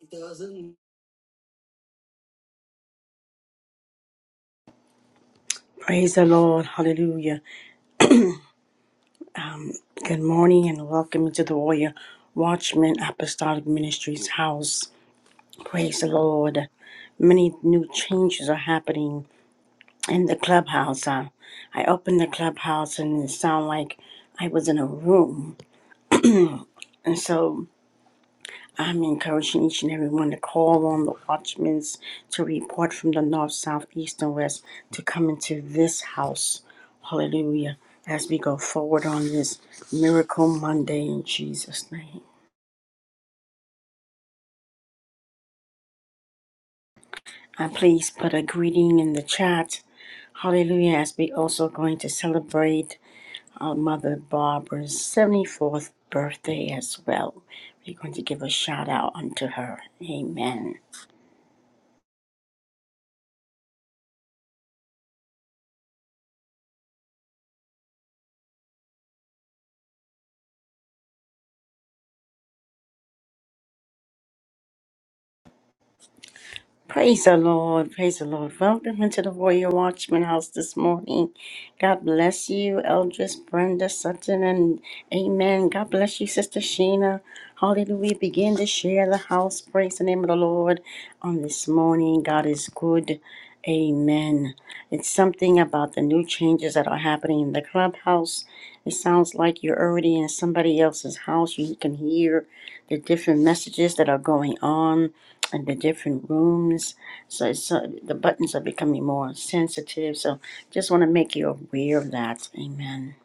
It doesn't Praise the Lord. Hallelujah. Good morning and welcome to the Warrior Watchman Apostolic Ministries house. Praise the Lord. Many new changes are happening in the clubhouse. Uh, I opened the clubhouse and it sounded like I was in a room. And so I'm encouraging each and every one to call on the watchmen to report from the north, south, east, and west to come into this house. Hallelujah. As we go forward on this miracle Monday in Jesus' name. And please put a greeting in the chat. Hallelujah. As we also going to celebrate our mother Barbara's 74th birthday as well. We're going to give a shout out unto her. Amen. Praise the Lord. Praise the Lord. Welcome into the Royal Watchman House this morning. God bless you, Eldris, Brenda, Sutton, and Amen. God bless you, Sister Sheena. Hallelujah. Begin to share the house. Praise the name of the Lord on this morning. God is good. Amen. It's something about the new changes that are happening in the clubhouse. It sounds like you're already in somebody else's house. You can hear the different messages that are going on and the different rooms. So, so the buttons are becoming more sensitive. So just want to make you aware of that. Amen.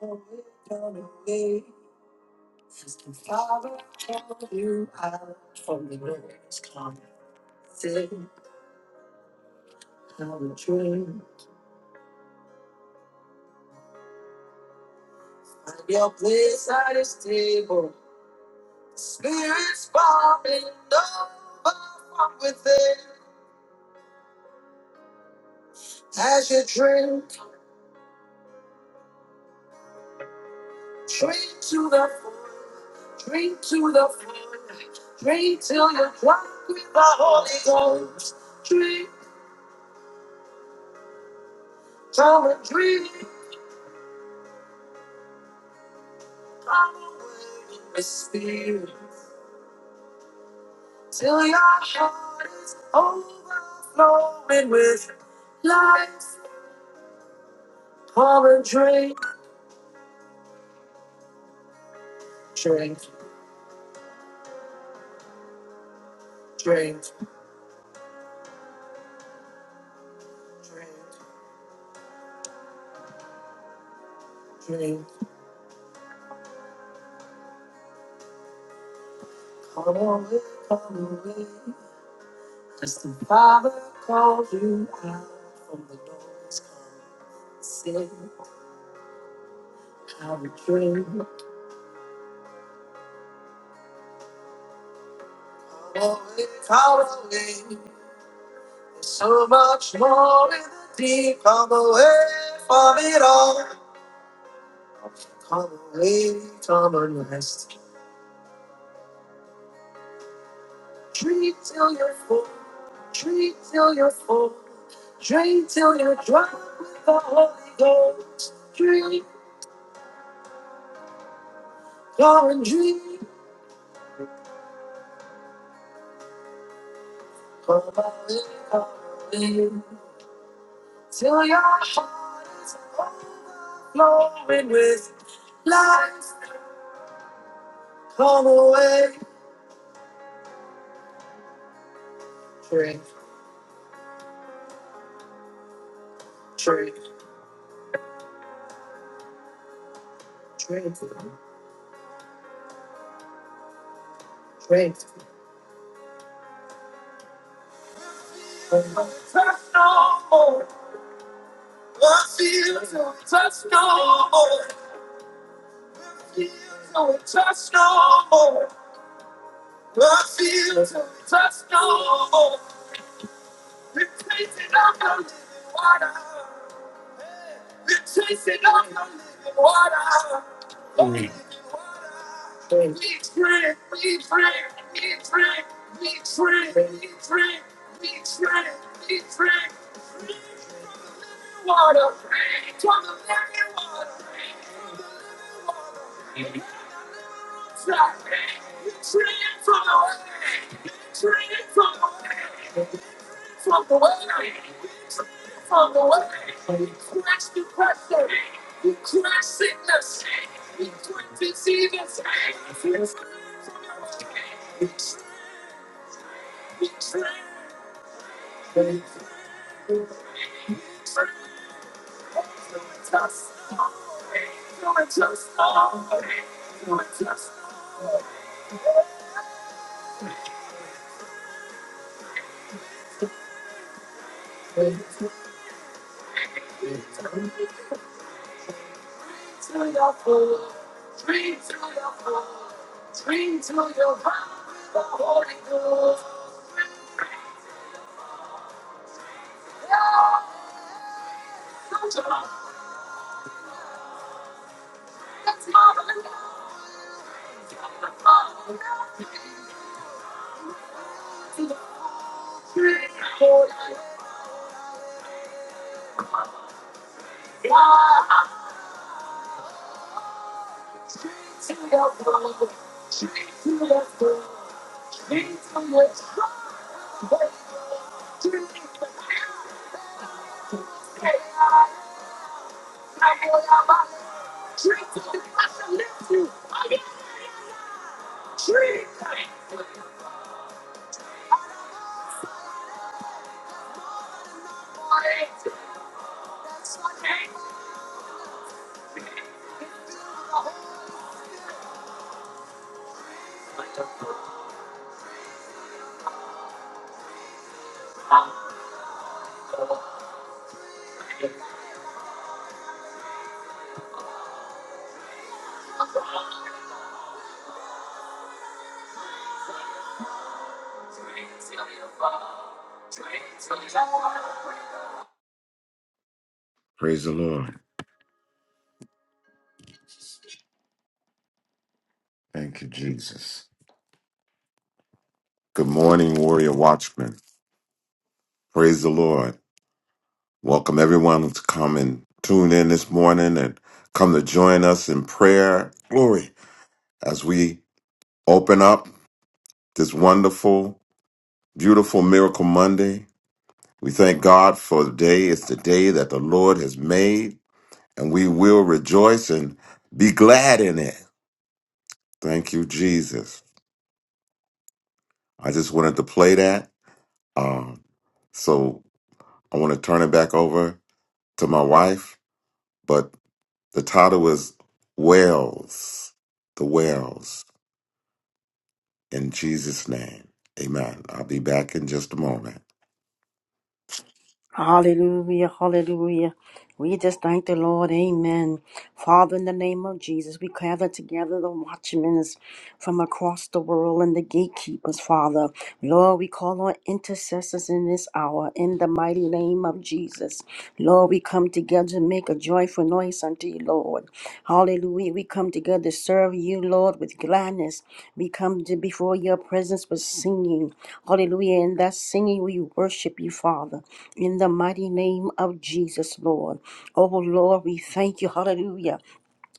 go away. Since the Father called you out from the Lord's come. Say, I'm a dream. Find your place at his table. Spirits bubbling over from within. As you drink, drink to the full, drink to the full, drink till you're drunk with the Holy Ghost. Drink, come and drink. Spirit, till your heart is overflowing with life. Pour and drink, drink, drink, drink, drink. Come away, come away. Cause the Father called you out from the noise. Come sing, have a drink. Come away, come away. There's so much more in the deep. Come away from it all. Come away come and rest. Drink till you're full. Drink till you're full. Drink till you're drunk with the Holy Ghost. Drink, go and drink. Come away, come away. Till your heart is overflowing with life. Come away. Drink, drink, drink, drink. Come away. Feel till we touch no more. Feel till we touch no more. Feel till we touch no more. We're chasing after living water. We're chasing after living water. Mm. We drink, we drink, we drink, we drink, we drink, we drink, we drink, living water. After living water, water, water, we drink from. the Bring it on! On the way! On the way! we crush depression, we crush sickness, we crush diseases, we crush we train, we train, just now, You're crashing the scene. You're twisting the scene. Bring it on! Bring it on! Bring it on! Bring it on! Bring to your foot! Bring to your foot! Bring to your foot! The holy ghost! Yeah! Tree to the Praise the Lord. Thank you, Jesus. Good morning, Warrior Watchmen. Praise the Lord. Welcome everyone to come and tune in this morning and come to join us in prayer. Glory. As we open up this wonderful, beautiful Miracle Monday, we thank God for the day. It's the day that the Lord has made, and we will rejoice and be glad in it. Thank you, Jesus. I just wanted to play that. Um, so I want to turn it back over to my wife, but the title is Wells, the Wells, in Jesus' name. Amen. I'll be back in just a moment. Hallelujah, hallelujah. We just thank the Lord. Amen. Father, in the name of Jesus, we gather together the watchmen. from across the world and the gatekeepers, Father. Lord, we call on intercessors in this hour in the mighty name of Jesus. Lord, we come together to make a joyful noise unto you, Lord. Hallelujah. We come together to serve you, Lord, with gladness. We come to before your presence with singing. Hallelujah. In that singing, we worship you, Father, in the mighty name of Jesus, Lord. Oh, Lord, we thank you. Hallelujah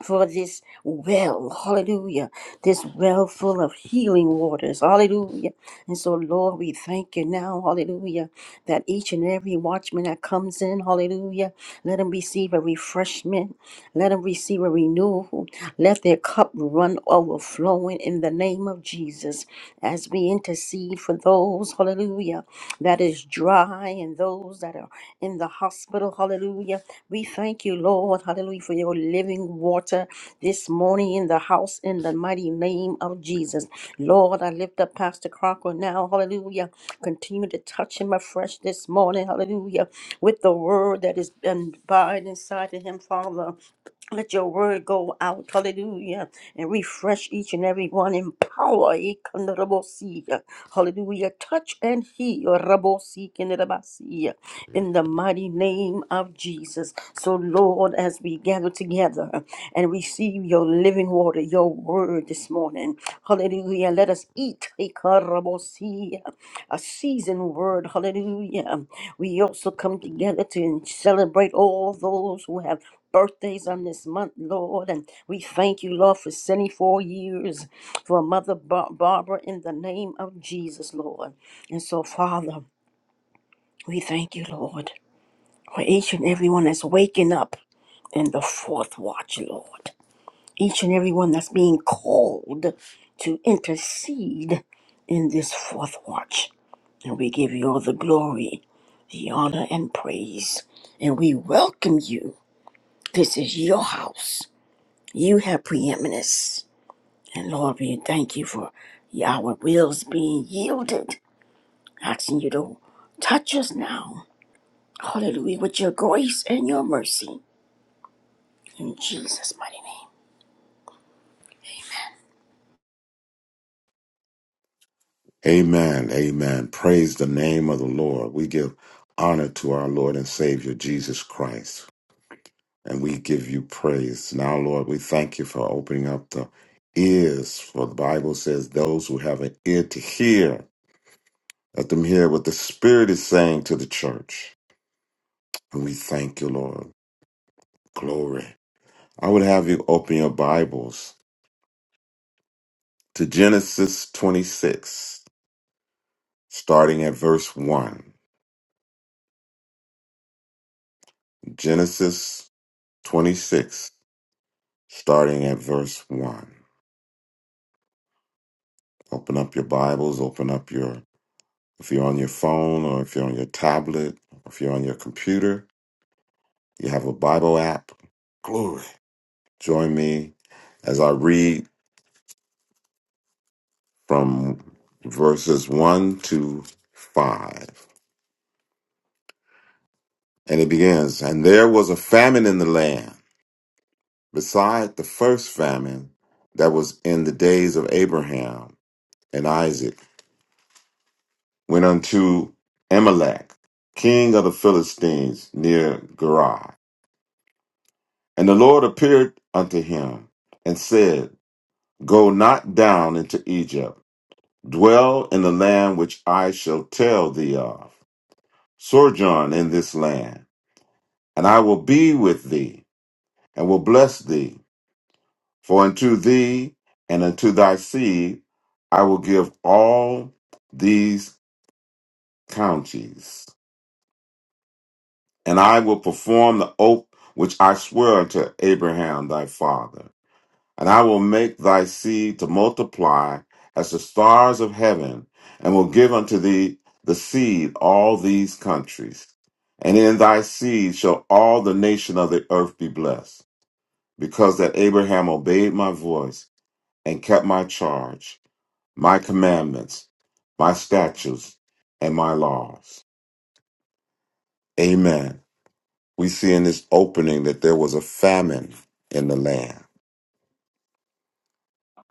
for this well, hallelujah, this well full of healing waters, hallelujah. And so, Lord, we thank you now, hallelujah, that each and every watchman that comes in, hallelujah, let them receive a refreshment, let them receive a renewal, let their cup run overflowing in the name of Jesus as we intercede for those, those, hallelujah, that is dry and those that are in the hospital, hallelujah. We thank you, Lord, hallelujah, for your living water this morning in the house in the mighty name of Jesus. Lord, I lift up Pastor Crocker now, hallelujah. Continue to touch him afresh this morning, hallelujah, with the word that is abide inside of him, Father. Let your word go out, hallelujah, and refresh each and every one in power. Ikandarabosiya. Hallelujah. Touch and heal. Rabosikindarabasiya. In the mighty name of Jesus. So, Lord, as we gather together and receive your living water, your word this morning, hallelujah, let us eat. Ikarabosiya a seasoned word. Hallelujah. We also come together to celebrate all those who have birthdays on this month, Lord. And we thank you, Lord, for 74 years for Mother Bar- Barbara in the name of Jesus, Lord. And so, Father, we thank you, Lord, for each and everyone that's waking up in the fourth watch, Lord. Each and everyone that's being called to intercede in this fourth watch. And we give you all the glory the honor and praise. And we welcome you. This is your house. You have preeminence. And Lord, we thank you for our wills being yielded. Asking you to touch us now. Hallelujah. With your grace and your mercy. In Jesus' mighty name. Amen. Amen. Praise the name of the Lord. We give honor to our Lord and Savior Jesus Christ, and we give you praise. Now, Lord, we thank you for opening up the ears, for the Bible says, Those who have an ear to hear, let them hear what the Spirit is saying to the church. And we thank you, Lord. Glory. I would have you open your Bibles to Genesis 26, starting at verse 1. Genesis 26, starting at verse 1. Open up your Bibles, open up your, if you're on your phone or if you're on your tablet, or if you're on your computer, you have a Bible app. Glory. Join me as I read from verses 1 to 5. And it begins, and there was a famine in the land beside the first famine that was in the days of Abraham and Isaac, went unto Amalek, king of the Philistines, near Gerar. And the Lord appeared unto him and said, Go not down into Egypt, dwell in the land which I shall tell thee of. Sojourn in this land, and I will be with thee, and will bless thee. For unto thee and unto thy seed I will give all these counties, and I will perform the oath which I sware unto Abraham thy father. And I will make thy seed to multiply as the stars of heaven, and will give unto thee the seed all these countries. And in thy seed shall all the nation of the earth be blessed, because that Abraham obeyed my voice and kept my charge my commandments, my statutes, and my laws. Amen. We see in this opening that there was a famine in the land.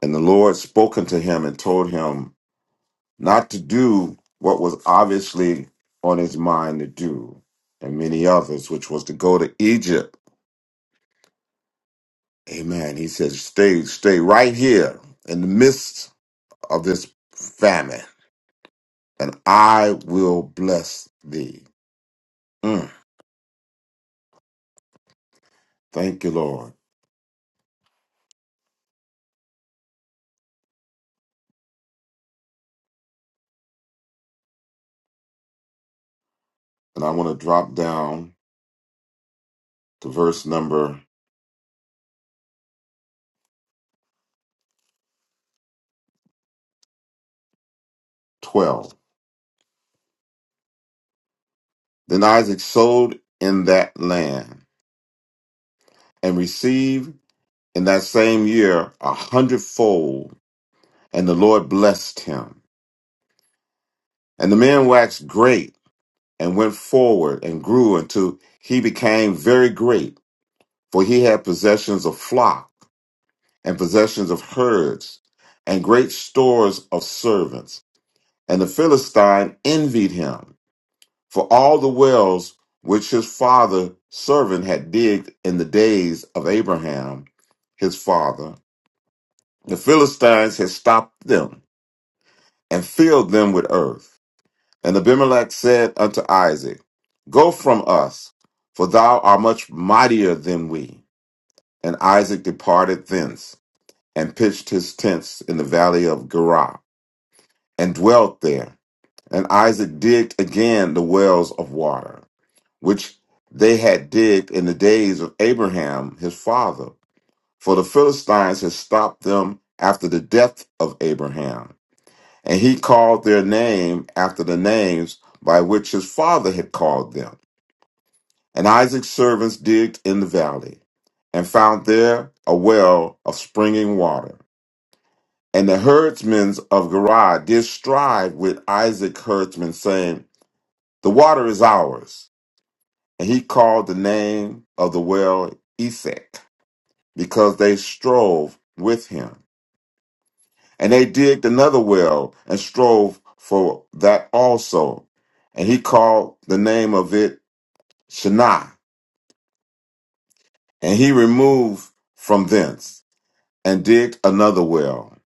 And the Lord spoke unto him and told him not to do what was obviously on his mind to do, and many others, which was to go to Egypt. Amen. He says, Stay, stay right here in the midst of this famine, and I will bless thee. Mm. Thank you, Lord. and I want to drop down to verse number 12. Then Isaac sowed in that land and received in that same year a hundredfold, and the Lord blessed him. And the man waxed great and went forward and grew until he became very great, for he had possessions of flock and possessions of herds and great stores of servants. And the Philistine envied him. for all the wells which his father servant had digged in the days of Abraham, his father. The Philistines had stopped them and filled them with earth. And Abimelech said unto Isaac, Go from us, for thou art much mightier than we. And Isaac departed thence and pitched his tents in the valley of Gerar and dwelt there. And Isaac digged again the wells of water which they had digged in the days of Abraham his father. For the Philistines had stopped them after the death of Abraham, and he called their name after the names by which his father had called them. And Isaac's servants digged in the valley, and found there a well of springing water. And the herdsmen of Gerar did strive with Isaac's herdsmen, saying, The water is ours. And he called the name of the well Esek, because they strove with him. And they digged another well and strove for that also. And he called the name of it Shinnah. And he removed from thence and digged another well.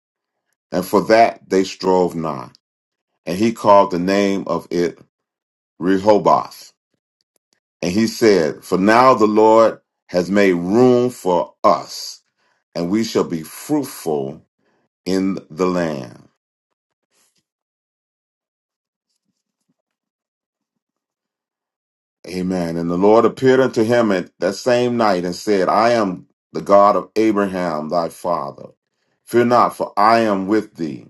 And for that they strove not. And he called the name of it Rehoboth. And he said, For now the Lord has made room for us, and we shall be fruitful in the land. Amen. And the Lord appeared unto him at that same night and said, I am the God of Abraham thy father. Fear not, for I am with thee,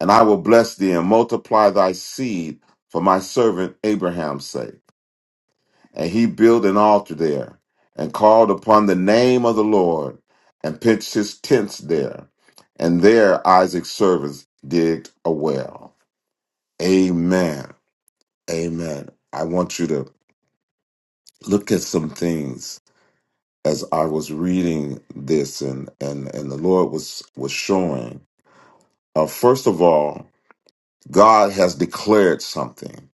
and I will bless thee and multiply thy seed for my servant Abraham's sake. And he built an altar there and called upon the name of the Lord and pitched his tents there. And there Isaac's servants digged a well. Amen. Amen. I want you to look at some things as I was reading this and and and the Lord was was showing. Uh, first of all, God has declared something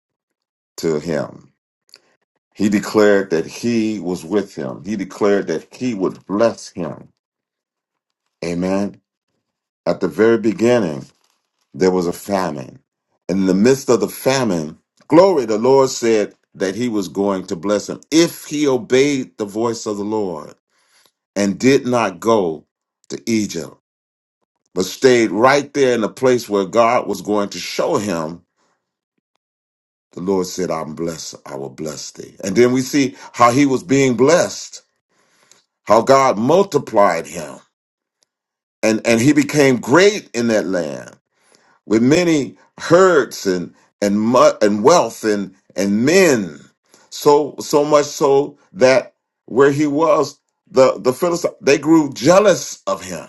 to him. He declared that he was with him. He declared that he would bless him. Amen. At the very beginning, there was a famine. In the midst of the famine, glory, the Lord said that he was going to bless him if he obeyed the voice of the Lord and did not go to Egypt. but stayed right there in the place where God was going to show him. The Lord said, I'm blessed. I will bless thee. And then we see how he was being blessed, how God multiplied him. And, and he became great in that land with many herds and, and, mu- and wealth and, and men. So, so much so that where he was, the, the Philistines, they grew jealous of him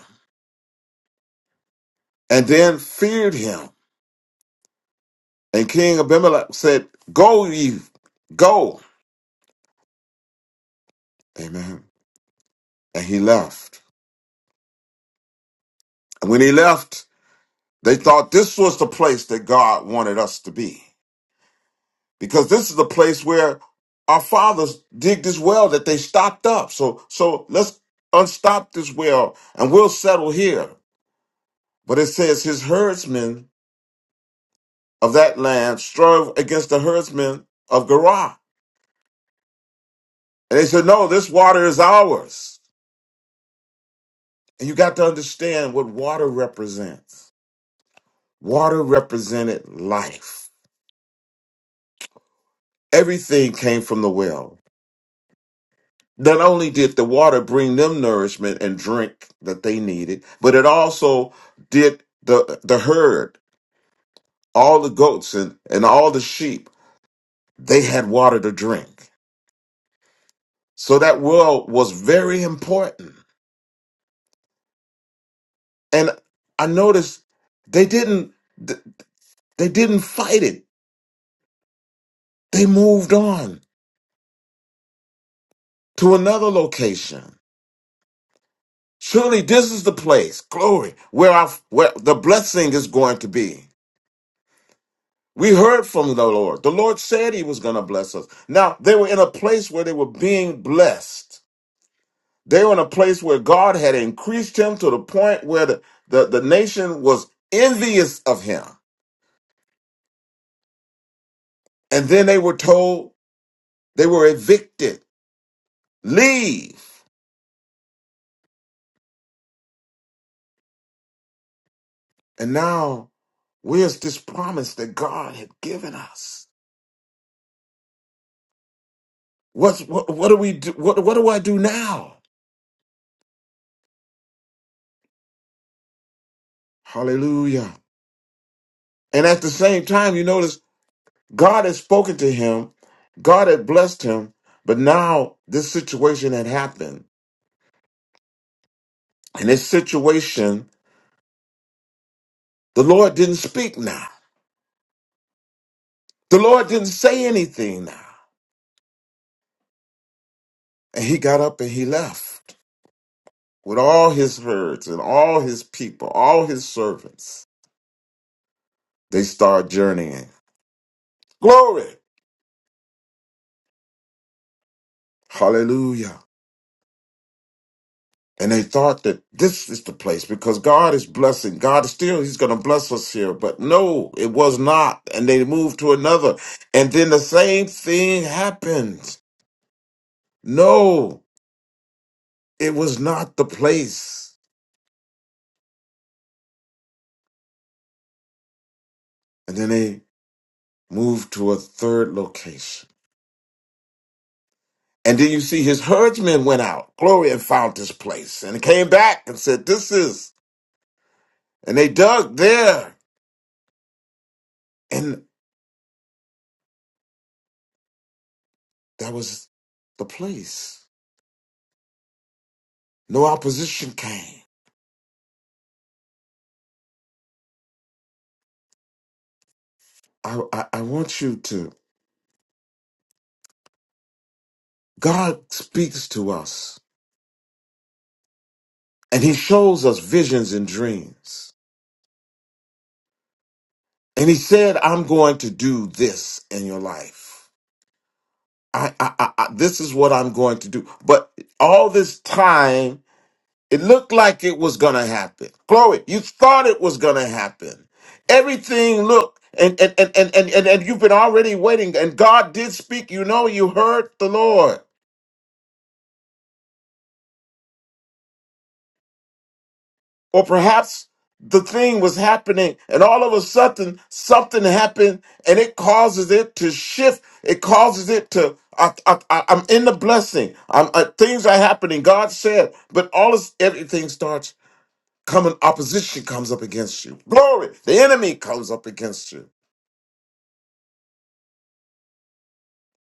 and then feared him. And King Abimelech said, Go, ye, go. Amen. And he left. And when he left, they thought this was the place that God wanted us to be. Because this is the place where our fathers digged this well that they stopped up. So so let's unstop this well and we'll settle here. But it says his herdsmen of that land strove against the herdsmen of Gerar. And they said, No, this water is ours. And you got to understand what water represents. Water represented life. Everything came from the well. Not only did the water bring them nourishment and drink that they needed, but it also did the, the herd, all the goats and, and all the sheep, they had water to drink. So that well was very important. And I noticed they didn't, they didn't fight it. They moved on to another location Truly, this is the place, glory, where our, where the blessing is going to be. We heard from the Lord. The Lord said He was going to bless us. Now, they were in a place where they were being blessed. They were in a place where God had increased him to the point where the, the, the nation was envious of him. And then they were told they were evicted, leave. And now, where's this promise that God had given us? What's, what, what do we do? What, what do I do now? Hallelujah. And at the same time, you notice God had spoken to him, God had blessed him, but now this situation had happened. And this situation, the Lord didn't speak now. The Lord didn't say anything now. And he got up and he left with all his herds and all his people, all his servants. They start journeying. Glory. Hallelujah. and they thought that this is the place because God is blessing. God is still, He's going to bless us here. But no, it was not. And they moved to another. And then the same thing happened. No, it was not the place. And then they moved to a third location. And then you see his herdsmen went out, glory, and found this place and came back and said, This is. And they dug there. And that was the place. No opposition came I, I, I want you to, God speaks to us and he shows us visions and dreams. And he said, I'm going to do this in your life. I, I, I, I this is what I'm going to do. But all this time, it looked like it was going to happen. Chloe, you thought it was going to happen. Everything looked, and, and, and, and, and, and, and you've been already waiting, and God did speak. You know, you heard the Lord. Or perhaps the thing was happening and all of a sudden something happened and it causes it to shift. It causes it to, I, I, I, I'm in the blessing. I'm, uh, things are happening. God said, but all this, everything starts coming. Opposition comes up against you. Glory. The enemy comes up against you.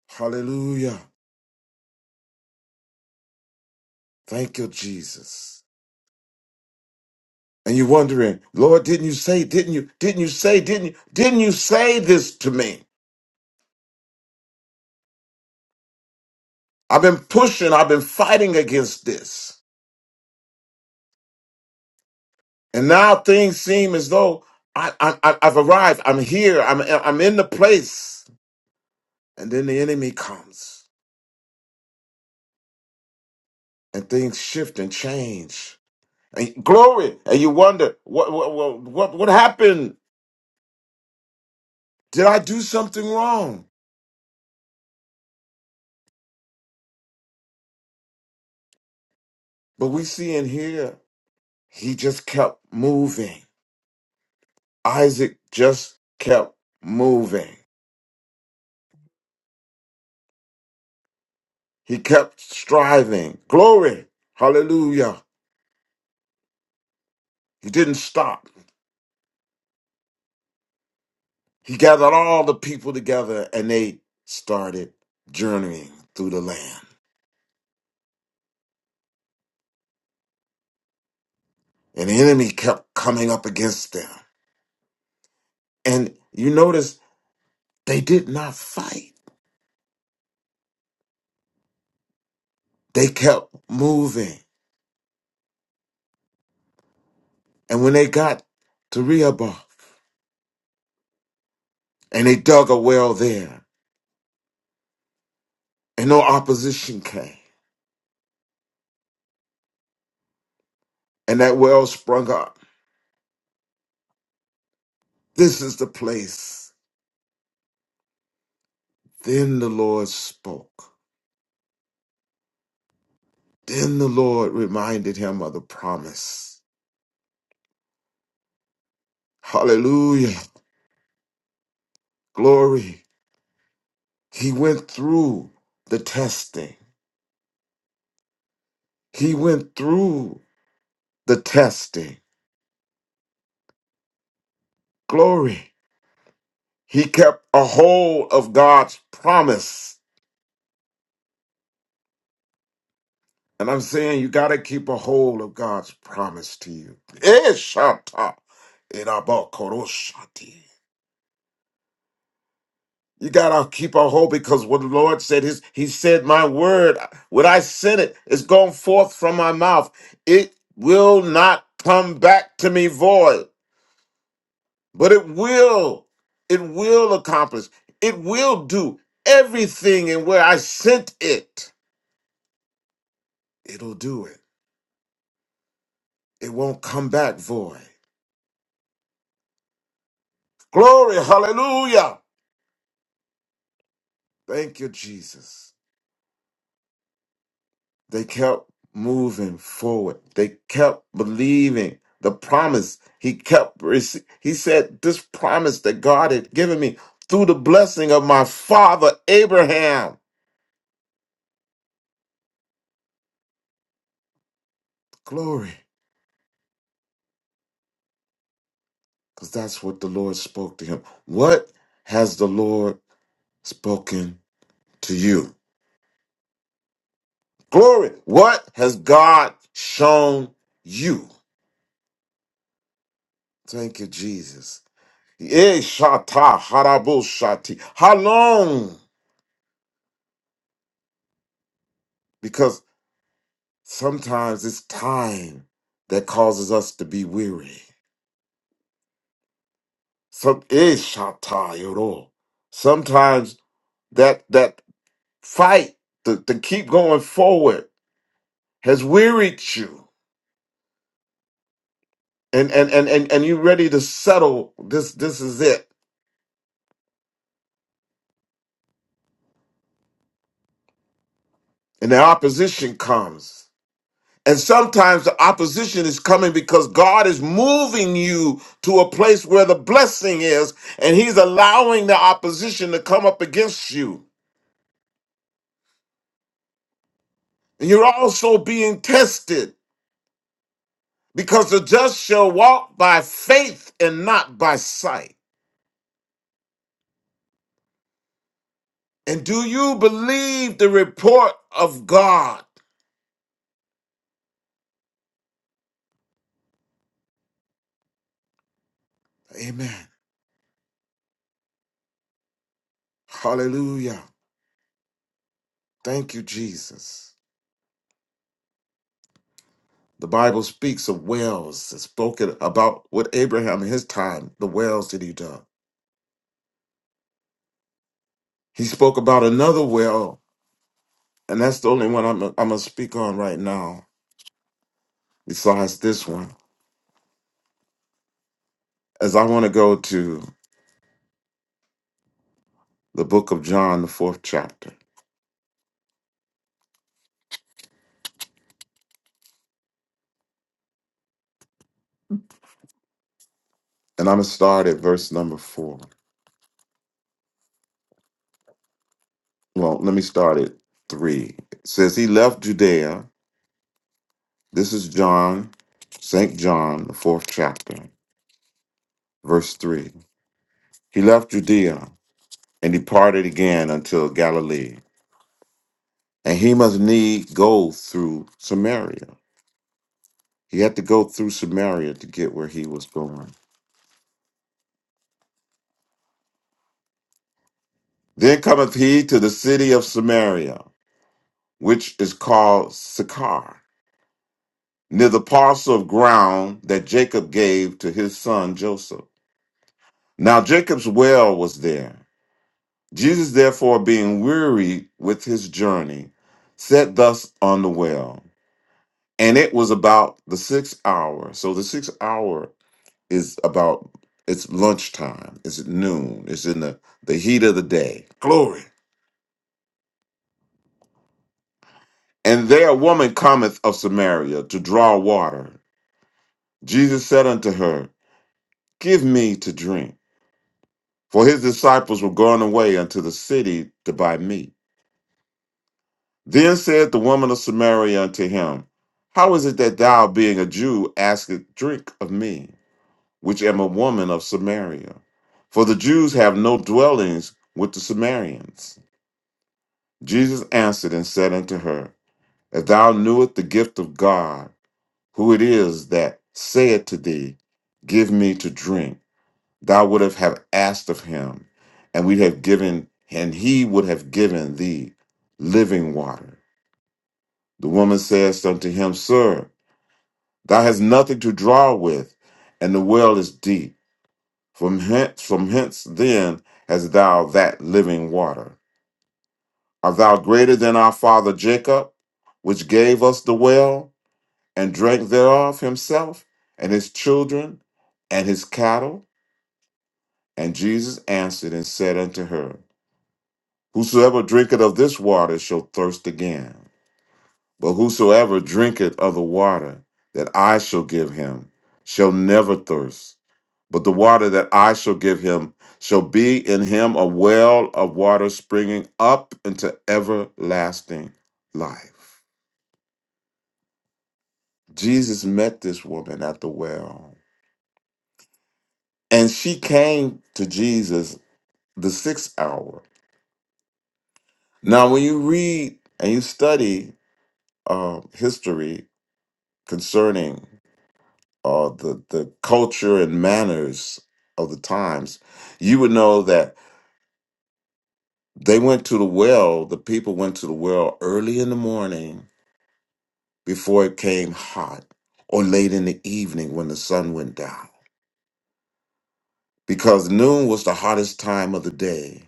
Hallelujah. Thank you, Jesus. And you're wondering, Lord, didn't you say, didn't you, didn't you say, didn't you, didn't you say this to me? I've been pushing, I've been fighting against this. And now things seem as though I, I, I- I've arrived, I'm here, I'm, I'm in the place. And then the enemy comes and things shift and change. And glory. And you wonder, what, what, what, what, what happened? Did I do something wrong? But we see in here, he just kept moving. Isaac just kept moving. He kept striving. Glory. Hallelujah. He didn't stop. He gathered all the people together and they started journeying through the land. And the enemy kept coming up against them. And you notice they did not fight, they kept moving. And when they got to Rehoboth and they dug a well there, and no opposition came, and that well sprung up. This is the place. Then the Lord spoke. Then the Lord reminded him of the promise. Hallelujah. Glory. He went through the testing. He went through the testing. Glory. He kept a hold of God's promise. And I'm saying you got to keep a hold of God's promise to you. Eh, Shanta. Irabakoroshati. You gotta keep a hold because what the Lord said is He said, My word, when I sent it, it's gone forth from my mouth. It will not come back to me void. but it will it will accomplish it will do everything in where i sent it it'll do it it won't come back void glory hallelujah thank you jesus they kept moving forward they kept believing the promise he kept rece- he said this promise that god had given me through the blessing of my father abraham glory Because that's what the Lord spoke to him. What has the Lord spoken to you? Glory. What has God shown you? Thank you, Jesus. Eh, shata, harabo, shati. How long? Because sometimes it's time that causes us to be weary. Some eh, shata, yoro. Sometimes that that fight to, to keep going forward has wearied you. and and and and, and you ready to settle this this is it and the opposition comes and sometimes the opposition is coming because God is moving you to a place where the blessing is, and He's allowing the opposition to come up against you. And you're also being tested because the just shall walk by faith and not by sight. And do you believe the report of God? Amen. Hallelujah. Thank you, Jesus. The Bible speaks of wells. It's spoken about with Abraham in his time, the wells that he dug. He spoke about another well, and that's the only one I'm, I'm going to speak on right now, besides this one, as I want to go to the book of John, the fourth chapter. And I'm going to start at verse number four. Well, let me start at three. It says, He left Judea. This is John, St. John, the fourth chapter, verse three. He left Judea and departed again until Galilee And he must need go through Samaria. He had to go through Samaria to get where he was going. Then cometh he to the city of Samaria, which is called Sychar, near the parcel of ground that Jacob gave to his son Joseph. Now Jacob's well was there. Jesus, therefore, being wearied with his journey, sat thus on the well. And it was about the sixth hour. So the sixth hour is about it's lunchtime, it's at noon, it's in the, the heat of the day. Glory. And there a woman cometh of Samaria to draw water. Jesus said unto her, Give me to drink. For his disciples were gone away unto the city to buy meat. Then said the woman of Samaria unto him, How is it that thou, being a Jew, askest drink of me, which am a woman of Samaria? For the Jews have no dwellings with the Samaritans. Jesus answered and said unto her, If thou knewest the gift of God, who it is that saith to thee, Give me to drink, thou would have have asked of him, and we have given, and he would have given thee living water. The woman says unto him, Sir, thou hast nothing to draw with, and the well is deep. From hence, from hence then hast thou that living water. Art thou greater than our father Jacob, which gave us the well? and drank thereof himself and his children and his cattle. And Jesus answered and said unto her, Whosoever drinketh of this water shall thirst again. But whosoever drinketh of the water that I shall give him shall never thirst. But the water that I shall give him shall be in him a well of water springing up into everlasting life. Jesus met this woman at the well. And she came to Jesus the sixth hour. Now, when you read and you study uh, history concerning uh, the the culture and manners of the times, you would know that they went to the well. The people went to the well early in the morning before it came hot, or late in the evening when the sun went down, because noon was the hottest time of the day.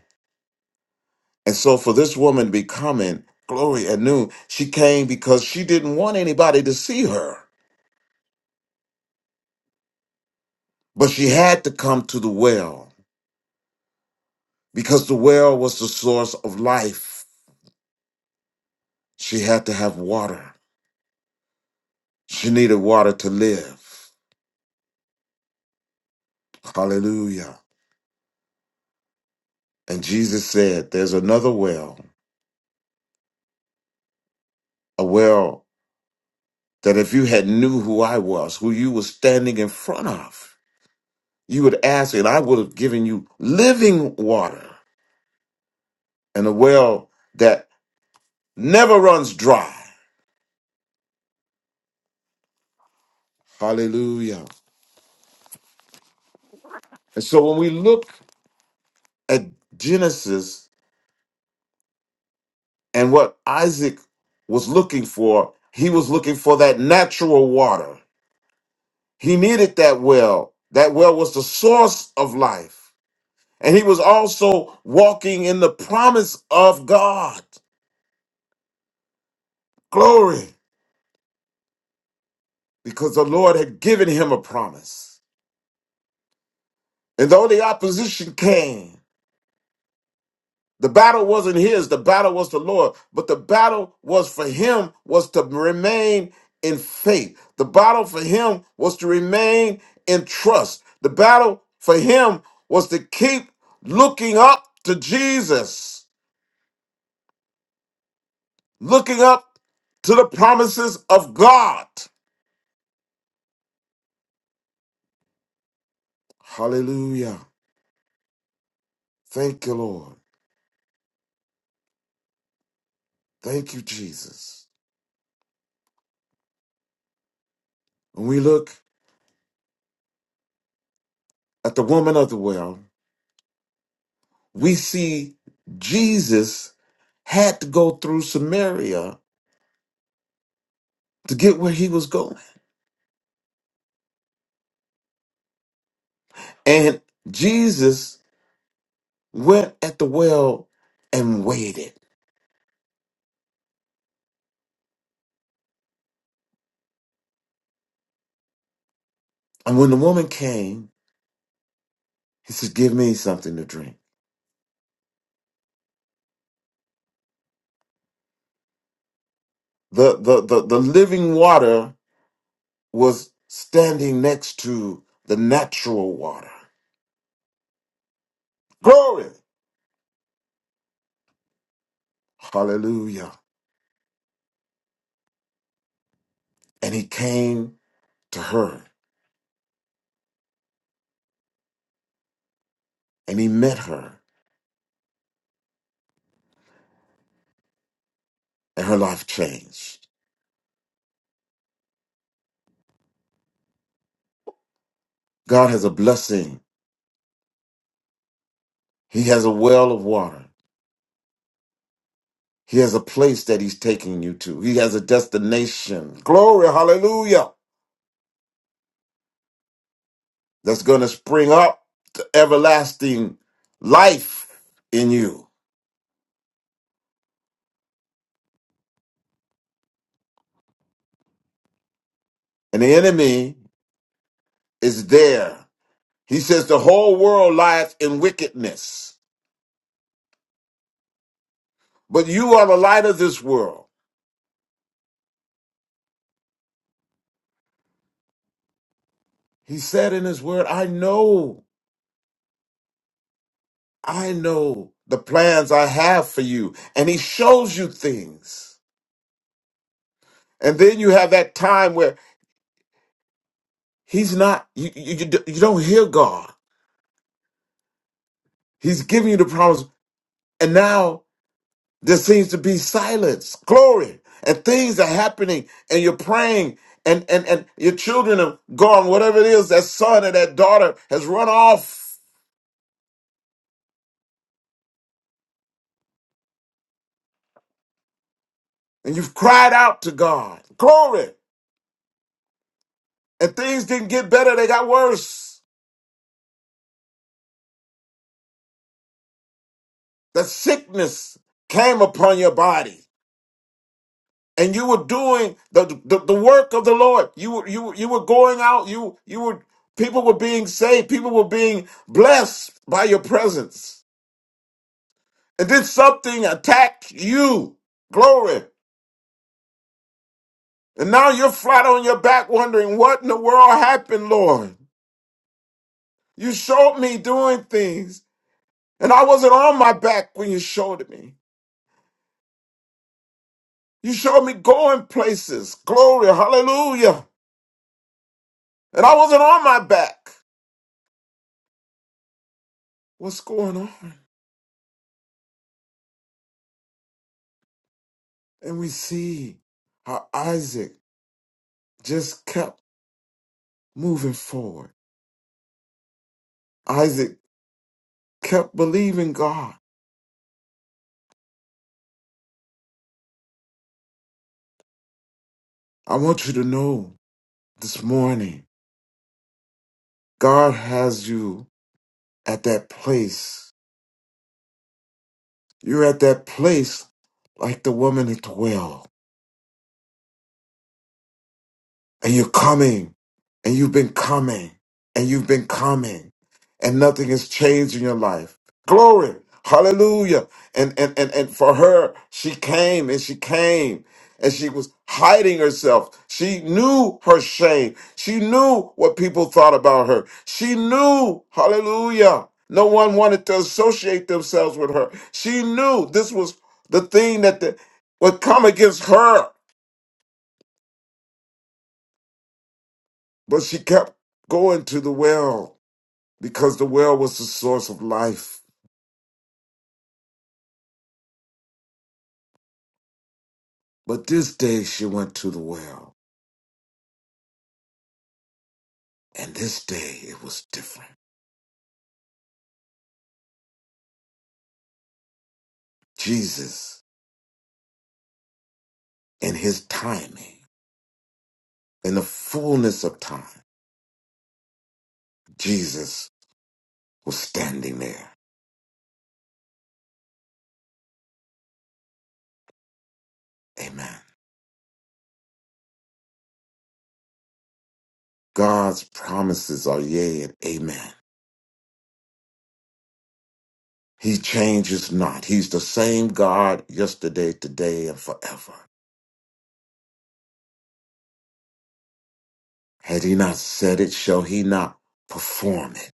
And so, for this woman to be coming glory at noon, she came because she didn't want anybody to see her. But she had to come to the well because the well was the source of life. She had to have water. She needed water to live. Hallelujah. And Jesus said, there's another well, a well that if you had knew who I was, who you were standing in front of, you would ask and I would have given you living water and a well that never runs dry. Hallelujah. And so when we look at Genesis And what Isaac was looking for, he was looking for that natural water. He needed that well. That well was the source of life. And he was also walking in the promise of God. Glory, because the Lord had given him a promise. And though the opposition came, The battle wasn't his, the battle was the Lord. But the battle was for him was to remain in faith. The battle for him was to remain in trust. The battle for him was to keep looking up to Jesus, looking up to the promises of God. Hallelujah. Thank you, Lord. Thank you, Jesus. When we look at the woman of the well, we see Jesus had to go through Samaria to get where he was going. And Jesus went at the well and waited. And when the woman came, he said, Give me something to drink. The, the, the, the living water was standing next to the natural water. Glory! Hallelujah. And he came to her and he met her, and her life changed. God has a blessing, He has a well of water. He has a place that he's taking you to. He has a destination. Glory, hallelujah. That's going to spring up to everlasting life in you. And the enemy is there. He says the whole world lieth in wickedness, but you are the light of this world. He said in his word, I know, I know the plans I have for you. And he shows you things. And then you have that time where he's not, you, you, you you don't hear God. He's giving you the promise. And now there seems to be silence, glory, and things are happening, and you're praying, and, and, and your children are gone, whatever it is, that son or that daughter has run off, and you've cried out to God, glory, and things didn't get better, they got worse. The sickness came upon your body. and you were doing the, the, the work of the Lord. You were you were- you were going out. You you were people were being saved. People were being blessed by your presence. And then something attacked you. Glory. And now you're flat on your back wondering what in the world happened, Lord. You showed me doing things, and I wasn't on my back when you showed me. You showed me going places. Glory. Hallelujah. And I wasn't on my back. What's going on? And we see how Isaac just kept moving forward. Isaac kept believing God. I want you to know this morning, God has you at that place. You're at that place like the woman at the well. and you're coming and you've been coming and you've been coming and nothing has changed in your life glory hallelujah and and and, and for her she came and she came and she was hiding herself. She knew her shame. She knew what people thought about her. She knew, hallelujah, no one wanted to associate themselves with her. She knew this was the thing that the, would come against her, but she kept going to the well. because the well was the source of life. But this day she went to the well, and this day it was different. Jesus, in his timing, in the fullness of time, Jesus was standing there. Amen. God's promises are yea and amen. He changes not. He's the same God yesterday, today, and forever. Had he not said it, shall he not perform it?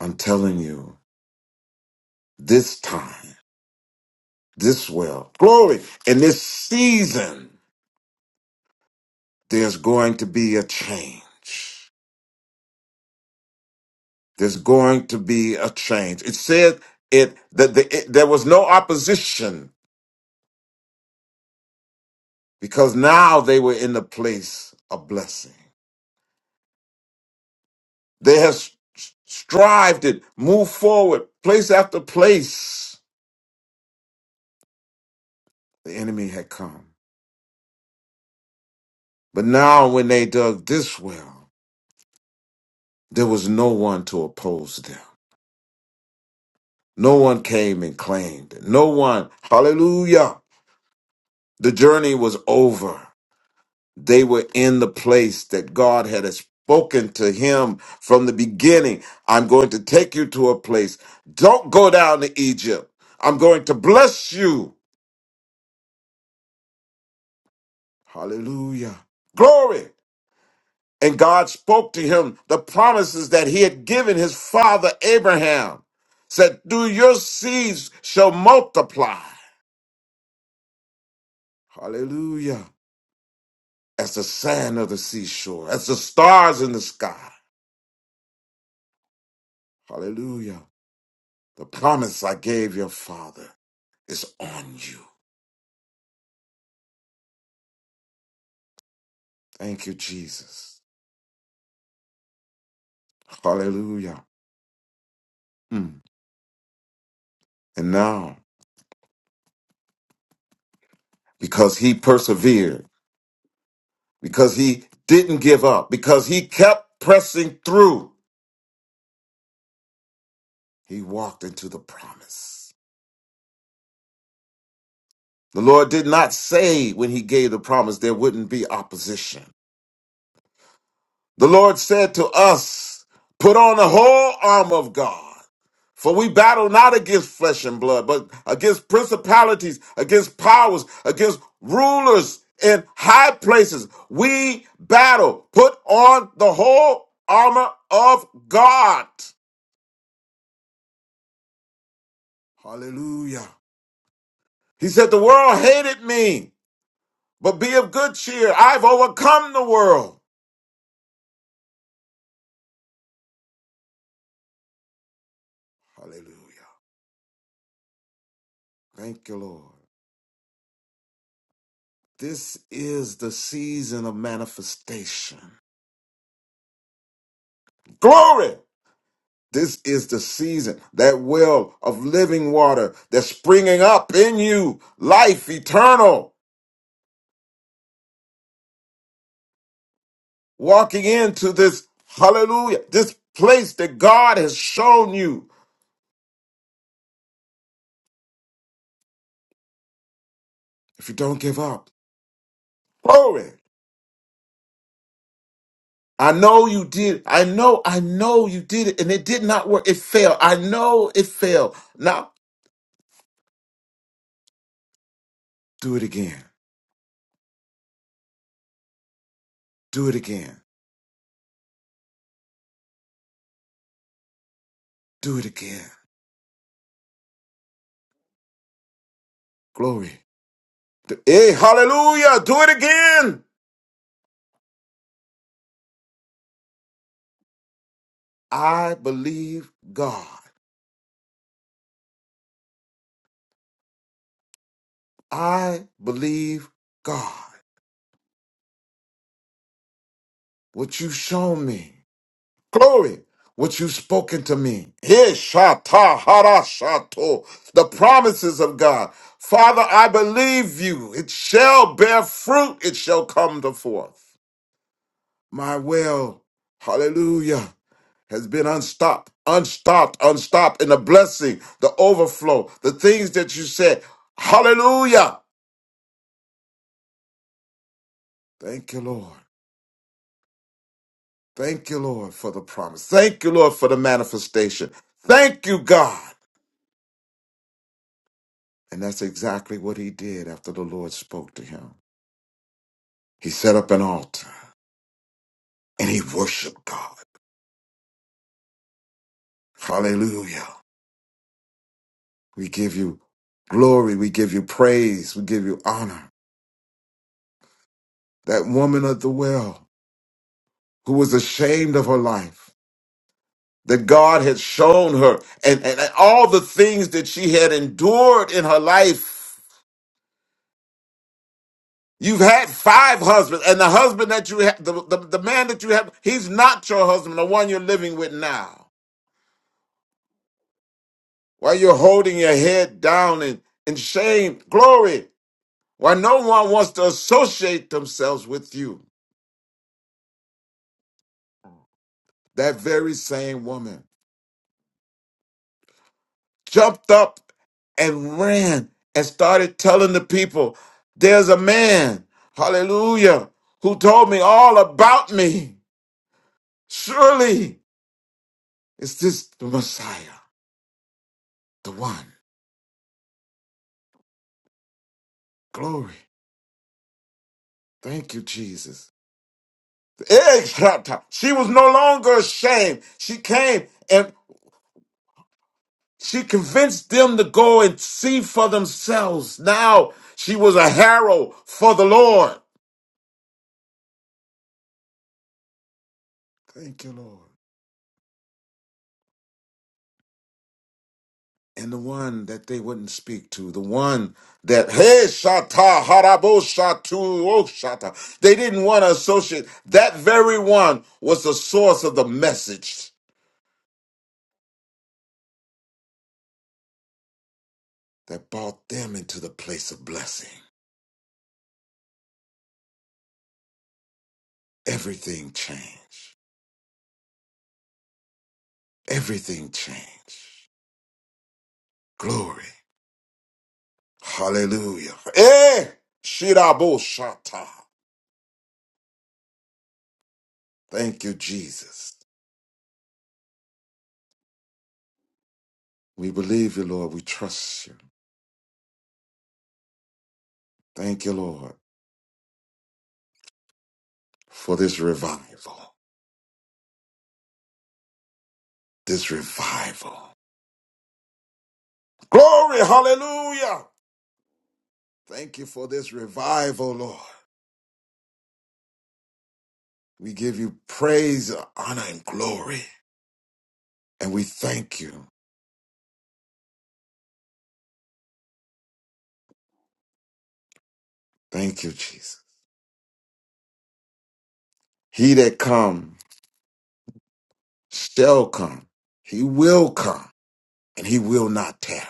I'm telling you, this time. this well. Glory. In this season, there's going to be a change. There's going to be a change. It said it that the, it, there was no opposition because now they were in the place of blessing. They have s- strived it, moved forward, place after place. The enemy had come. But now when they dug this well, there was no one to oppose them. No one came and claimed it. No one, hallelujah, The journey was over. They were in the place that God had spoken to him from the beginning. I'm going to take you to a place. Don't go down to Egypt. I'm going to bless you. Hallelujah. Glory. And God spoke to him the promises that he had given his father Abraham. Said, Do your seeds shall multiply. Hallelujah. As the sand of the seashore, as the stars in the sky. Hallelujah. The promise I gave your father is on you. Thank you, Jesus. Hallelujah. Mm. And now, because he persevered, because he didn't give up, because he kept pressing through, he walked into the promise. The Lord did not say when he gave the promise there wouldn't be opposition. The Lord said to us, Put on the whole armor of God. For we battle not against flesh and blood, but against principalities, against powers, against rulers in high places. We battle. Put on the whole armor of God. Hallelujah. He said, The world hated me, but be of good cheer. I've overcome the world. Hallelujah. Thank you, Lord. This is the season of manifestation. Glory! This is the season, that well of living water that's springing up in you, life eternal, walking into this hallelujah, this place that God has shown you. If you don't give up, glory. I know you did. I know, I know you did it and it did not work. It failed. I know it failed. Now do it again. Do it again. Do it again. Glory. Hey, hallelujah. Do it again. I believe God. I believe God. What you've shown me. Glory. What you've spoken to me. Hey, shata, hara, shato. The promises of God. Father, I believe you. It shall bear fruit. It shall come to forth. My will. Hallelujah. has been unstopped, unstopped, unstopped in the blessing, the overflow, the things that you said. Hallelujah. Thank you, Lord. Thank you, Lord, for the promise. Thank you, Lord, for the manifestation. Thank you, God. And that's exactly what he did after the Lord spoke to him. He set up an altar and he worshiped God. Hallelujah. We give you glory. We give you praise. We give you honor. That woman at the well who was ashamed of her life that God had shown her and, and, and all the things that she had endured in her life. You've had five husbands, and the husband that you have, the, the, the man that you have, he's not your husband, the one you're living with now. While you're holding your head down in, in shame, glory, while no one wants to associate themselves with you, that very same woman. jumped up and ran and started telling the people, There's a man, hallelujah, who told me all about me. Surely is this the Messiah, the one. Glory. Thank you, Jesus. The eggs dropped out. She was no longer ashamed. She came and she convinced them to go and see for themselves. Now she was a herald for the Lord. Thank you, Lord. and the one that they wouldn't speak to, the one that hey shata harabo shatu oh shata, they didn't want to associate. That very one was the source of the message that brought them into the place of blessing. Everything changed. Everything changed. Glory, hallelujah. Eh, shirabo shata. Thank you, Jesus. We believe you, Lord. We trust you. Thank you, Lord, for this revival. this revival. Glory, hallelujah. Thank you for this revival, Lord. We give you praise, honor, and glory. And we thank you. Thank you, Jesus. He that come shall come. He will come and he will not tarry.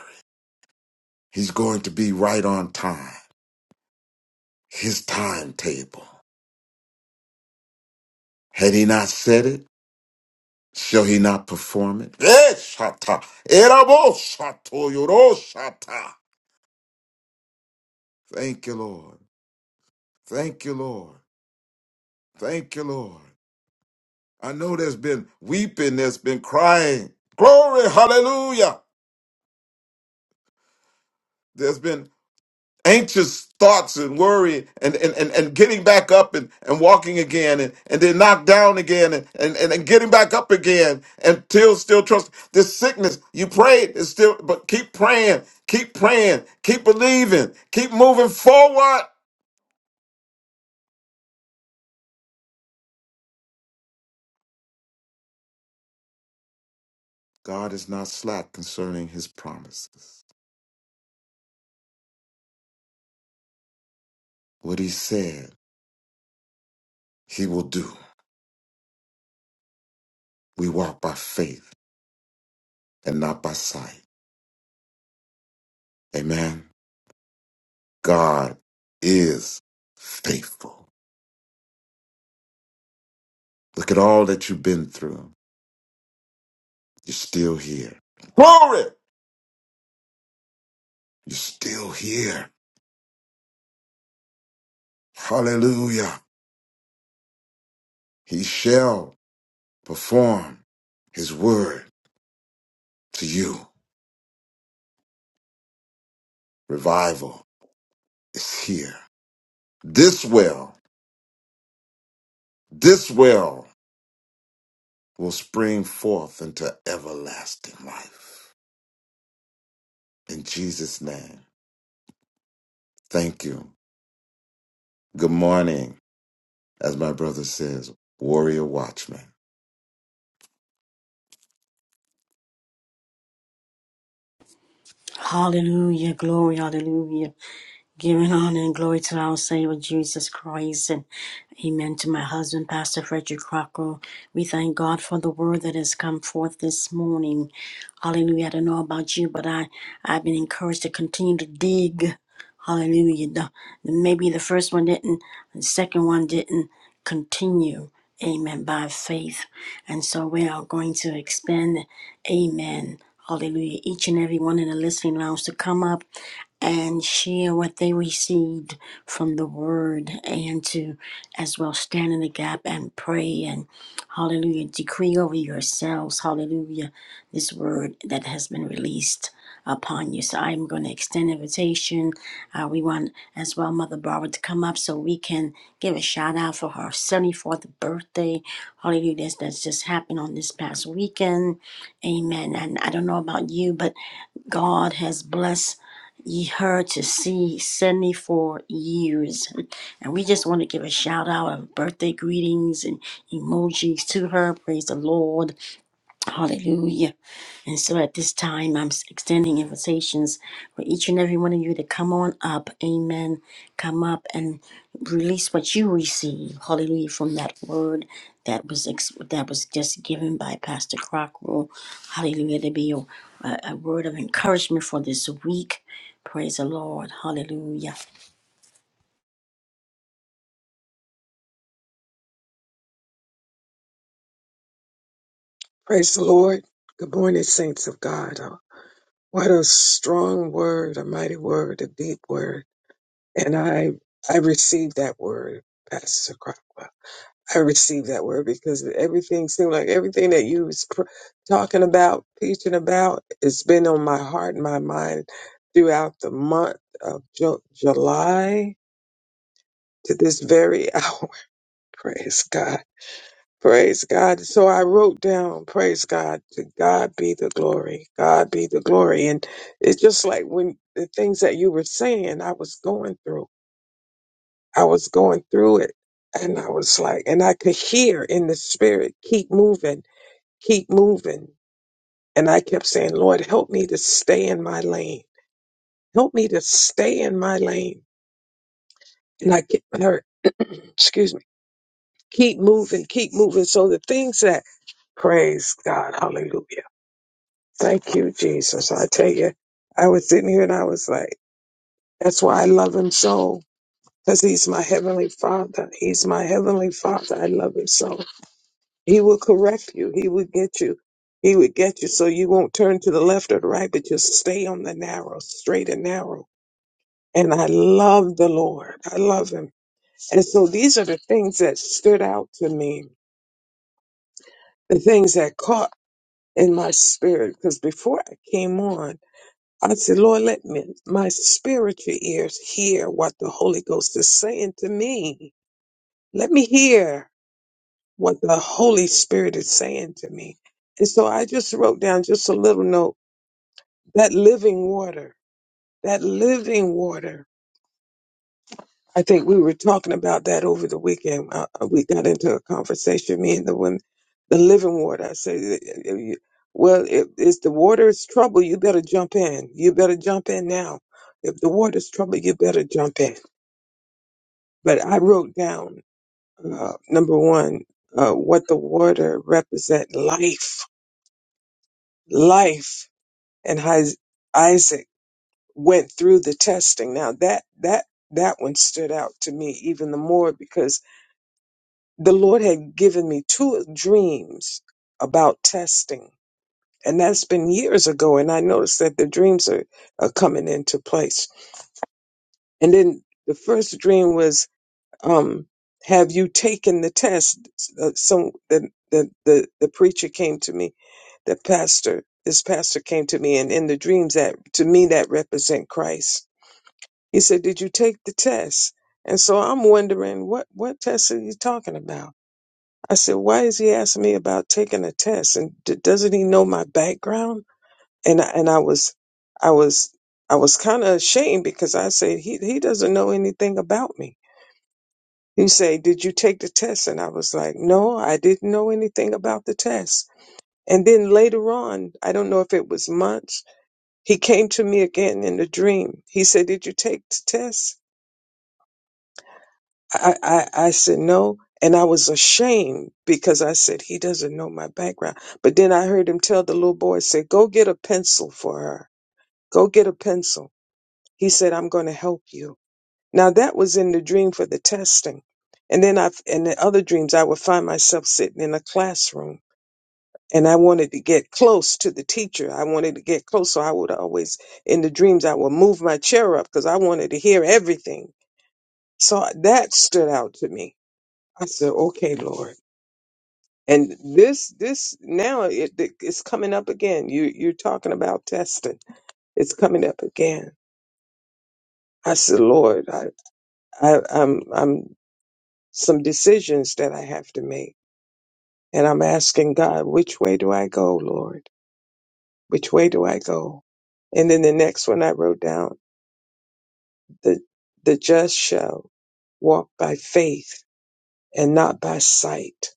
He's going to be right on time. His timetable. Had he not said it, shall he not perform it? Eh, shata. Erabo shato yoro shata. Thank you, Lord. Thank you, Lord. Thank you, Lord. I know there's been weeping, there's been crying. Glory, hallelujah. There's been anxious thoughts and worry and, and, and, and getting back up and, and walking again and, and then knocked down again and, and, and, and getting back up again until still trust this sickness. You prayed, it's still, but keep praying, keep praying, keep believing, keep moving forward. God is not slack concerning his promises. What he said, he will do. We walk by faith and not by sight. Amen. God is faithful. Look at all that you've been through. You're still here. Glory! You're still here. Hallelujah. He shall perform his word to you. Revival is here. This well, this well will spring forth into everlasting life. In Jesus' name, thank you. Good morning. as my brother says, warrior watchman. Hallelujah. Glory. Hallelujah. Giving honor and glory to our Savior Jesus Christ and amen to my husband, Pastor Frederick Crocker. We thank God for the word that has come forth this morning. Hallelujah. I don't know about you, but I, I've been encouraged to continue to dig. Hallelujah. The- maybe the first one didn't, the second one didn't continue. Amen. By faith. And so we are going to expand. Amen. Hallelujah. Each and every one in the listening lounge to come up and share what they received from the word and to as well stand in the gap and pray and hallelujah decree over yourselves hallelujah this word that has been released upon you so i'm going to extend invitation uh, we want as well mother barbara to come up so we can give a shout out for her 74th birthday hallelujah that's, that's just happened on this past weekend amen and i don't know about you but God has blessed ye her to see 74 years. And we just want to give a shout out of birthday greetings and emojis to her. Praise the Lord. Hallelujah. And so at this time, I'm extending invitations for each and every one of you to come on up. Amen. Come up and release what you receive. Hallelujah. From that word that was ex- that was just given by Pastor Crockrell. Hallelujah. To be a, a a word of encouragement for this week. Praise the Lord. Hallelujah. Praise the Lord. Good morning, saints of God. Uh, What a strong word, a mighty word, a deep word. And I, I received that word, Pastor Crockwell. I received that word because everything seemed like everything that you was pr- talking about, teaching about, it's been on my heart and my mind throughout the month of Ju- July to this very hour. Praise God. Praise God. So I wrote down, praise God, to God be the glory. God be the glory. And it's just like when the things that you were saying, I was going through. I was going through it. And I was like, and I could hear in the spirit, keep moving, keep moving. And I kept saying, Lord, help me to stay in my lane. Help me to stay in my lane. And I kept her, excuse me, keep moving, keep moving. So the things that, praise God, hallelujah Thank you, Jesus. I tell you, I was sitting here and I was like, that's why I love him so, because he's my heavenly father. He's my heavenly father. I love him so. He will correct you. He will get you. He would get you so you won't turn to the left or the right, but just stay on the narrow, straight and narrow. And I love the Lord. I love him. And so these are the things that stood out to me, the things that caught in my spirit. Because before I came on, I said, Lord, let me, my spiritual ears hear what the Holy Ghost is saying to me. Let me hear what the Holy Spirit is saying to me. And so I just wrote down just a little note that living water, that living water I think we were talking about that over the weekend. Uh, uh, we got into a conversation, me and the women, the living water. I said, "If you- well, if, if the water's trouble, you better jump in. You better jump in now. If the water's trouble, you better jump in. But I wrote down, uh, number one, uh, what the water represent life, life. And His- Isaac went through the testing. Now that, that, that one stood out to me even the more because the Lord had given me two dreams about testing. And that's been years ago. And I noticed that the dreams are, are coming into place. And then the first dream was, um, have you taken the test? Uh, some, the, the, the, the preacher came to me, the pastor, this pastor came to me and in the dreams that to me that represent Christ. He said, did you take the test? And so I'm wondering what, what test are you talking about? I said, why is he asking me about taking a test? And d- doesn't he know my background? And I, and I was, I was, I was kind of ashamed because I said, he, he doesn't know anything about me. He said, did you take the test? And I was like, no, I didn't know anything about the test. And then later on, I don't know if it was months, he came to me again in a dream. He said, did you take the test? I, I, I said no. And I was ashamed because I said, he doesn't know my background. But then I heard him tell the little boy, said, go get a pencil for her. Go get a pencil. He said, I'm going to help you. Now that was in the dream for the testing. And then I, in the other dreams, I would find myself sitting in a classroom and I wanted to get close to the teacher. I wanted to get close. So I would always, in the dreams, I would move my chair up because I wanted to hear everything. So that stood out to me I said, "Okay, Lord." And this, this now it, it's coming up again. You, you're talking about testing. It's coming up again. I said, "Lord, I, I, I'm, I'm some decisions that I have to make, and I'm asking God, which way do I go, Lord? Which way do I go?" And then the next one I wrote down, the, the just shall walk by faith and not by sight.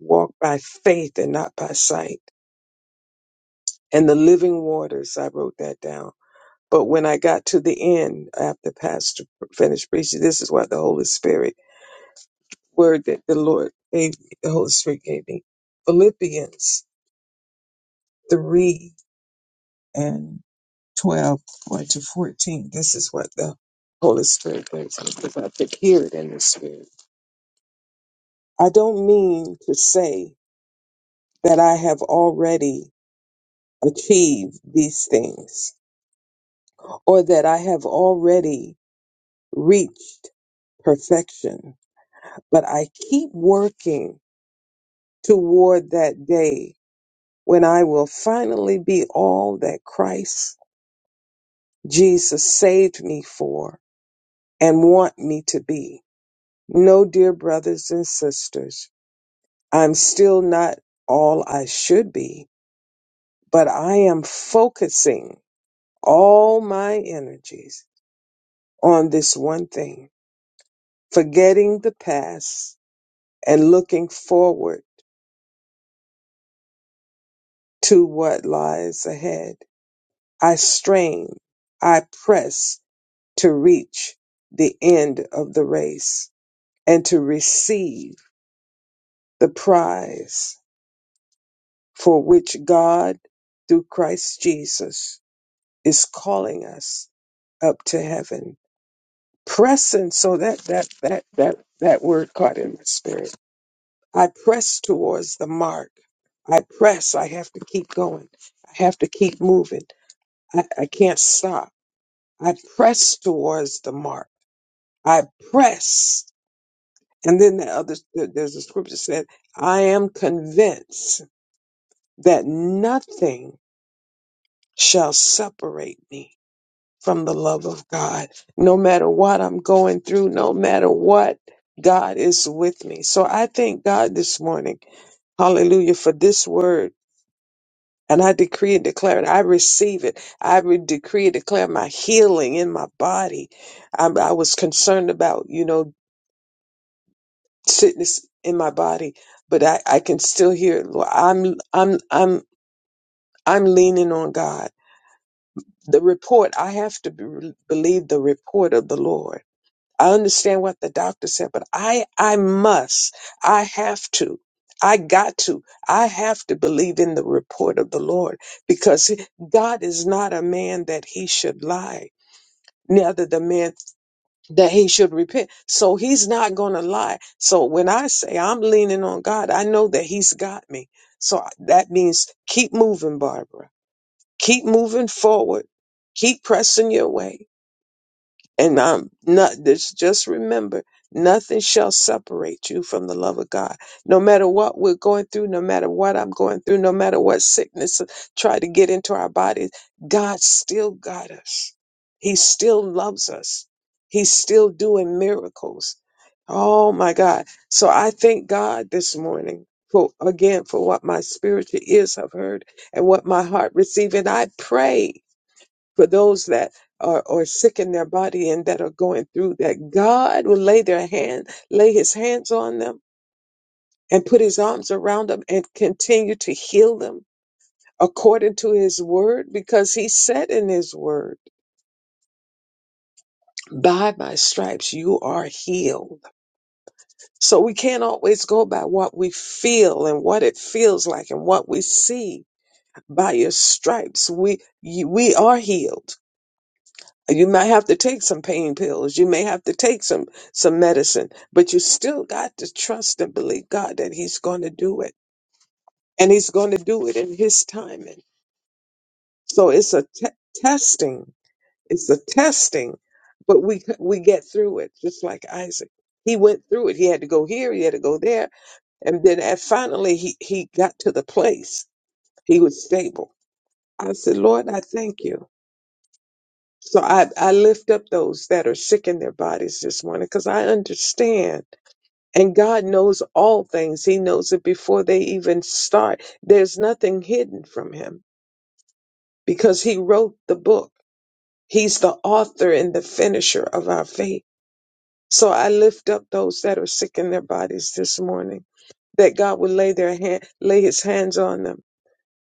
Walk by faith and not by sight. and the living waters. I wrote that down. But when I got to the end after Pastor finished preaching, this is what the Holy Spirit word that the Lord gave me, the Holy Spirit gave me. Philippians 3 and 12 going to 14. This is what the Holy Spirit brings me because I could hear it in the Spirit. I don't mean to say that I have already achieved these things or that I have already reached perfection, but I keep working toward that day when I will finally be all that Christ Jesus saved me for and want me to be. No, dear brothers and sisters, I'm still not all I should be, but I am focusing all my energies on this one thing, forgetting the past and looking forward to what lies ahead. I strain, I press to reach the end of the race and to receive the prize for which God, through Christ Jesus, is calling us up to heaven. Pressing, so that, that, that, that, that word caught in my spirit. I press towards the mark. I press. I have to keep going. I have to keep moving. I, I can't stop. I press towards the mark. I press. And then the other, there's a scripture said, I am convinced that nothing shall separate me from the love of God. No matter what I'm going through, no matter what, God is with me. So I thank God this morning. Hallelujah for this word. And I decree and declare it. I receive it. I re- decree and declare my healing in my body. I, I was concerned about, you know, sickness in my body, but I, I can still hear it. Lord, I'm I'm I'm I'm leaning on God. The report I have to be, believe the report of the Lord. I understand what the doctor said, but I I must. I have to. I got to. I have to believe in the report of the Lord because God is not a man that he should lie. Neither the man that he should repent. So he's not going to lie. So when I say I'm leaning on God, I know that he's got me. So that means keep moving, Barbara. Keep moving forward. Keep pressing your way. And I'm not this just remember, nothing shall separate you from the love of God. No matter what we're going through, no matter what I'm going through, no matter what sickness try to get into our bodies, God still got us. He still loves us. He's still doing miracles. Oh my God. So I thank God this morning for again for what my spiritual ears have heard and what my heart received. And I pray for those that are, are sick in their body and that are going through that god will lay their hand lay his hands on them and put his arms around them and continue to heal them according to his word because he said in his word by my stripes you are healed so we can't always go by what we feel and what it feels like and what we see by your stripes we you, we are healed You might have to take some pain pills. You may have to take some some medicine, but you still got to trust and believe God that He's going to do it, and He's going to do it in His timing. So it's a te- testing. It's a testing, but we we get through it. Just like Isaac, he went through it. He had to go here. He had to go there, and then at finally he he got to the place he was stable. I said, Lord, I thank you. So I, I lift up those that are sick in their bodies this morning because I understand. And God knows all things. He knows it before they even start. There's nothing hidden from Him because He wrote the book. He's the author and the finisher of our faith. So I lift up those that are sick in their bodies this morning that God would lay their hand, lay his hands on them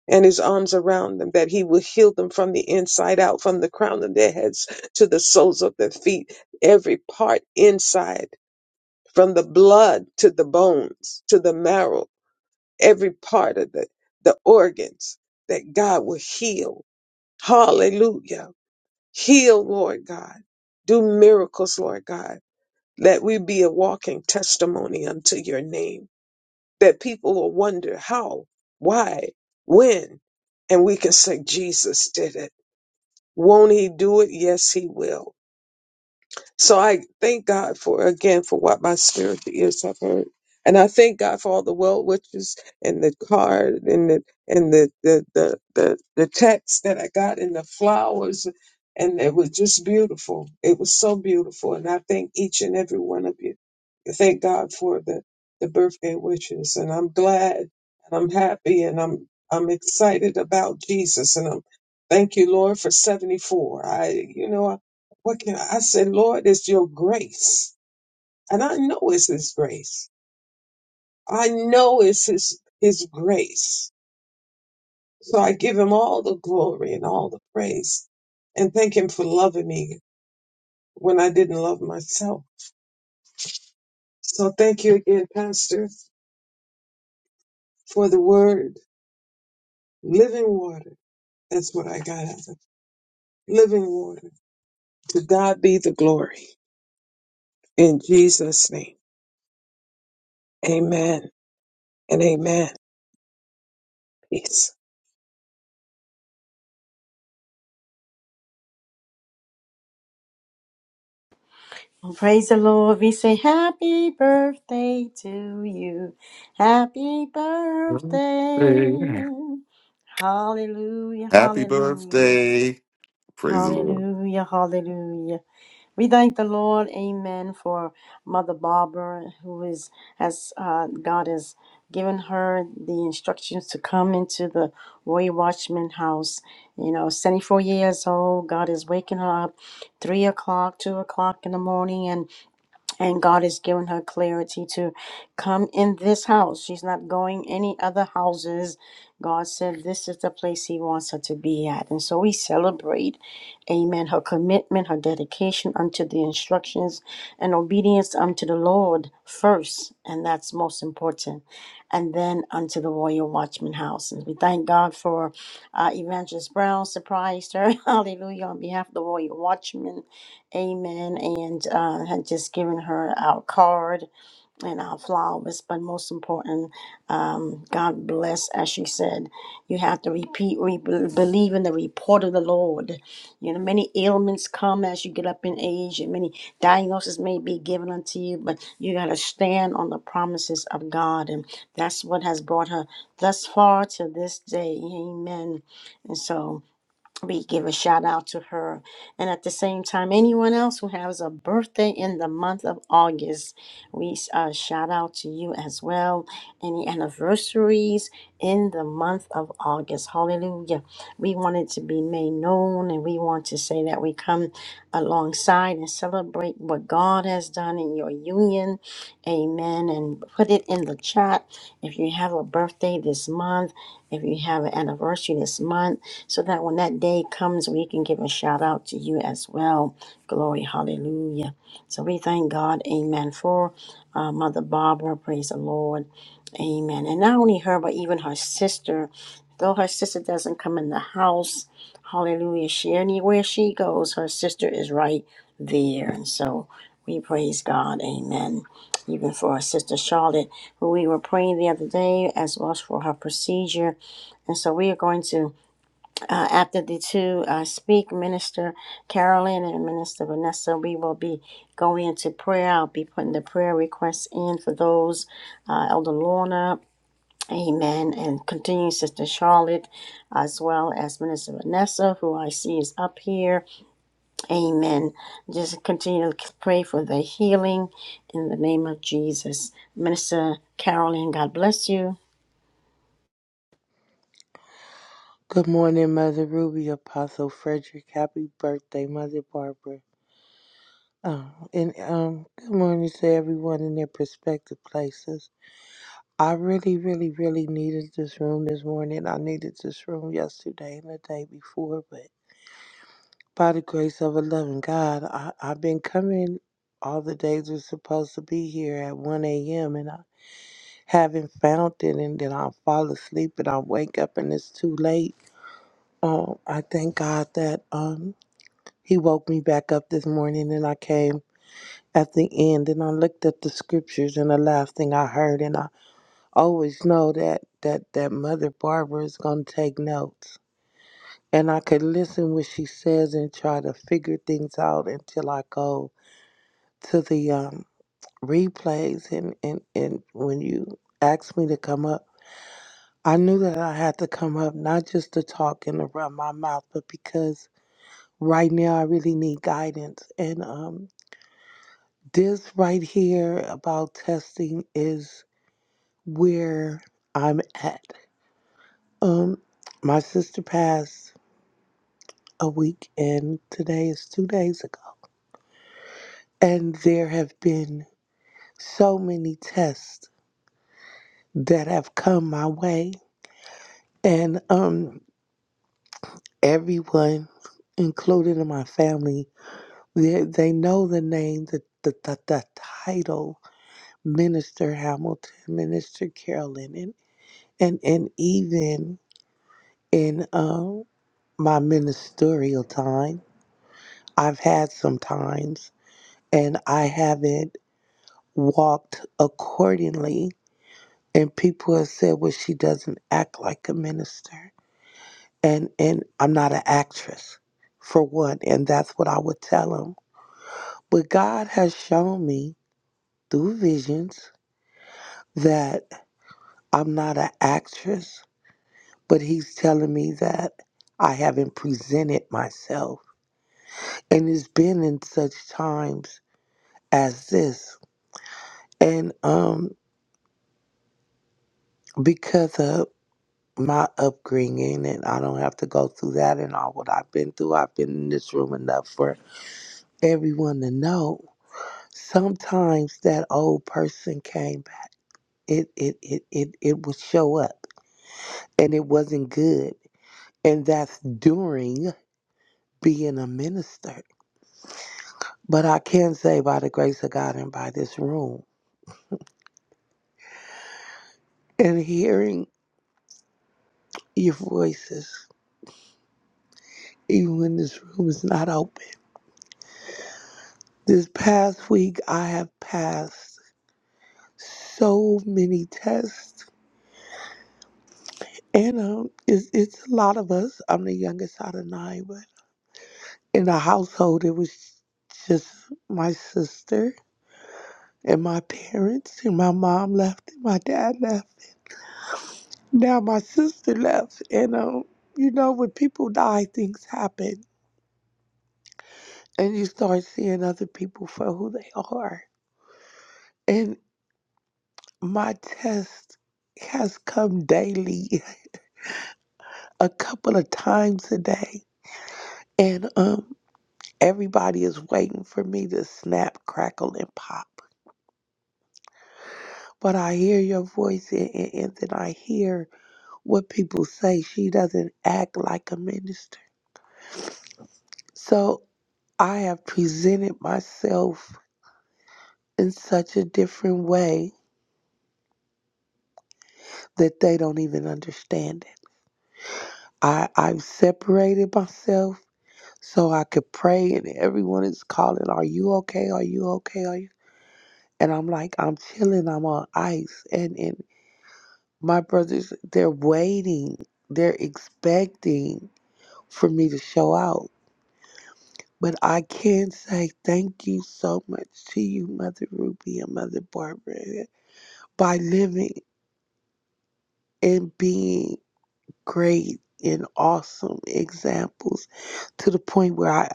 and his arms around them, that he will heal them from the inside out, from the crown of their heads to the soles of their feet, every part inside, from the blood to the bones, to the marrow, every part of the, the organs that God will heal. Hallelujah. Heal, Lord God. Do miracles, Lord God. Let we be a walking testimony unto your name that people will wonder how, why, when, and we can say, Jesus did it. Won't he do it? Yes, he will. So I thank God for again for what my spiritual ears have heard. And I thank God for all the well wishes and the card and the and the the the the, the text that I got and the flowers and it was just beautiful. It was so beautiful. And I thank each and every one of you. I Thank God for the, the birthday wishes. And I'm glad and I'm happy and I'm I'm excited about Jesus and I'm thank you, Lord, for seventy four. I you know what can I, I said, Lord, it's your grace. And I know it's his grace. I know it's his his grace. So I give him all the glory and all the praise and thank him for loving me when I didn't love myself. So thank you again, Pastor, for the word. Living water. That's what I got out of it. Living water. To God be the glory. In Jesus' name. Amen and amen. Peace. Well, praise the Lord. We say happy birthday to you. Happy birthday. Hey. Hallelujah, Happy hallelujah, birthday. Praise the Lord. hallelujah, hallelujah. We thank the Lord, amen, for Mother Barbara, who is, as uh, God has given her the instructions to come into the Roy Watchman house. You know, 74 years old, God is waking her up 3 o'clock, 2 o'clock in the morning, and and God has given her clarity to come in this house. She's not going any other houses. God said this is the place He wants her to be at. And so we celebrate, amen, her commitment, her dedication unto the instructions and obedience unto the Lord first. And that's most important. And then unto the Royal Watchman House. And we thank God for uh, Evangelist Brown surprised her. Hallelujah. On behalf of the Royal Watchman Amen. And uh, had just given her our card and our flowers. But most important, um, God bless, as she said, you have to repeat, re- believe in the report of the Lord. You know, many ailments come as you get up in age, and many diagnoses may be given unto you, but you got to stand on the promises of God. And that's what has brought her thus far to this day. Amen. And so we give a shout out to her. And at the same time, anyone else who has a birthday in the month of August, we uh, shout out to you as well. Any anniversaries in the month of August. Hallelujah. We want it to be made known and we want to say that we come alongside and celebrate what God has done in your union. Amen. And put it in the chat if you have a birthday this month, if you have an anniversary this month so that when that day comes, we can give a shout out to you as well. Glory, hallelujah. So we thank God, amen, for uh, Mother Barbara. Praise the Lord, amen. And not only her, but even her sister. Though her sister doesn't come in the house, hallelujah, she anywhere she goes, her sister is right there. And so we praise God, amen. Even for our sister Charlotte, who we were praying the other day, as well as for her procedure. And so we are going to uh, after the two uh, speak, Minister Carolyn and Minister Vanessa, we will be going into prayer. I'll be putting the prayer requests in for those, uh, Elder Lorna, amen, and continuing Sister Charlotte, as well as Minister Vanessa, who I see is up here, amen. Just continue to pray for the healing in the name of Jesus. Minister Carolyn, God bless you. Good morning, Mother Ruby, Apostle Frederick. Happy birthday, Mother Barbara. Um, and um, good morning to everyone in their prospective places. I really, really, really needed this room this morning. I needed this room yesterday and the day before, but by the grace of a loving God, I, I've been coming all the days we're supposed to be here at 1 a.m. and I haven't found it, and then I fall asleep and I wake up and it's too late. Um, I thank God that. Um, He woke me back up this morning and I came at the end and I looked at the scriptures and the last thing I heard and I always know that that, that Mother Barbara is gonna take notes. And I could listen what she says and try to figure things out until I go to the um replays and, and, and when you asked me to come up, I knew that I had to come up not just to talk and to run my mouth, but because right now I really need guidance and um This right here about testing is where I'm at. Um, my sister passed a week, and today is two days ago. And there have been so many tests that have come my way, and um, everyone, included in my family, they, they know the name, the, the the the title, Minister Hamilton, Minister Carolyn, and and and even in. um. my ministerial time. I've had some times and I haven't walked accordingly. And people have said, well, she doesn't act like a minister. And, and I'm not an actress, for one. And that's what I would tell them. But God has shown me through visions that I'm not an actress, but He's telling me that I haven't presented myself. And it's been in such times as this And um, because of my upbringing, and I don't have to go through that and all what I've been through, I've been in this room enough for everyone to know. Sometimes that old person came back. It it it it, it would show up, and it wasn't good. And that's during being a minister. But I can say by the grace of God and by this room and hearing your voices, even when this room is not open. This past week, I have passed so many tests, and um, it's, it's a lot of us. I'm the youngest out of nine, but in the household, it was just my sister and my parents, and my mom left, and my dad left. Now my sister left, and um, you know, when people die, things happen, and you start seeing other people for who they are. And my test has come daily. a couple of times a day. And um, everybody is waiting for me to snap, crackle, and pop. But I hear your voice, and, and, and then I hear what people say. She doesn't act like a minister. So I have presented myself in such a different way that they don't even understand it. I, I've separated myself so I could pray, and everyone is calling, Are you okay? Are you okay? Are you and I'm like, I'm chilling, I'm on ice. And, and my brothers, they're waiting, they're expecting for me to show out. But I can say thank you so much to you, Mother Ruby and Mother Barbara, by living and being great and awesome examples to the point where I.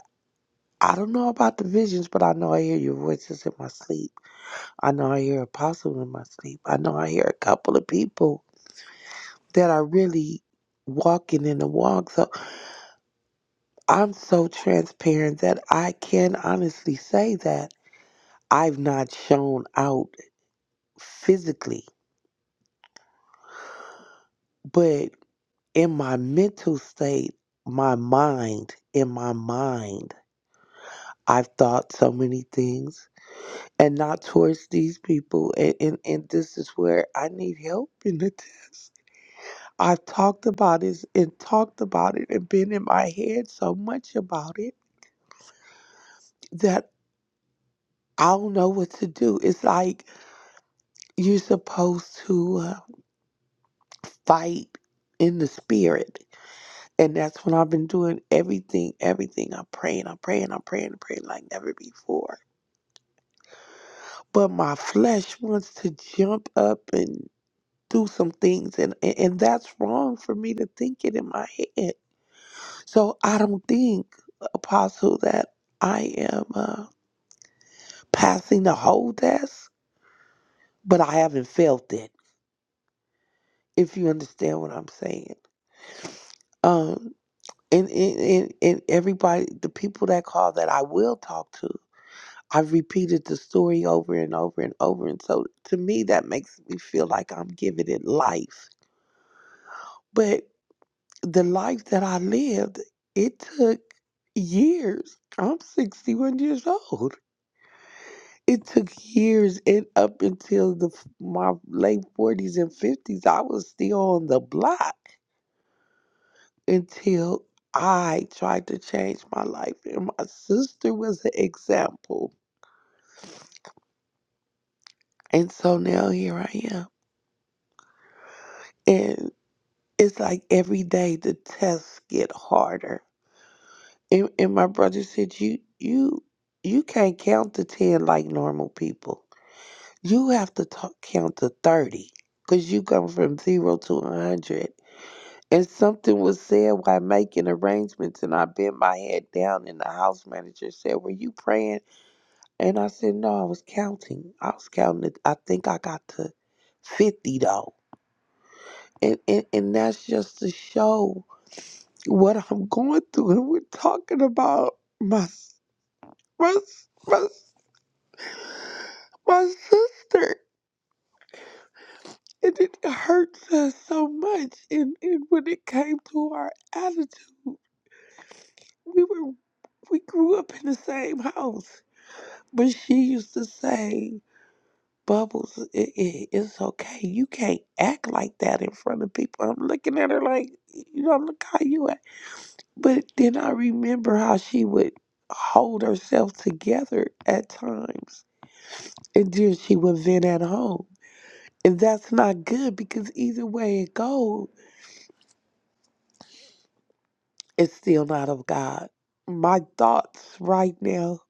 I don't know about the visions, but I know I hear your voices in my sleep. I know I hear Apostle in my sleep. I know I hear a couple of people that are really walking in the walk. So I'm so transparent that I can honestly say that I've not shown out physically, but in my mental state, my mind, in my mind, I've thought so many things and not towards these people. And, and, and this is where I need help in the test. I've talked about this and talked about it and been in my head so much about it that. I don't know what to do. It's like you're supposed to uh, fight in the spirit. And that's when I've been doing everything, everything. I'm praying, I'm praying, I'm praying, I'm praying like never before. But my flesh wants to jump up and do some things. And, and, and that's wrong for me to think it in my head. So I don't think, Apostle, that I am uh, passing the whole test, but I haven't felt it, if you understand what I'm saying. um. And, and, and, and everybody, the people that call that I will talk to, I've repeated the story over and over and over. And so to me, that makes me feel like I'm giving it life. But the life that I lived, it took years. I'm 61 years old. It took years and up until the my late 40s and 50s, I was still on the block until I tried to change my life. And my sister was an example. And so now here I am. And it's like every day the tests get harder. And, and my brother said, You you you can't count to ten like normal people. You have to talk, count to thirty. Cause you come from zero to a hundred. And something was said while making arrangements and I bent my head down and the house manager said, Were you praying? And I said, no, I was counting. I was counting it. I think I got to 50 though. And, and, and that's just to show what I'm going through. And we're talking about my, my, my, my sister. And it hurts us so much. And, and when it came to our attitude, we were, we grew up in the same house. But she used to say, Bubbles, it, it, it's okay. You can't act like that in front of people. I'm looking at her like, you know, look how you act. But then I remember how she would hold herself together at times. And then she would vent at home. And that's not good because either way it goes, it's still not of God. My thoughts right now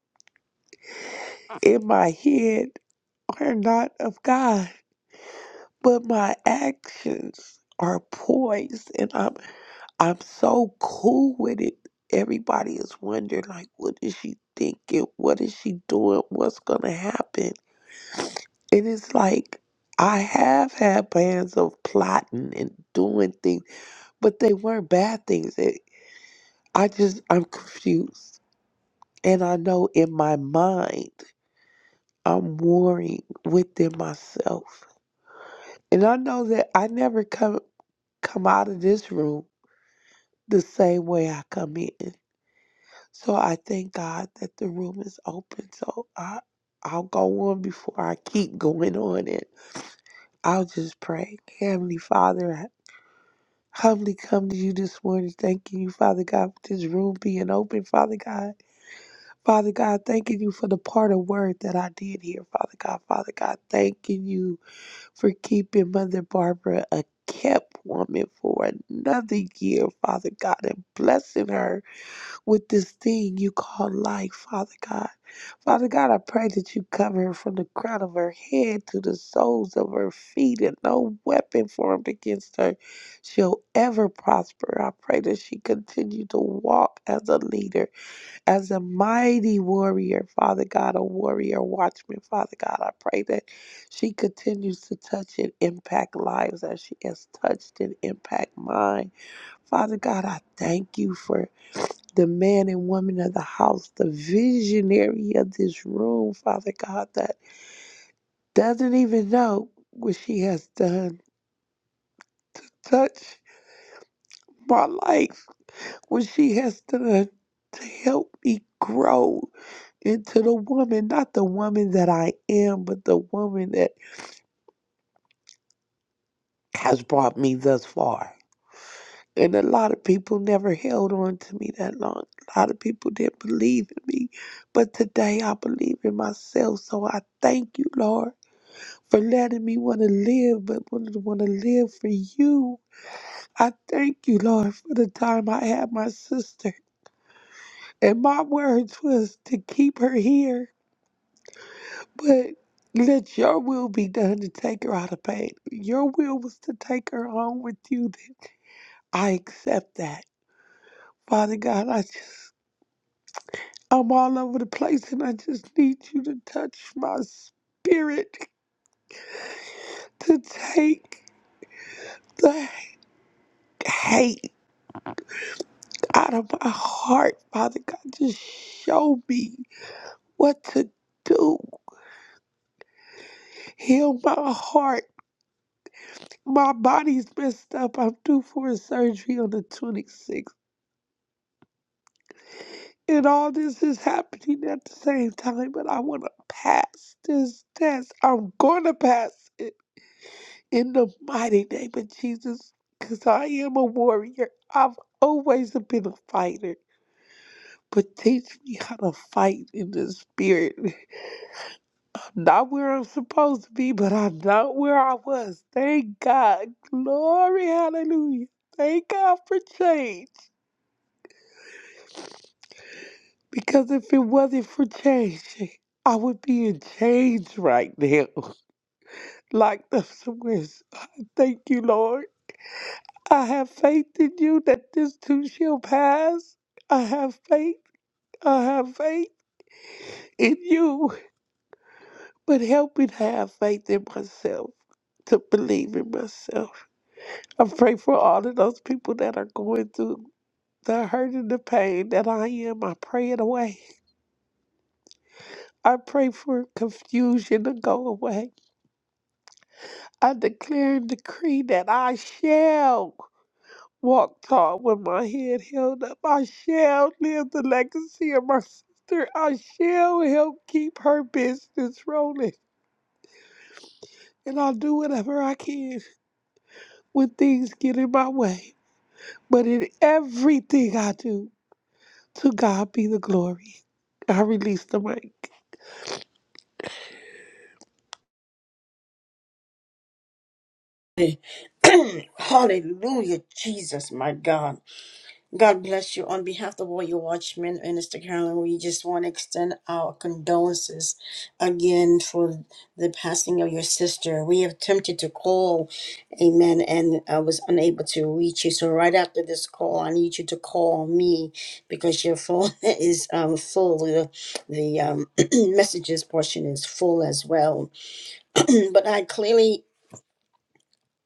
in my head are not of God, but my actions are poised and I'm I'm so cool with it. Everybody is wondering, like, what is she thinking? What is she doing? What's going to happen? And it's like, I have had plans of plotting and doing things, but they weren't bad things. It, I just, I'm confused. And I know in my mind, I'm warring within myself. And I know that I never come come out of this room the same way I come in. So I thank God that the room is open. So I I'll go on before I keep going on and I'll just pray. Heavenly Father, I humbly come to you this morning, thanking you, Father God, for this room being open, Father God. Father God, thanking you for the part of word that I did hear, Father God. Father God, thanking you for keeping Mother Barbara a kept woman for another year, Father God, and blessing her with this thing you call life, Father God. Father God, I pray that you cover her from the crown of her head to the soles of her feet, and no weapon formed against her shall ever prosper. I pray that she continue to walk as a leader, as a mighty warrior, Father God, a warrior watchman, Father God. I pray that she continues to touch and impact lives as she has touched and impact mine. Father God, I thank you for the man and woman of the house, the visionary of this room, Father God, that doesn't even know what she has done. Touch my life, what she has done to help me grow into the woman, not the woman that I am, but the woman that has brought me thus far. And a lot of people never held on to me that long. A lot of people didn't believe in me. But today I believe in myself. So I thank you, Lord. for letting me want to live, but wanted to want to live for you. I thank you, Lord, for the time I had my sister. And my words was to keep her here, but let your will be done to take her out of pain. Your will was to take her home with you. I accept that. Father God, I just, I'm all over the place and I just need you to touch my spirit to take the hate out of my heart, Father God. Just show me what to do. Heal my heart. My body's messed up. I'm due for a surgery on the 26th. And all this is happening at the same time, but I want to pass this test. I'm going to pass it in the mighty name of Jesus because I am a warrior. I've always been a fighter, but teach me how to fight in the spirit. Not where I'm supposed to be, but I'm not where I was. Thank God. Glory, hallelujah. Thank God for change. Because if it wasn't for change, I would be in change right now. Like the Swiss. Thank you, Lord. I have faith in you that this too shall pass. I have faith. I have faith in you. But help me to have faith in myself, to believe in myself. I pray for all of those people that are going through the hurt and the pain that I am. I pray it away. I pray for confusion to go away. I declare and decree that I shall walk tall with my head held up. I shall live the legacy of my sister. I shall help keep her business rolling. And I'll do whatever I can when things get in my way. But in everything I do, To God be the glory. I release the mic. Hallelujah, Jesus, my God. God bless you. On behalf of all your watchmen, Minister Carolyn, we just want to extend our condolences again for the passing of your sister. We have attempted to call, amen, and I was unable to reach you. So, right after this call, I need you to call me because your phone is um, full. The, the um, messages portion is full as well. but I clearly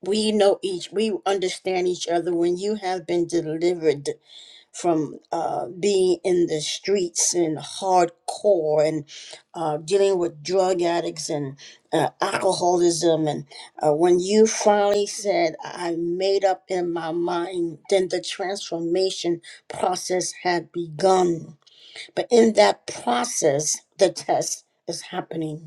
we know each we understand each other when you have been delivered from uh, being in the streets and hardcore and uh, dealing with drug addicts and uh, alcoholism. And uh, when you finally said, I made up in my mind, then the transformation process had begun. But in that process, the test is happening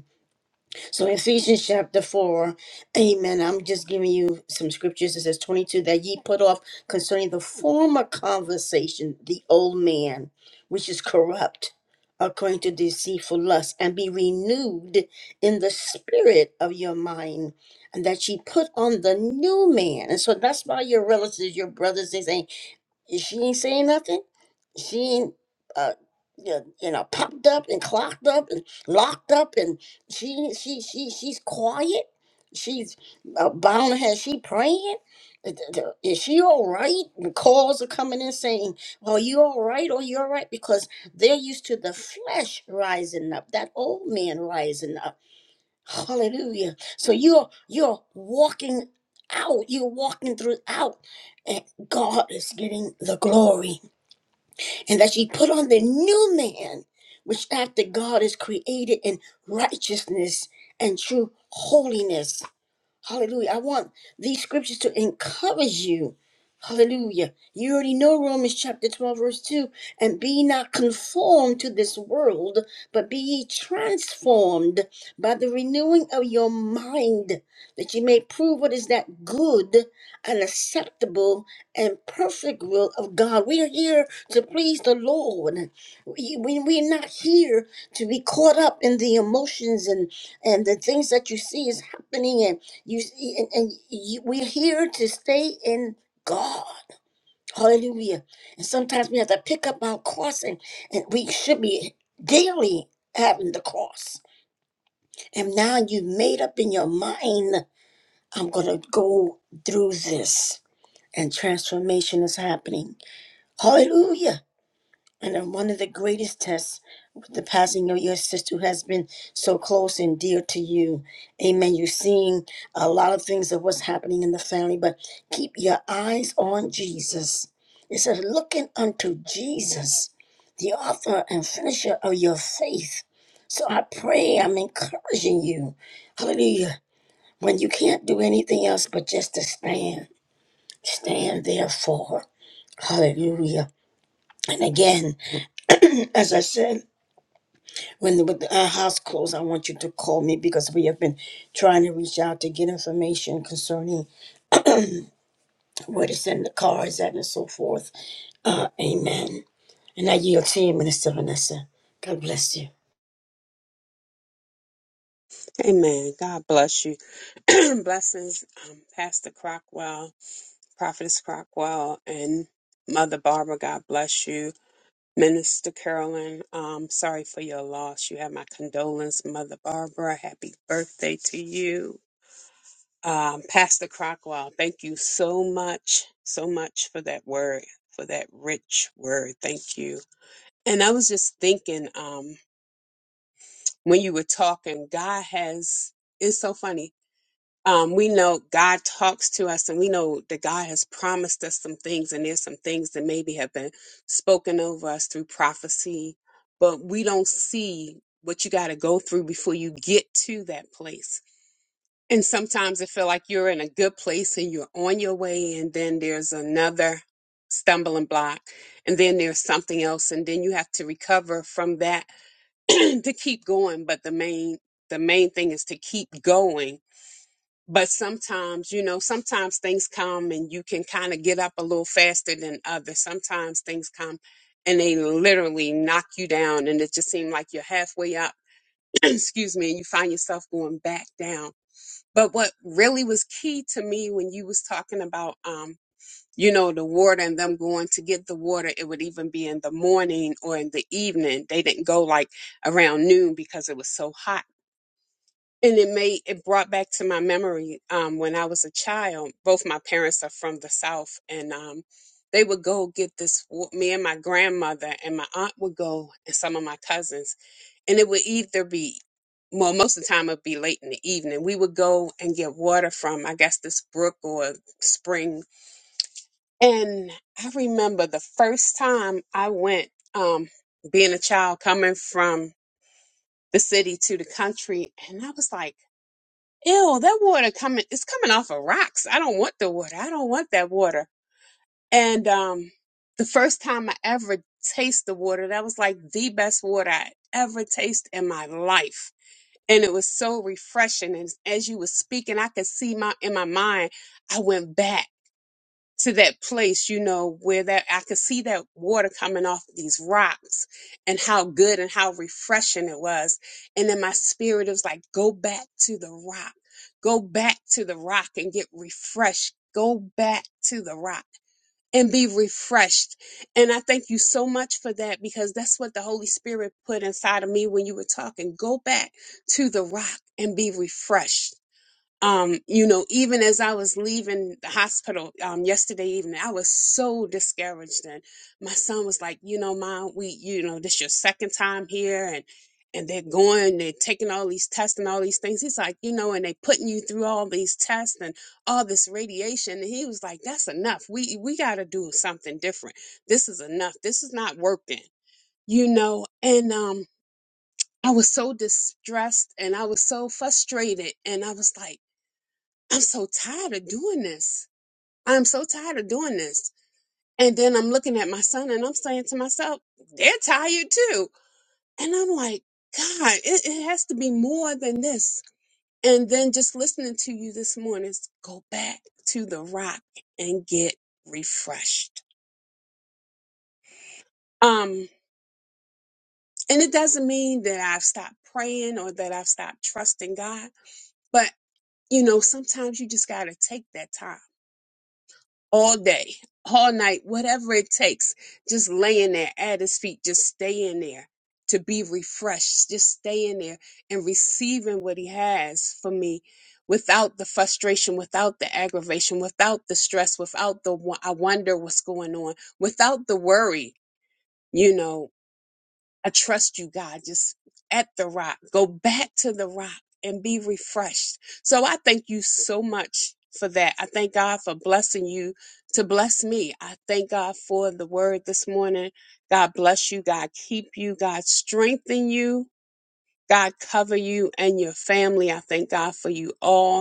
so Ephesians chapter 4, amen. I'm just giving you some scriptures. It says 22, that ye put off concerning the former conversation, the old man, which is corrupt according to deceitful lust, and be renewed in the spirit of your mind, and that ye put on the new man. And so that's why your relatives, your brothers, they saying, she ain't saying nothing she uh y- you know popped up and clocked up and locked up and she she she she's quiet she's uh, bound has she praying Uh, th- th- is she all right the calls are coming in saying well you all right or you all right because they're used to the flesh rising up that old man rising up hallelujah so you're you're walking out you're walking through out and god is getting the glory and that ye put on the new man, which after God is created in righteousness and true holiness. Hallelujah. I want these scriptures to encourage you. Hallelujah. You already know Romans chapter 12, verse 2. And be not conformed to this world, but be ye transformed by the renewing of your mind, that ye may prove what is that good and acceptable and perfect will of God. We are here to please the Lord. We, we, we're not here to be caught up in the emotions and, and the things that you see is happening you and, and you, we're here to stay in God. Hallelujah. And sometimes we have to pick up our cross, and, and we should be daily having the cross. And now you've made up in your mind, I'm going to go through this. And transformation is happening. Hallelujah. And then one of the greatest tests with the passing of your sister who has been so close and dear to you. Amen. You're seeing a lot of things of what's happening in the family, but keep your eyes on Jesus. It says, looking unto Jesus, the author and finisher of your faith. So I pray, I'm encouraging you. Hallelujah. When you can't do anything else but just to stand, stand there for. Hallelujah. And again, as I said, When the, with the- our house closed, I want you to call me because we have been trying to reach out to get information concerning where to send the cars at and so forth. Uh, amen. And I yield to you, Minister Vanessa. God bless you. Amen. God bless you. Blessings, um, Pastor Crockwell, Prophetess Crockwell, and Mother Barbara. God bless you. Minister Carolyn, um, sorry for your loss. You have my condolence, Mother Barbara. Happy birthday to you. Um, Pastor Crockwell, thank you so much, so much for that word, for that rich word. Thank you. And I was just thinking, um, when you were talking, God has, it's so funny um, we know God talks to us and we know that God has promised us some things and there's some things that maybe have been spoken over us through prophecy, but we don't see what you got to go through before you get to that place. And sometimes it feel like you're in a good place and you're on your way and then there's another stumbling block and then there's something else and then you have to recover from that to keep going, but the main the main thing is to keep going but sometimes you know sometimes things come and you can kind of get up a little faster than others sometimes things come and they literally knock you down and it just seems like you're halfway up excuse me and you find yourself going back down but what really was key to me when you was talking about um you know the water and them going to get the water it would even be in the morning or in the evening they didn't go like around noon because it was so hot and it made it brought back to my memory um, when I was a child. Both my parents are from the South, and um, they would go get this. w- Me and my grandmother and my aunt would go, and some of my cousins, and it would either be well, most of the time it'd be late in the evening. We would go and get water from, I guess, this brook or spring. And I remember the first time I went, um, being a child coming from the city to the country, and I was like ew, that water coming, it's coming off of rocks. I don't want the water. I don't want that water. And um, the first time I ever tasted the water, that was like the best water I ever tasted in my life. And it was so refreshing. And as you were speaking, I could see my in my mind, I went back to that place, you know, where that I could see that water coming off these rocks and how good and how refreshing it was. And then my spirit was like, go back to the rock, go back to the rock and get refreshed. Go back to the rock and be refreshed. And I thank you so much for that because that's what the Holy Spirit put inside of me when you were talking. Go back to the rock and be refreshed um, you know, even as I was leaving the hospital um, yesterday evening, I was so discouraged. And my son was like, you know, mom, we, you know, this your second time here, and and they're going, they're taking all these tests and all these things. He's like, you know, and they putting you through all these tests and all this radiation. And he was like, that's enough. We we got to do something different. This is enough. This is not working, you know. And um, I was so distressed and I was so frustrated, and I was like I'm so tired of doing this. I'm so tired of doing this. And then I'm looking at my son and I'm saying to myself, they're tired too. And I'm like, God, it, it has to be more than this. And then just listening to you this morning, go back to the rock and get refreshed. Um, and it doesn't mean that I've stopped praying or that I've stopped trusting God, but you know, sometimes you just got to take that time all day, all night, whatever it takes, just laying there at his feet, just staying there to be refreshed, just staying there and receiving what he has for me without the frustration, without the aggravation, without the stress, without the wo- I wonder what's going on, without the worry. You know, I trust you, God, just at the rock. Go back to the rock and be refreshed. So I thank you so much for that. I thank God for blessing you to bless me. I thank God for the word this morning. God bless you. God keep you. God strengthen you. God cover you and your family. I thank God for you all.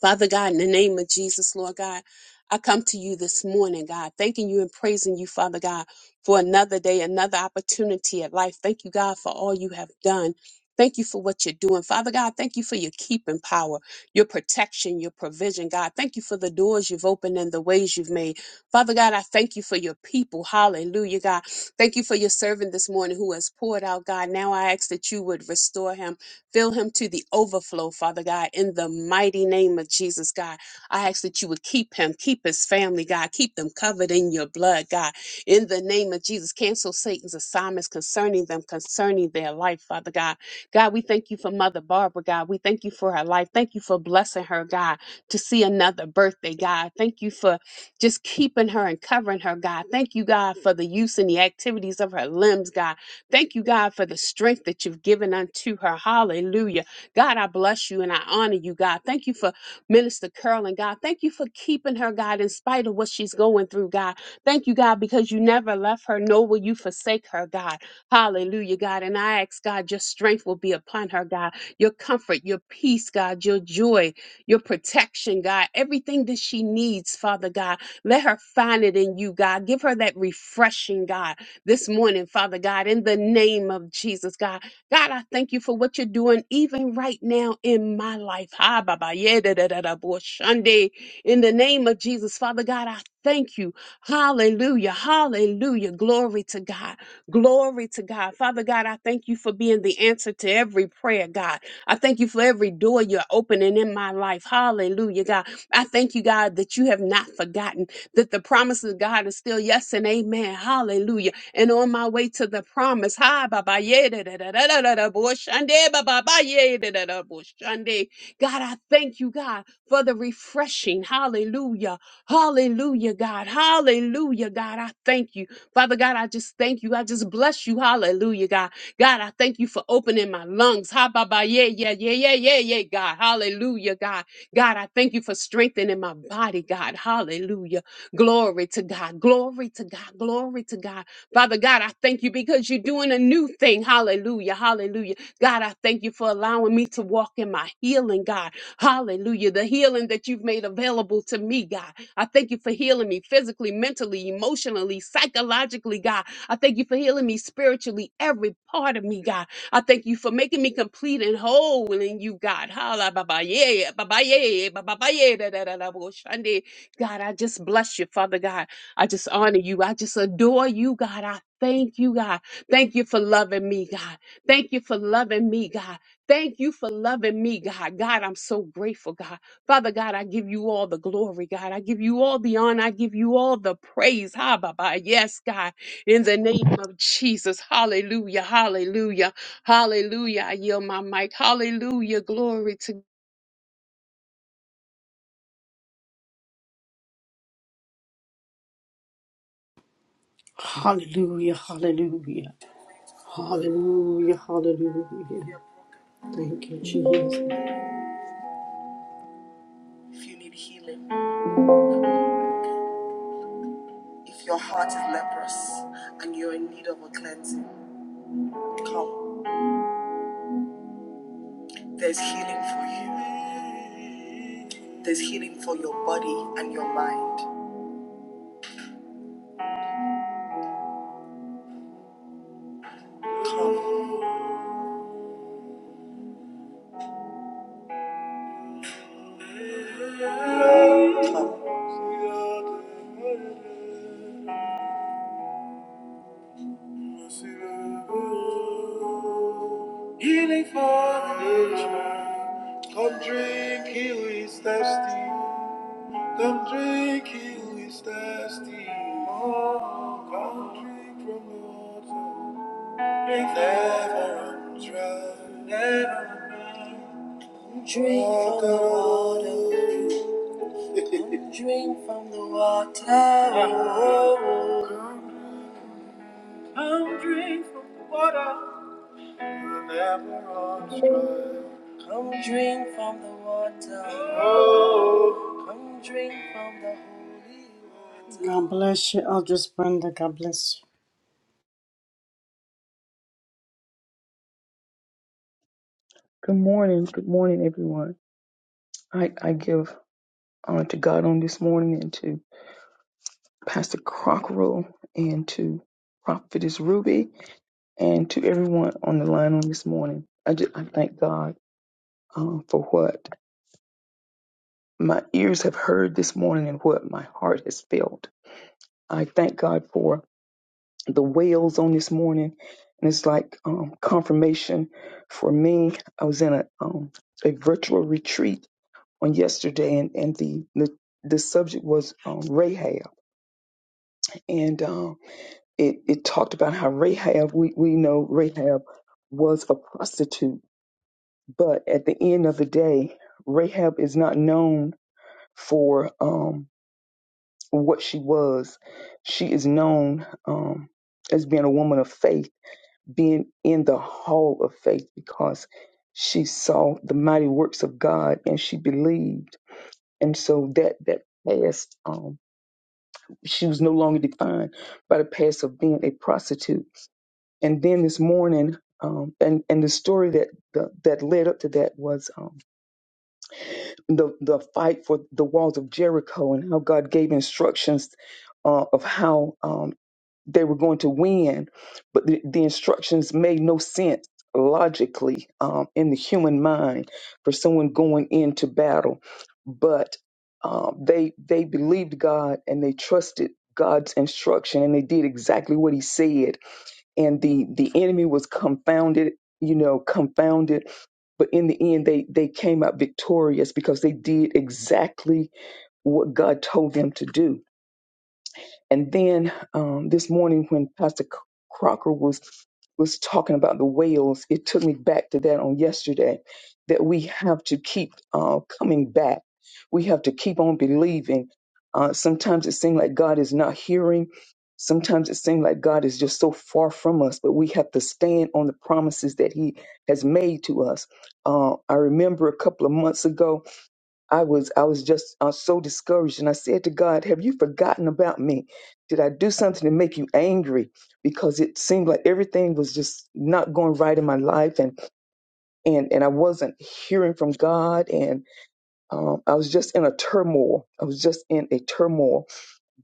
Father God, in the name of Jesus, Lord God, I come to you this morning, God, thanking you and praising you, Father God, for another day, another opportunity at life. Thank you, God, for all you have done. Thank you for what you're doing. Father God, thank you for your keeping power, your protection, your provision, God. Thank you for the doors you've opened and the ways you've made. Father God, I thank you for your people. Hallelujah, God. Thank you for your servant this morning who has poured out, God. Now I ask that you would restore him. Fill him to the overflow, Father God, in the mighty name of Jesus, God. I ask that you would keep him, keep his family, God. Keep them covered in your blood, God. In the name of Jesus, cancel Satan's assignments concerning them, concerning their life, Father God. God, we thank you for Mother Barbara, God. We thank you for her life. Thank you for blessing her, God, to see another birthday, God. Thank you for just keeping her and covering her, God. Thank you, God, for the use and the activities of her limbs, God. Thank you, God, for the strength that you've given unto her. Hallelujah. God, I bless you and I honor you, God. Thank you for Minister Curl God. Thank you for keeping her, God, in spite of what she's going through, God. Thank you, God, because you never left her, nor will you forsake her, God. Hallelujah, God. And I ask, God, your strength will be upon her, God. Your comfort, your peace, God, your joy, your protection, God. Everything that she needs, Father God. Let her find it in you, God. Give her that refreshing, God this morning, Father God, in the name of Jesus, God. God, I thank you for what you're doing even right now in my life. Ha, ba, ba, yeah, da, da, da, da, bo, shande. In the name of Jesus, Father God, I thank you. Hallelujah. Hallelujah. Glory to God. Glory to God. Father God, I thank you for being the answer to every prayer, God. I thank you for every door you're opening in my life. Hallelujah, God. I thank you, God, that you have not forgotten that the promises of God is still yes and amen. Hallelujah and on my way to the promise. Hi, Baba. yeah, da, da, da, da, da, da, da, bo- shande, ba, ba, ba, yeah, da, da, da, bo- shande. God, I thank you, God, for the refreshing. Hallelujah. Hallelujah, God. Hallelujah, God. I thank you. Father God, I just thank you. I just bless you. Hallelujah, God. God, I thank you for opening my lungs. Ha, ba, yeah, yeah, yeah, yeah, yeah, yeah, God. Hallelujah, God. God, I thank you for strengthening my body, God. Hallelujah. Glory to God. Glory to God. Glory to God. Father God, I thank you because you're doing a new thing. Hallelujah. Hallelujah. God, I thank you for allowing me to walk in my healing, God. Hallelujah. The healing that you've made available to me, God. I thank you for healing me physically, mentally, emotionally, psychologically, God. I thank you for healing me spiritually, every part of me, God. I thank you for making me complete and whole in you, God. Hala baba yeah, baba yeah, baba yeah, da da da da bo shande. God, I just bless you, Father God. I just honor you. I just adore you, God. I thank you, God. Thank you for loving me, God. Thank you for loving me, God. Thank you for loving me, God. God, I'm so grateful, God. Father God, I give you all the glory, God. I give you all the honor. I give you all the praise. Ha, Baba. Yes, God. In the name of Jesus. Hallelujah. Hallelujah. Hallelujah. I yield my mic. Hallelujah. Glory to Hallelujah, hallelujah, hallelujah, hallelujah. Jesus. If you need healing, if your heart is leprous and you're in need of a cleansing, come. There's healing for you. There's healing for your body and your mind. Healing for the nation. Come drink, he who is thirsty. Come drink, he who is thirsty. Oh, come drink from the water. Drink never run dry. Never run dry. Drink from the water. Drink from the water. Oh, Come drink from the water. You're never on strike. Come drink from the water. Oh. Come drink from the Good morning. Good morning, everyone. I, I give honor to God on this morning and to Pastor Crocker and to Prophetess Ruby and to everyone on the line on this morning. I, just, I thank God uh, for what my ears have heard this morning and what my heart has felt. I thank God for the wails on this morning. And it's like um, confirmation for me. I was in a, um, a virtual retreat on yesterday, and and the the, the subject was um, Rahab, and um, it it talked about how Rahab we we know Rahab was a prostitute, but at the end of the day, Rahab is not known for um, what she was. She is known um, as being a woman of faith, being in the hall of faith because she saw the mighty works of God and she believed. And so that that past she was no longer defined by the past of being a prostitute. And then this morning, um, and and the story that the, that led up to that was um, the the fight for the walls of Jericho and how God gave instructions uh, of how. Um, they were going to win, but the, the instructions made no sense logically um, in the human mind for someone going into battle. But um, they they believed God and they trusted God's instruction and they did exactly what He said. And the the enemy was confounded, you know, confounded. But in the end, they they came out victorious because they did exactly what God told them to do and then um, this morning, when Pastor C- Crocker was was talking about the whales, it took me back to that on yesterday. That we have to keep uh, coming back. We have to keep on believing. Uh, sometimes it seems like God is not hearing. Sometimes it seems like God is just so far from us, but we have to stand on the promises that He has made to us. Uh, I remember a couple of months ago, I was I was just uh, so discouraged, and I said to God, "Have you forgotten about me? Did I do something to make you angry? Because it seemed like everything was just not going right in my life, and and and I wasn't hearing from God, and um, I was just in a turmoil. I was just in a turmoil."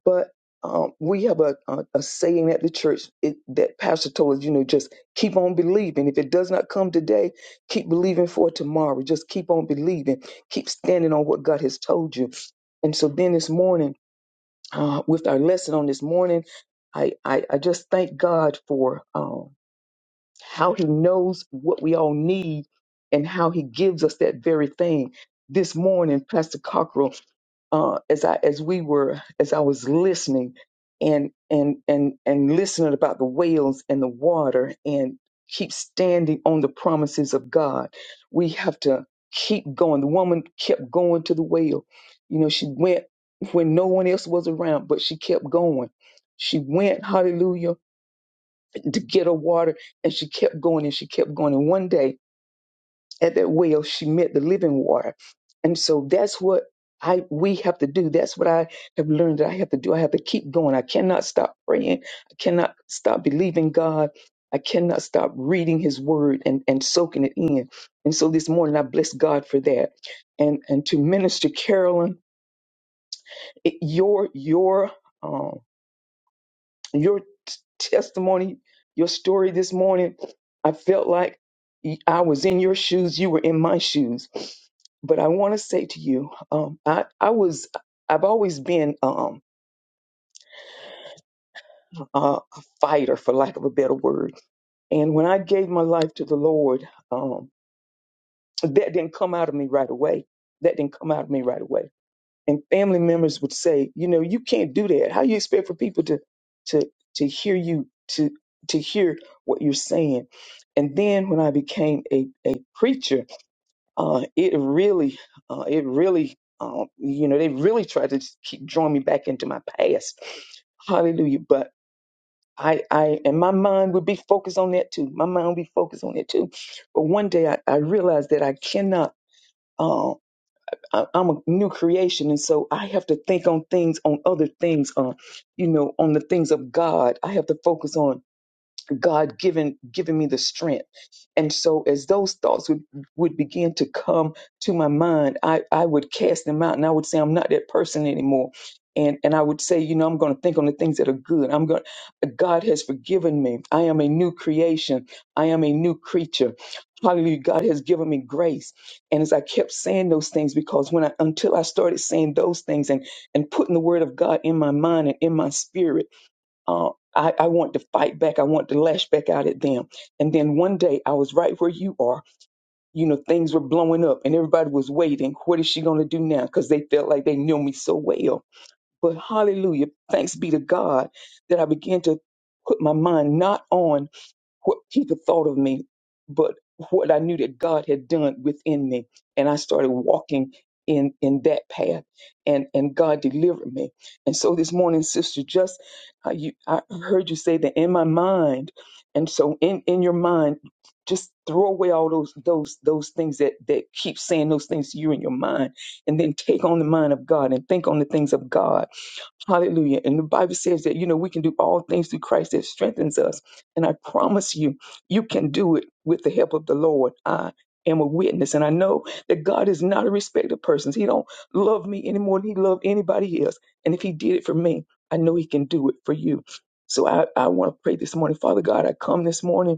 But um, we have a, a, a saying at the church it, that Pastor told us, you know, just keep on believing. If it does not come today, keep believing for tomorrow. Just keep on believing. Keep standing on what God has told you. And so then this morning, uh, with our lesson on this morning, I, I, I just thank God for um, how He knows what we all need and how He gives us that very thing. This morning, Pastor Cockrell uh, as I as we were as I was listening and and and and listening about the whales and the water and keep standing on the promises of God. We have to keep going. The woman kept going to the whale. You know, she went when no one else was around, but she kept going. She went, hallelujah, to get her water, and she kept going and she kept going. And one day at that well she met the living water and so that's what i we have to do that's what i have learned that i have to do i have to keep going i cannot stop praying i cannot stop believing god i cannot stop reading his word and and soaking it in and so this morning i bless god for that and and to minister carolyn it, your your um your testimony, your story this morning. I felt like I was in your shoes, you were in my shoes. But I want to say to you, um, I, I was, I've always been um, a a fighter, for lack of a better word. And when I gave my life to the Lord, um, that didn't come out of me right away. That didn't come out of me right away and family members would say, you know, you can't do that. How you expect for people to to to hear you to to hear what you're saying? And then when I became a a preacher, uh, it really uh, it really um, you know they really tried to keep drawing me back into my past. Hallelujah! But I, I and my mind would be focused on that too. My mind would be focused on it too. But one day I, I realized that I cannot. um, I- I'm a new creation, and so I have to think on things, on other things, on you know, on the things of God. I have to focus on God given given me the strength. And so as those thoughts would, would begin to come to my mind, I, I would cast them out and I would say, I'm not that person anymore. And and I would say, you know, I'm gonna think on the things that are good. I'm going God has forgiven me. I am a new creation. I am a new creature. Hallelujah. God has given me grace. And as I kept saying those things, because when I until I started saying those things and and putting the word of God in my mind and in my spirit uh, I, I want to fight back. I want to lash back out at them. And then one day I was right where you are. You know, things were blowing up and everybody was waiting. What is she going to do now? Because they felt like they knew me so well. But hallelujah, thanks be to God that I began to put my mind not on what people thought of me, but what I knew that God had done within me. And I started walking in in that path, and and God delivered me. And so this morning, sister, just uh, you, I heard you say that in my mind, and so in in your mind. Just throw away all those those those things that that keep saying those things to you in your mind, and then take on the mind of God and think on the things of God Hallelujah. And the Bible says that, you know, we can do all things through Christ that strengthens us. And I promise you, you can do it with the help of the Lord. I am a witness. And I know that God is not a respecter of persons. He don't love me any more than he loved anybody else. And if he did it for me, I know he can do it for you. So I, I want to pray this morning. Father God, I come this morning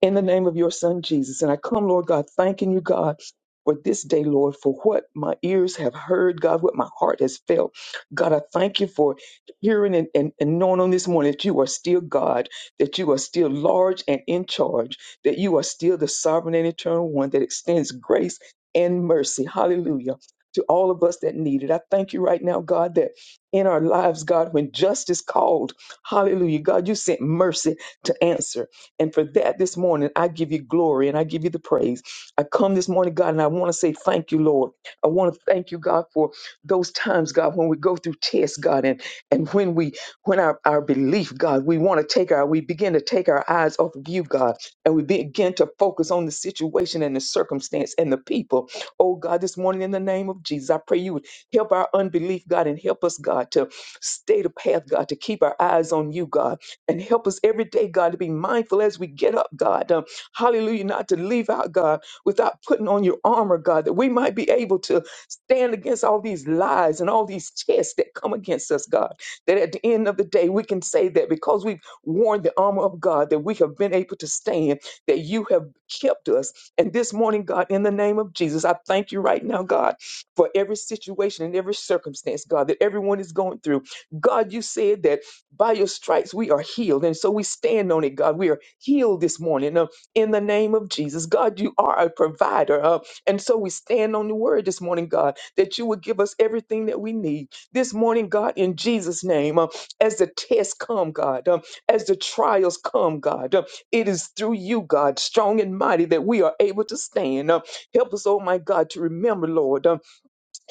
in the name of your son Jesus. And I come, Lord God, thanking you, God. For this day, Lord, for what my ears have heard, God, what my heart has felt. God, I thank you for hearing and, and, and knowing on this morning that you are still God, that you are still large and in charge, that you are still the sovereign and eternal one that extends grace and mercy. Hallelujah. To all of us that need it. I thank you right now, God, that in our lives, God, when justice called, hallelujah, God, you sent mercy to answer. And for that this morning, I give you glory and I give you the praise. I come this morning, God, and I want to say thank you, Lord. I want to thank you, God, for those times, God, when we go through tests, God, and, and when we when our, our belief, God, we want to take our we begin to take our eyes off of you, God, and we begin to focus on the situation and the circumstance and the people. Oh God, this morning in the name of Jesus, I pray you would help our unbelief, God, and help us, God, to stay the path, God, to keep our eyes on you, God and help us every day, God, to be mindful as we get up, God. Um, hallelujah, not to leave out, God, without putting on your armor, God, that we might be able to stand against all these lies and all these tests that come against us, God. That at the end of the day, we can say that because we've worn the armor of God, that we have been able to stand, that you have kept us. And this morning, God, in the name of Jesus, I thank you right now, God, for every situation and every circumstance, God, that everyone is going through. God, you said that. By your stripes, we are healed. And so we stand on it, God. We are healed this morning uh, in the name of Jesus. God, you are a provider. Uh, and so we stand on the word this morning, God, that you would give us everything that we need. This morning, God, in Jesus' name, uh, as the tests come, God, um, as the trials come, God, um, it is through you, God, strong and mighty, that we are able to stand. Uh, help us, oh my God, to remember, Lord. uh,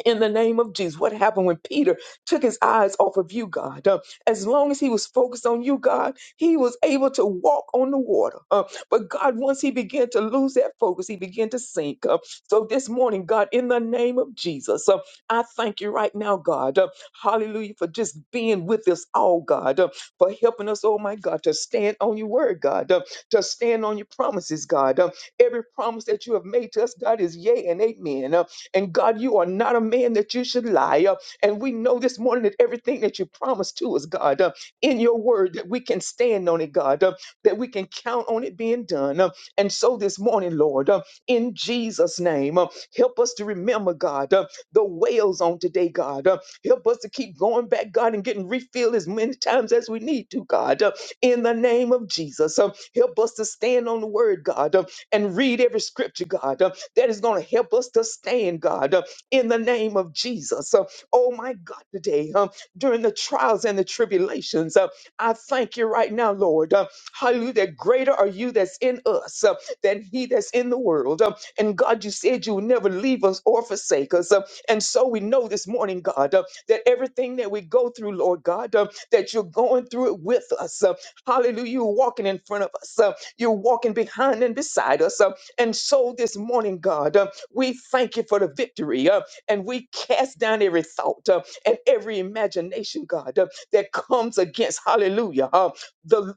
in the name of Jesus. What happened when Peter took his eyes off of you, God? Uh, as long as he was focused on you, God, he was able to walk on the water. Uh, but God, once he began to lose that focus, he began to sink. Uh, so this morning, God, in the name of Jesus, uh, I thank you right now, God. Uh, hallelujah for just being with us all, God, uh, for helping us, oh my God, to stand on your word, God, uh, to stand on your promises, God. Uh, every promise that you have made to us, God, is yea and amen. Uh, and God, you are not a man that you should lie. Uh, And we know this morning that everything that you promised to us, God, uh, in your word, that we can stand on it, God, uh, that we can count on it being done. Uh, And so this morning, Lord, uh, in Jesus' name, uh, help us to remember, God, uh, the whales on today, God. Uh, Help us to keep going back, God, and getting refilled as many times as we need to, God. Uh, in the name of Jesus. Um, help us to stand on the word, God. Uh, and read every scripture, God, uh, that is going to help us to stand, God, uh, in the name of Jesus. Uh, oh, my God, today, um, during the trials and the tribulations, uh, I thank you right now, Lord. Uh, hallelujah. That greater are you that's in us uh, than he that's in the world. Uh, and God, you said you would never leave us or forsake us. Uh, and so we know this morning, God, uh, that everything that we go through, Lord God, uh, that you're going through it with us. Uh, hallelujah. You're walking in front of us. Uh, you're walking behind and beside us. Uh, and so this morning, God, uh, we thank you for the victory uh, and we cast down every thought uh, and every imagination, God, uh, that comes against, hallelujah, uh, the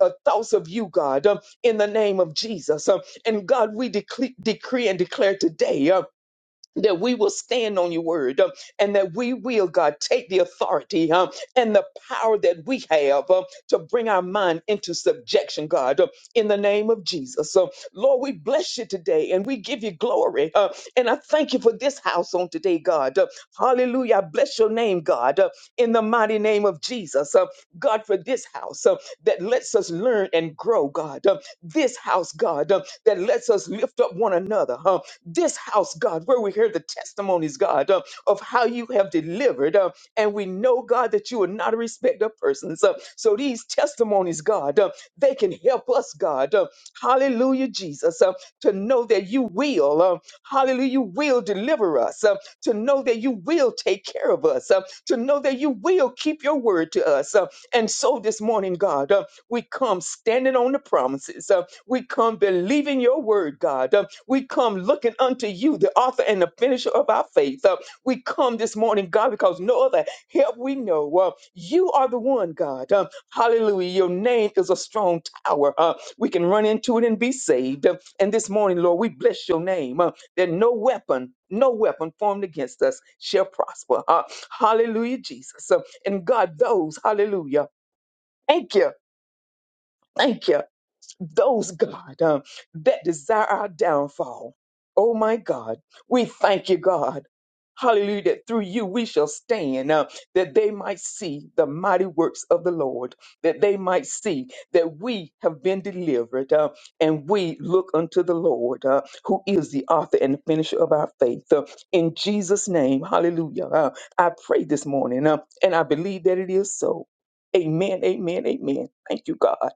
uh, thoughts of you, God, uh, in the name of Jesus. Uh, and God, we decree, decree and declare today. uh, that we will stand on your word um, and that we will, God, take the authority um, and the power that we have um, to bring our mind into subjection, God, um, in the name of Jesus. Um, Lord, we bless you today and we give you glory. Uh, and I thank you for this house on today, God. Uh, hallelujah. I bless your name, God, uh, in the mighty name of Jesus. Uh, God, for this house uh, that lets us learn and grow, God. Uh, this house, God, uh, that lets us lift up one another. huh? this house, God, where we hear the testimonies, God, uh, of how you have delivered. uh, and we know, God, that you are not a respecter of persons. uh, so these testimonies, God, uh, they can help us, God. uh, hallelujah, Jesus, uh, to know that you will, uh, hallelujah, you will deliver us, uh, to know that you will take care of us, uh, to know that you will keep your word to us. uh, and so this morning, God, uh, we come standing on the promises. uh, we come believing your word, God. Uh, We come looking unto you, the author and the finisher of our faith. Uh, We come this morning, God, because no other help we know. Uh, You are the one, God. Uh, Hallelujah. Your name is a strong tower. Uh, We can run into it and be saved. Uh, And this morning, Lord, we bless your name uh, that no weapon, no weapon formed against us shall prosper. Uh, Hallelujah, Jesus. Uh, And God, those, hallelujah. Thank you. Thank you those, God, um, that desire our downfall. Oh my God, we thank you, God. Hallelujah, that through you we shall stand, uh, that they might see the mighty works of the Lord, that they might see that we have been delivered, uh, and we look unto the Lord, uh, who is the author and the finisher of our faith. Uh, in Jesus' name, hallelujah. Uh, I pray this morning, uh, and I believe that it is so. Amen, amen, amen. Thank you, God.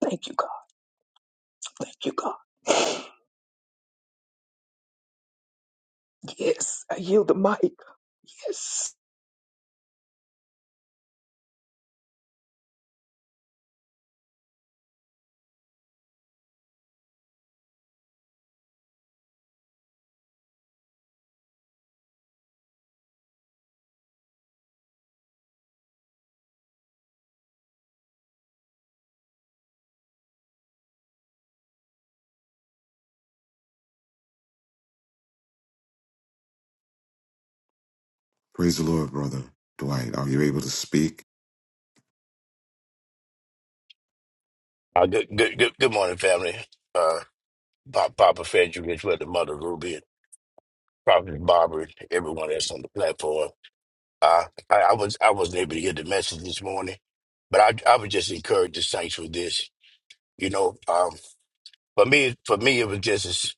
Thank you, God. Thank you, God. Yes, I yield the mic. Yes. Praise the Lord, brother Dwight. Are you able to speak? Uh, good, good, good, good morning, family. Uh, Pop, Papa Frederick, as well, the mother Ruby, and Prophet Barbara, and everyone that's on the platform. Uh, I, I was, I wasn't able to get the message this morning, but I, I would just encourage the saints with this. You know, um, for me, for me, it was just as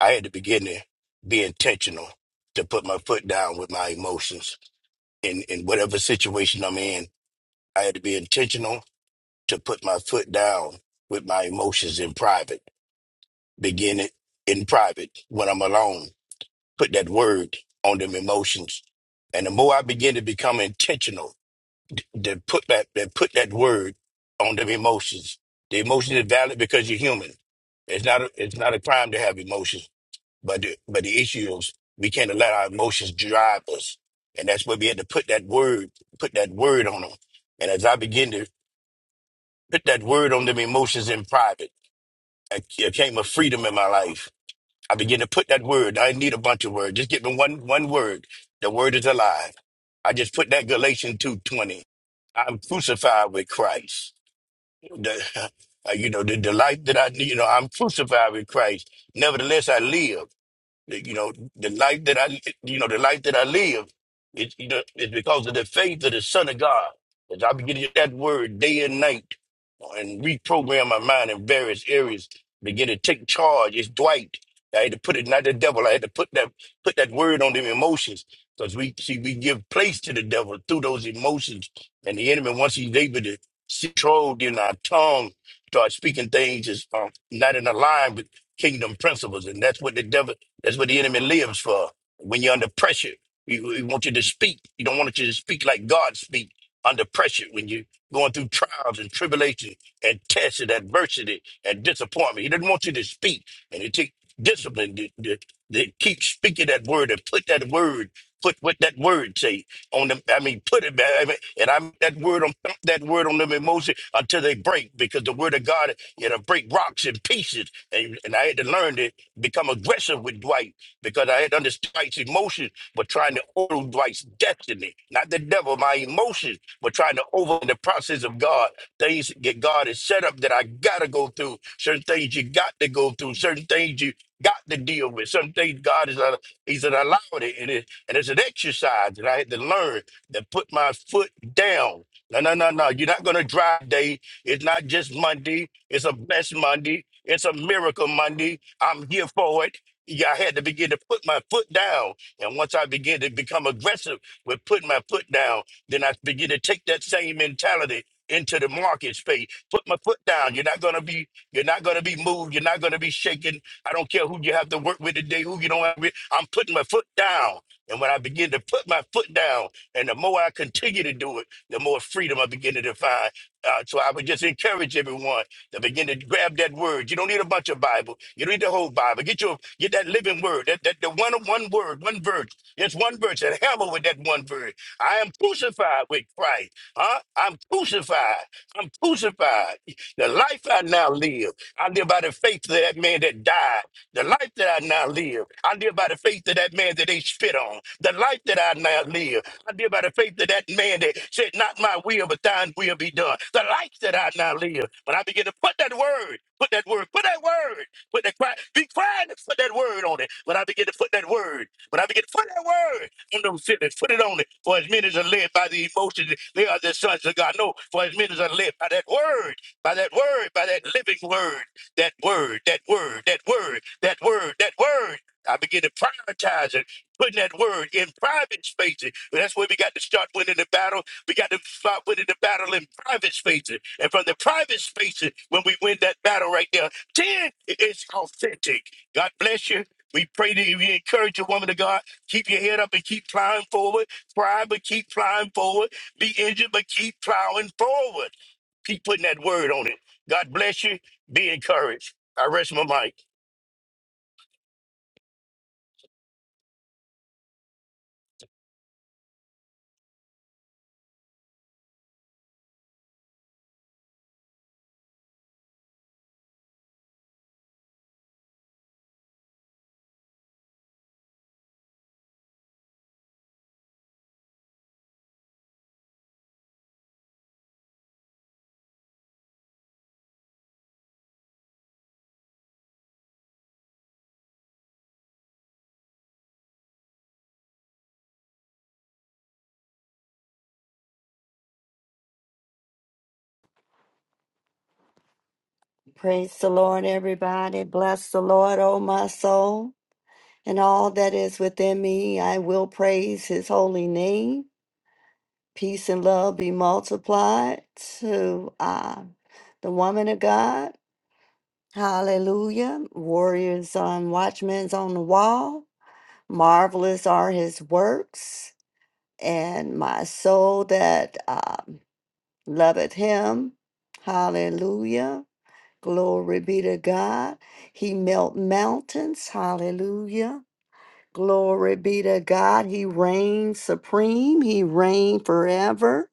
I had to begin to be intentional to put my foot down with my emotions in in whatever situation I'm in. I had to be intentional to put my foot down with my emotions in private begin it in private when I'm alone. Put that word on them emotions. And the more I begin to become intentional to put that to put that word on them emotions. The emotion is valid because you're human. It's not a, it's not a crime to have emotions, but the, but the issue is we can't let our emotions drive us, and that's where we had to put that word put that word on them. And as I begin to put that word on them emotions in private, I, it came a freedom in my life I begin to put that word. I need a bunch of words. Just give me one one word. The word is alive. I just put that Galatians two twenty. I'm crucified with Christ. The, uh, you know the, the life that I you know I'm crucified with Christ. Nevertheless, I live. You know, the life that I, you know, the life that I live, it's you know, it's because of the faith of the Son of God. As I begin to get that word day and night, and reprogram my mind in various areas, begin to take charge. It's Dwight. I had to put it, not the devil. I had to put that put that word on them emotions, because we see we give place to the devil through those emotions, and the enemy once he's able to control in our tongue, start speaking things that's um, not in line with kingdom principles, and that's what the devil that's what the enemy lives for. When you're under pressure, he, he wants you to speak. He don't want you to speak like God speak under pressure when you're going through trials and tribulation and tests and adversity and disappointment. He doesn't want you to speak. And it takes discipline to, to, to keep speaking that word and put that word, put what that word say on them. I mean, put it, I mean, and I'm that word on thump that word on them emotion until they break because the word of God, it'll break rocks in pieces. And, and I had to learn that become aggressive with Dwight because I had understood Dwight's emotions, but trying to order Dwight's destiny. Not the devil, my emotions, but trying to over the process of God. Things that God has set up that I gotta go through. Certain things you got to go through. Certain things you got to deal with. Some things God is uh, He's allowed it, and it and it's an exercise that I had to learn to put my foot down. No, no, no, no. You're not gonna drive day. It's not just Monday. It's a blessed Monday. It's a miracle Monday. I'm here for it. Yeah, I had to begin to put my foot down. And once I begin to become aggressive with putting my foot down, then I begin to take that same mentality into the market space. Put my foot down. You're not gonna be you're not gonna be moved. You're not gonna be shaken. I don't care who you have to work with today, who you don't have with. I'm putting my foot down. And when I begin to put my foot down, and the more I continue to do it, the more freedom I begin to define. Uh, so I would just encourage everyone. Now begin to grab that word. You don't need a bunch of Bible. You don't need the whole Bible. Get your get that living word. That that the one one word, one verse. It's one verse. And hell with that one verse. I am crucified with Christ. Huh? I'm crucified. I'm crucified. The life I now live, I live by the faith of that man that died. The life that I now live, I live by the faith of that man that they spit on. The life that I now live. I live by the faith of that man that said, Not my will, but thine will be done. The life that I now live. But I begin to put that word, put that word, put that word, put that cry, be crying and put that word on it. But I begin to put that word, but I begin to put that word on those feelings, put it on it. For as many as are led by the emotions, they are the sons of God. No, for as many as are led by that word, by that word, by that living word, that word, that word, that word, that word, that word. I begin to prioritize it putting that word in private spaces. And that's where we got to start winning the battle. We got to start winning the battle in private spaces. And from the private spaces, when we win that battle right there, then it's authentic. God bless you. We pray that you we encourage a woman of God. Keep your head up and keep plowing forward. Cry, but keep plowing forward. Be injured, but keep plowing forward. Keep putting that word on it. God bless you. Be encouraged. I rest my mic. Praise the Lord, everybody. Bless the Lord, O my soul, and all that is within me. I will praise his holy name. Peace and love be multiplied to uh, the woman of God. Hallelujah. Warriors on watchmen's on the wall. Marvelous are his works, and my soul that uh, loveth him. Hallelujah. Glory be to God. He melt mountains. Hallelujah. Glory be to God. He reigns supreme. He reigns forever.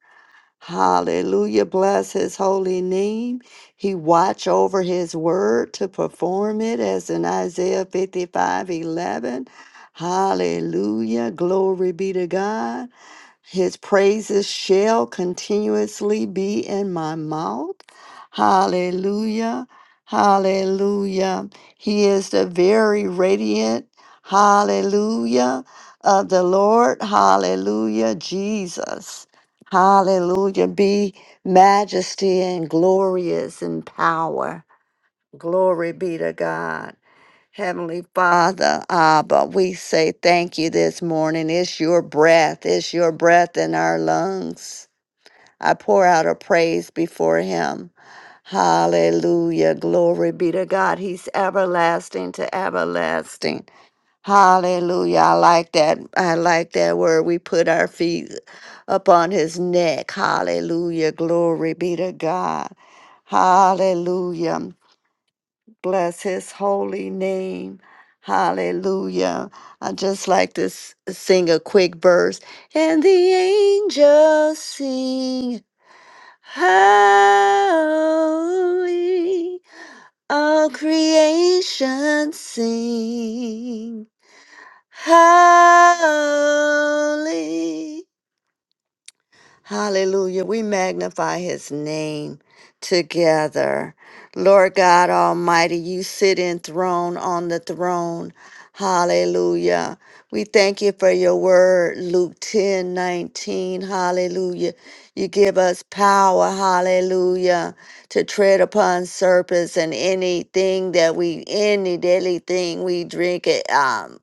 Hallelujah. Bless his holy name. He watch over his word to perform it as in Isaiah 55 11. Hallelujah. Glory be to God. His praises shall continuously be in my mouth. Hallelujah. Hallelujah. He is the very radiant. Hallelujah. Of the Lord. Hallelujah. Jesus. Hallelujah. Be majesty and glorious in power. Glory be to God. Heavenly Father, Abba, we say thank you this morning. It's your breath, it's your breath in our lungs. I pour out a praise before Him. Hallelujah. Glory be to God. He's everlasting to everlasting. Hallelujah. I like that. I like that word. We put our feet upon his neck. Hallelujah. Glory be to God. Hallelujah. Bless his holy name. Hallelujah. I just like to s- sing a quick verse. And the angels sing, Holy. All creation sing, Holy. Hallelujah. We magnify his name together. Lord God Almighty, you sit enthroned on the throne. Hallelujah. We thank you for your word, Luke 10 19. Hallelujah. You give us power, hallelujah, to tread upon serpents and anything that we, any deadly thing we drink it. um,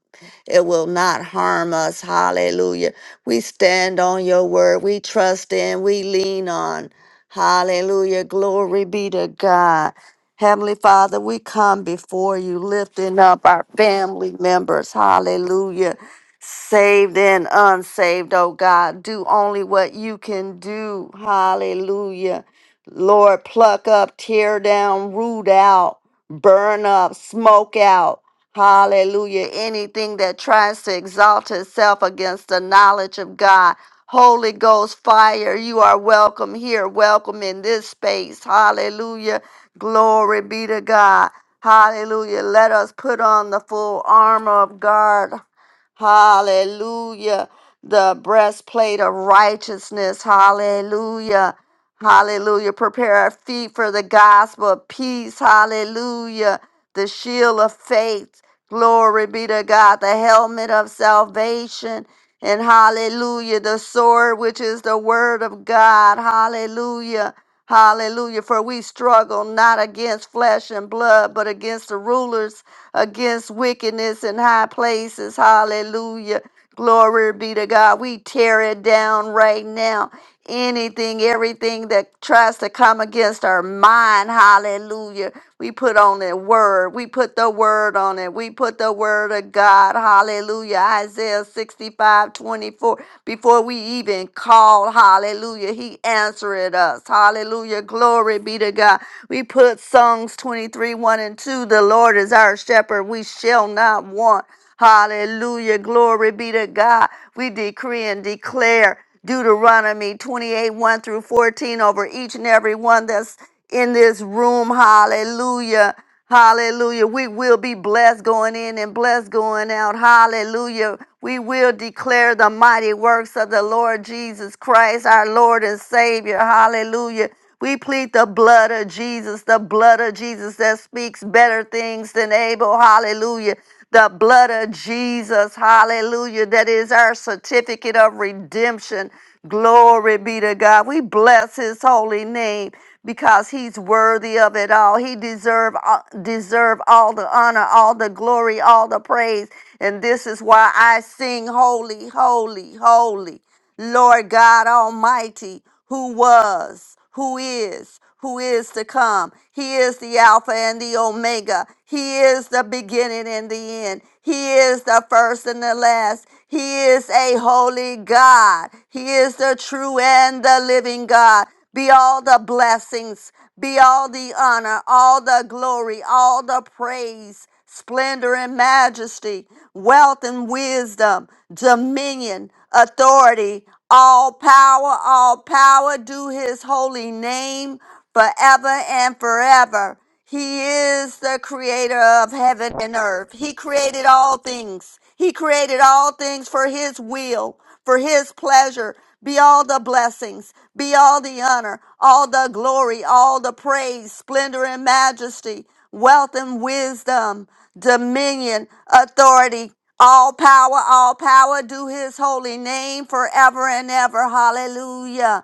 it will not harm us. Hallelujah. We stand on your word. We trust in, we lean on. Hallelujah. Glory be to God. Heavenly Father, we come before you, lifting up our family members. Hallelujah. Saved and unsaved, oh God. Do only what you can do. Hallelujah. Lord, pluck up, tear down, root out, burn up, smoke out. Hallelujah. Anything that tries to exalt itself against the knowledge of God. Holy Ghost fire, you are welcome here, welcome in this space. Hallelujah. Glory be to God. Hallelujah. Let us put on the full armor of God. Hallelujah. The breastplate of righteousness. Hallelujah. Hallelujah. Prepare our feet for the gospel of peace. Hallelujah. The shield of faith. Glory be to God, the helmet of salvation. And hallelujah, the sword which is the word of God. Hallelujah. Hallelujah. For we struggle not against flesh and blood, but against the rulers, against wickedness in high places. Hallelujah. Glory be to God. We tear it down right now. Anything, everything that tries to come against our mind, hallelujah. We put on the word. We put the word on it. We put the word of God, hallelujah. Isaiah 65 24. Before we even call, hallelujah, he answered us, hallelujah. Glory be to God. We put Psalms 23 1 and 2. The Lord is our shepherd. We shall not want. Hallelujah. Glory be to God. We decree and declare. Deuteronomy 28 1 through 14 over each and every one that's in this room. Hallelujah. Hallelujah. We will be blessed going in and blessed going out. Hallelujah. We will declare the mighty works of the Lord Jesus Christ, our Lord and Savior. Hallelujah. We plead the blood of Jesus, the blood of Jesus that speaks better things than Abel. Hallelujah. The blood of Jesus, hallelujah, that is our certificate of redemption. Glory be to God. We bless his holy name because he's worthy of it all. He deserve uh, deserve all the honor, all the glory, all the praise. And this is why I sing holy, holy, holy. Lord God Almighty, who was, who is, who is to come. He is the Alpha and the Omega. He is the beginning and the end. He is the first and the last. He is a holy God. He is the true and the living God. Be all the blessings, be all the honor, all the glory, all the praise, splendor and majesty, wealth and wisdom, dominion, authority, all power, all power, do his holy name forever and forever. He is the creator of heaven and earth. He created all things. He created all things for his will, for his pleasure. Be all the blessings, be all the honor, all the glory, all the praise, splendor and majesty, wealth and wisdom, dominion, authority. All power, all power, do his holy name forever and ever. Hallelujah.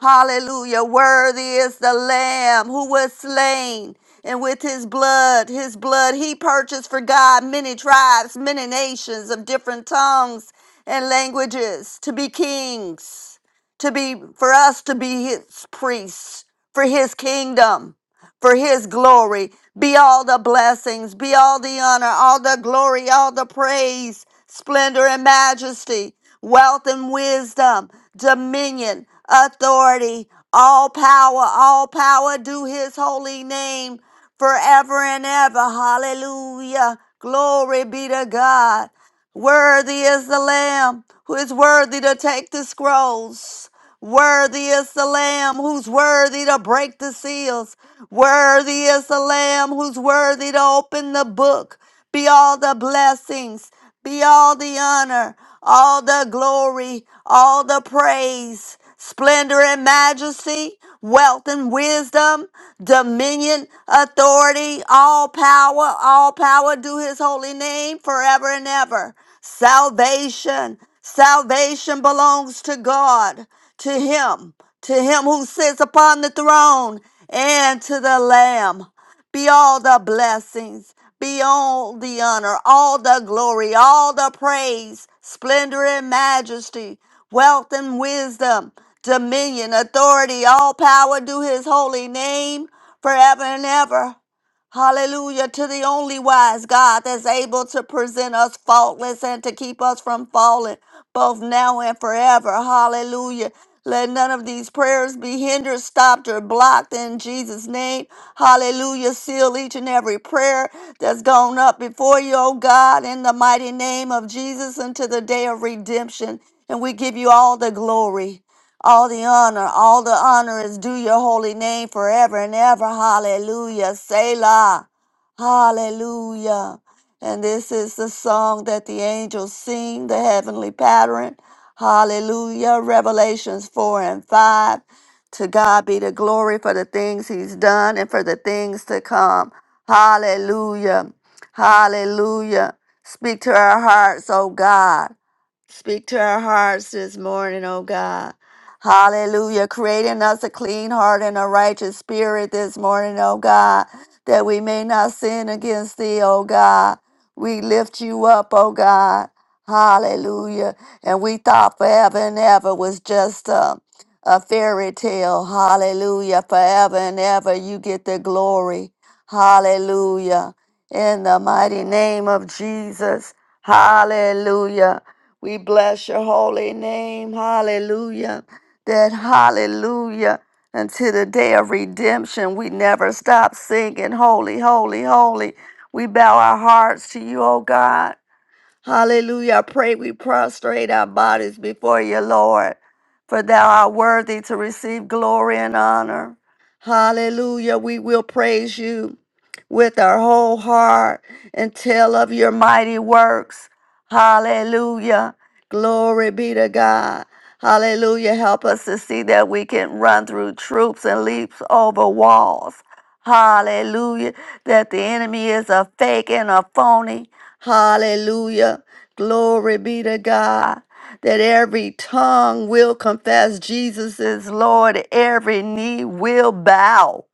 Hallelujah. Worthy is the Lamb who was slain. And with his blood, his blood, he purchased for God many tribes, many nations of different tongues and languages to be kings, to be, for us to be his priests, for his kingdom for his glory. Be all the blessings, be all the honor, all the glory, all the praise, splendor and majesty, wealth and wisdom, dominion, authority, all power, all power, do his holy name forever and ever. Hallelujah. Glory be to God. Worthy is the Lamb who is worthy to take the scrolls. Worthy is the Lamb who's worthy to break the seals. Worthy is the Lamb who's worthy to open the book. Be all the blessings, be all the honor, all the glory, all the praise, splendor and majesty wealth and wisdom, dominion, authority, all power, all power do his holy name forever and ever. Salvation, salvation belongs to God, to him, to him who sits upon the throne and to the lamb. Be all the blessings, be all the honor, all the glory, all the praise, splendor and majesty wealth and wisdom, dominion, authority, all power do his holy name forever and ever. Hallelujah to the only wise God that's able to present us faultless and to keep us from falling both now and forever. Hallelujah. Let none of these prayers be hindered, stopped, or blocked in Jesus' name. Hallelujah. Seal each and every prayer that's gone up before you, oh God, in the mighty name of Jesus until the day of redemption. And we give you all the glory, all the honor. All the honor is due your holy name forever and ever. Hallelujah. Selah. Hallelujah. And this is the song that the angels sing, the heavenly pattern. Hallelujah. Revelations 4 and 5. To God be the glory for the things he's done and for the things to come. Hallelujah. Hallelujah. Speak to our hearts, oh God. Speak to our hearts this morning, oh God. Hallelujah. Creating us a clean heart and a righteous spirit this morning, oh God, that we may not sin against thee, oh God. We lift you up, oh God. Hallelujah. And we thought forever and ever was just a, a fairy tale. Hallelujah. Forever and ever you get the glory. Hallelujah. In the mighty name of Jesus. Hallelujah. We bless your holy name. Hallelujah. That hallelujah. Until the day of redemption, we never stop singing, Holy, holy, holy. We bow our hearts to you, O God. Hallelujah. I pray we prostrate our bodies before you, Lord, for thou art worthy to receive glory and honor. Hallelujah. We will praise you with our whole heart and tell of your mighty works. Hallelujah. Glory be to God. Hallelujah. Help us to see that we can run through troops and leap over walls. Hallelujah. That the enemy is a fake and a phony. Hallelujah. Glory be to God. That every tongue will confess Jesus is Lord. Every knee will bow.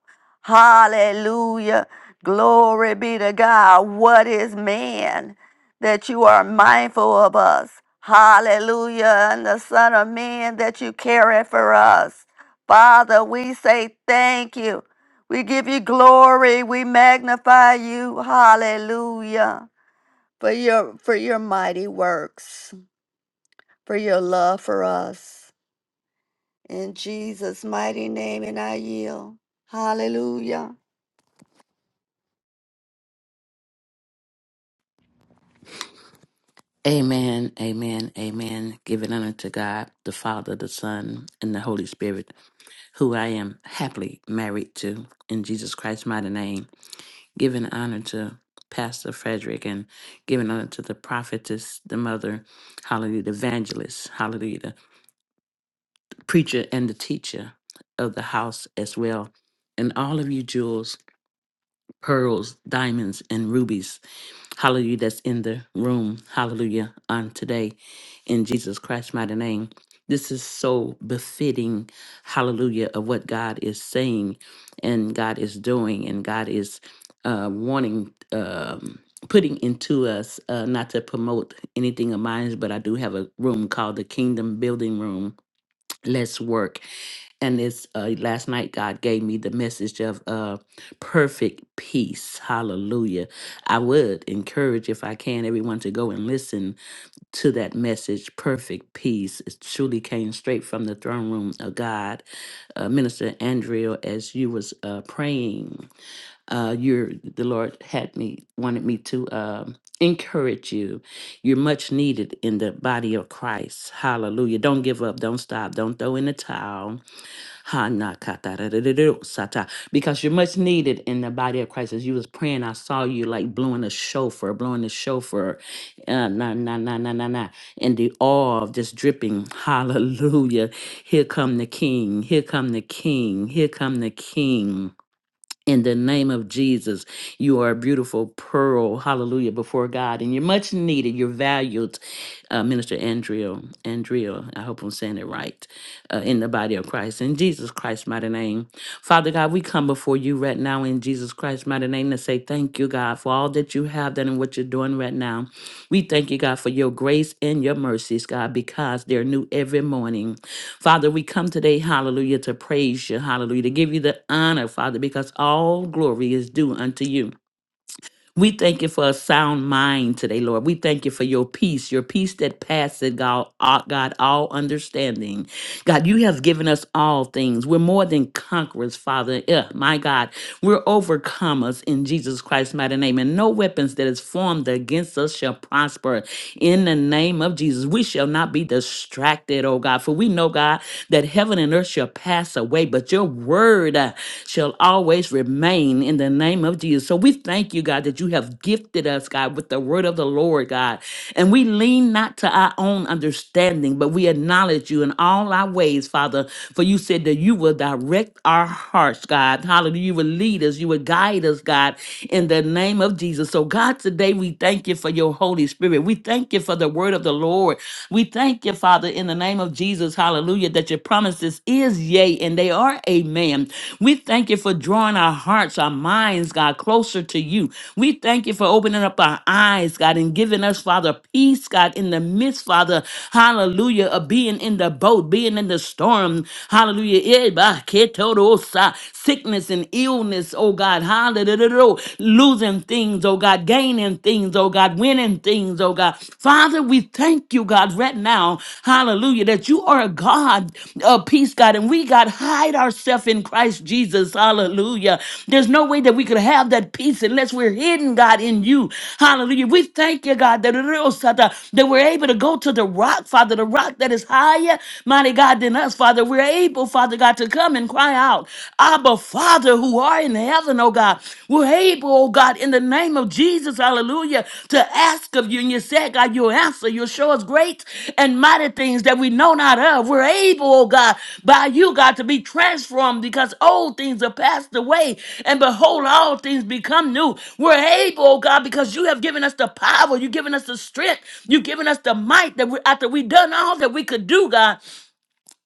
Hallelujah. Glory be to God. What is man that you are mindful of us? Hallelujah. And the Son of Man that you carry for us. Father, we say thank you. We give you glory. We magnify you. Hallelujah. For your for your mighty works, for your love for us. In Jesus' mighty name and I yield. Hallelujah. Amen, amen, amen. Giving honor to God, the Father, the Son, and the Holy Spirit, who I am happily married to in Jesus Christ's mighty name. Giving honor to Pastor Frederick and giving honor to the prophetess, the mother, hallelujah, the evangelist, hallelujah, the preacher and the teacher of the house as well. And all of you jewels, pearls, diamonds, and rubies Hallelujah, that's in the room. Hallelujah, on today in Jesus Christ's mighty name. This is so befitting, hallelujah, of what God is saying and God is doing and God is uh, wanting, um, putting into us, uh, not to promote anything of mine, but I do have a room called the Kingdom Building Room let's work and it's uh, last night god gave me the message of uh, perfect peace hallelujah i would encourage if i can everyone to go and listen to that message perfect peace it truly came straight from the throne room of god uh, minister andrea as you was uh, praying uh, you're the Lord had me wanted me to um, encourage you. You're much needed in the body of Christ. Hallelujah! Don't give up. Don't stop. Don't throw in the towel. Ha, na, ka, ta, da, da, da, da, sa, ta. Because you're much needed in the body of Christ. As you was praying, I saw you like blowing a shofar, blowing a shofar, uh, na na na na na na, and the awe of just dripping. Hallelujah! Here come the King. Here come the King. Here come the King. In the name of Jesus, you are a beautiful pearl, hallelujah, before God, and you're much needed. You're valued, uh, Minister Andrea. Andrea, I hope I'm saying it right, uh, in the body of Christ. In Jesus Christ's mighty name. Father God, we come before you right now in Jesus Christ's mighty name to say thank you, God, for all that you have done and what you're doing right now. We thank you, God, for your grace and your mercies, God, because they're new every morning. Father, we come today, hallelujah, to praise you, hallelujah, to give you the honor, Father, because all glory is due unto you. We thank you for a sound mind today, Lord. We thank you for your peace, your peace that passeth God, all- God, all understanding. God, you have given us all things. We're more than conquerors, Father. Yeah, my God, we're overcomers in Jesus Christ's mighty name. And no weapons that is formed against us shall prosper. In the name of Jesus, we shall not be distracted, oh God. For we know, God, that heaven and earth shall pass away, but your word word uh, shall always remain in the name of Jesus. So we thank you, God, that you have gifted us, God, with the word of the Lord, God. And we lean not to our own understanding, but we acknowledge you in all our ways, Father. For you said that you will direct our hearts, God. Hallelujah. You will lead us, you will guide us, God, in the name of Jesus. So, God, today we thank you for your Holy Spirit. We thank you for the word of the Lord. We thank you, Father. Father, in the name of Jesus, hallelujah, that your promises is yea and they are amen. We thank you for drawing our hearts, our minds, God, closer to you. We thank you for opening up our eyes, God, and giving us, Father, peace, God, in the midst, Father, hallelujah, of being in the boat, being in the storm, hallelujah. Eh, bah, ketorosa. Sickness and illness, oh God, hallelujah, losing things, oh God, gaining things things, oh God, winning things, oh God. Father, we thank you, God, right now, hallelujah, that you are a God of peace, God, and we, God, hide ourselves in Christ Jesus, hallelujah. There's no way that we could have that peace unless we're hidden, God, in you, hallelujah. We thank you, God, that, that we're able to go to the rock, Father, the rock that is higher, mighty God, than us, Father. We're able, Father God, to come and cry out, Abba, Father. Father who are in heaven, oh God, we're able, oh God, in the name of Jesus, hallelujah, to ask of you. And you said, God, you'll answer. You'll show us great and mighty things that we know not of. We're able, oh God, by you, God, to be transformed because old things are passed away. And behold, all things become new. We're able, oh God, because you have given us the power. You've given us the strength. You've given us the might that we, after we done all that we could do, God.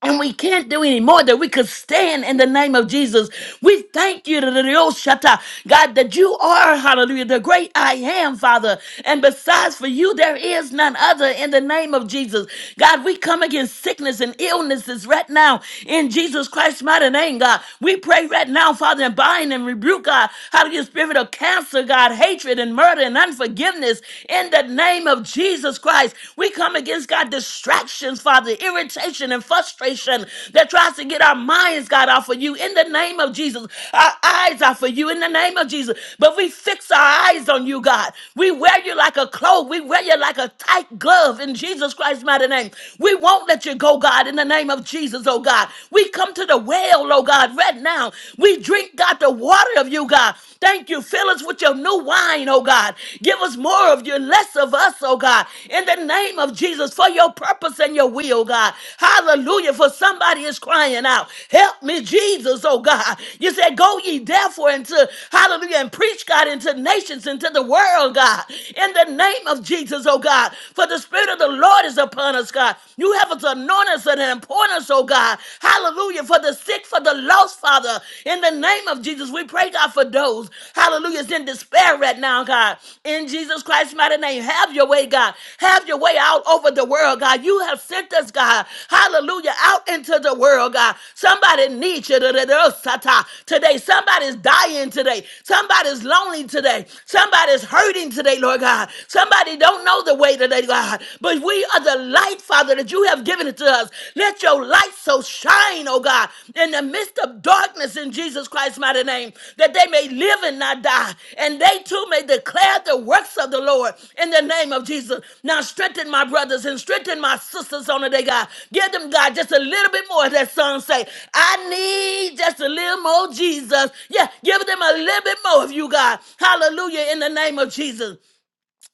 And we can't do any more than we could stand in the name of Jesus. We thank you, Shata, God, that you are, hallelujah, the great I am, Father. And besides for you, there is none other in the name of Jesus. God, we come against sickness and illnesses right now in Jesus Christ's mighty name, God. We pray right now, Father, and bind and rebuke, God, hallelujah, spirit of cancer, God, hatred and murder and unforgiveness in the name of Jesus. Jesus Christ. We come against, God, distractions, Father, irritation and frustration that tries to get our minds, God, off of you in the name of Jesus. Our eyes are for you in the name of Jesus. But we fix our eyes on you, God. We wear you like a cloak. We wear you like a tight glove in Jesus Christ's mighty name. We won't let you go, God, in the name of Jesus, oh God. We come to the well, oh God, right now. We drink, God, the water of you, God. Thank you. Fill us with your new wine, oh God. Give us more of you, less of us, oh God. In the name of Jesus, for your purpose and your will, God. Hallelujah. For somebody is crying out. Help me, Jesus, oh God. You said, Go ye therefore into, hallelujah, and preach, God, into nations, into the world, God. In the name of Jesus, oh God. For the Spirit of the Lord is upon us, God. You have us anointed us and appointed us, oh God. Hallelujah. For for the sick, for the lost, Father. In the name of Jesus, we pray, God, for those, hallelujah, is in despair right now, God. In Jesus Christ's mighty name, have your way, God. Have your way out over the world, God. You have sent us, God, hallelujah, out into the world, God. Somebody needs you today. Somebody's dying today. Somebody's lonely today. Somebody's hurting today, Lord God. Somebody don't know the way today, God. But we are the light light, Father, that you have given it to us. Let your light so shine, oh God, in the midst of darkness in Jesus Christ's mighty name, that they may live and not die, and they too may declare the works of the Lord in the name of Jesus. Now strengthen my brothers and strengthen my sisters on the day, God. Give them, God, just a little bit more, as that song say. I need just a little more Jesus. Yeah, give them a little bit more of you, God. Hallelujah, in the name of Jesus.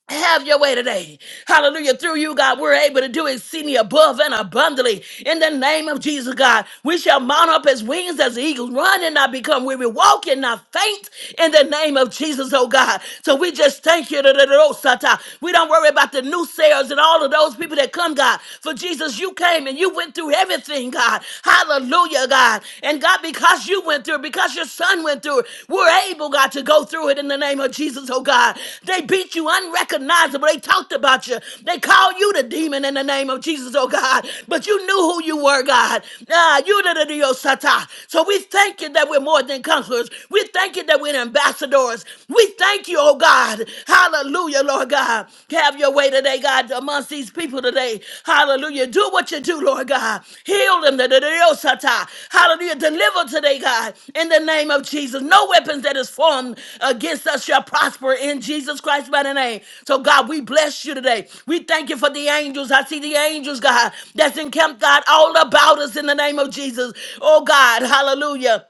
Have your way today. Hallelujah. Through you, God, we're able to do exceedingly above and abundantly. In the name of Jesus, God, we shall mount up as wings as eagles, run and not become weary, walk and not faint. In the name of Jesus, oh God. So we just thank you. da da da da We don't worry about the new sales and all of those people that come, God. For Jesus, you came and you went through everything, God. Hallelujah, God. And God, because you went through it, because your son went through it, we're able, God, to go through it in the name of Jesus, oh God. They beat you unrecognizable. They talked about you. They called you the demon in the name of Jesus, oh God. But you knew who you were, God. Ah, you did it, oh, Satan. So we thank you that we're more than counselors. We thank you that we're ambassadors. We thank you, oh God. Hallelujah, Lord God. have your way today, God, amongst these people today. Hallelujah. Do what you do, Lord God. Heal them. da da da da yo Hallelujah. Deliver today, God, in the name of Jesus. No weapons that is formed against us shall prosper in Jesus Christ by the name. So, God, we bless you today. We thank you for the angels. I see the angels, God, that's encamped, God, all about us in the name of Jesus. Oh, God, hallelujah.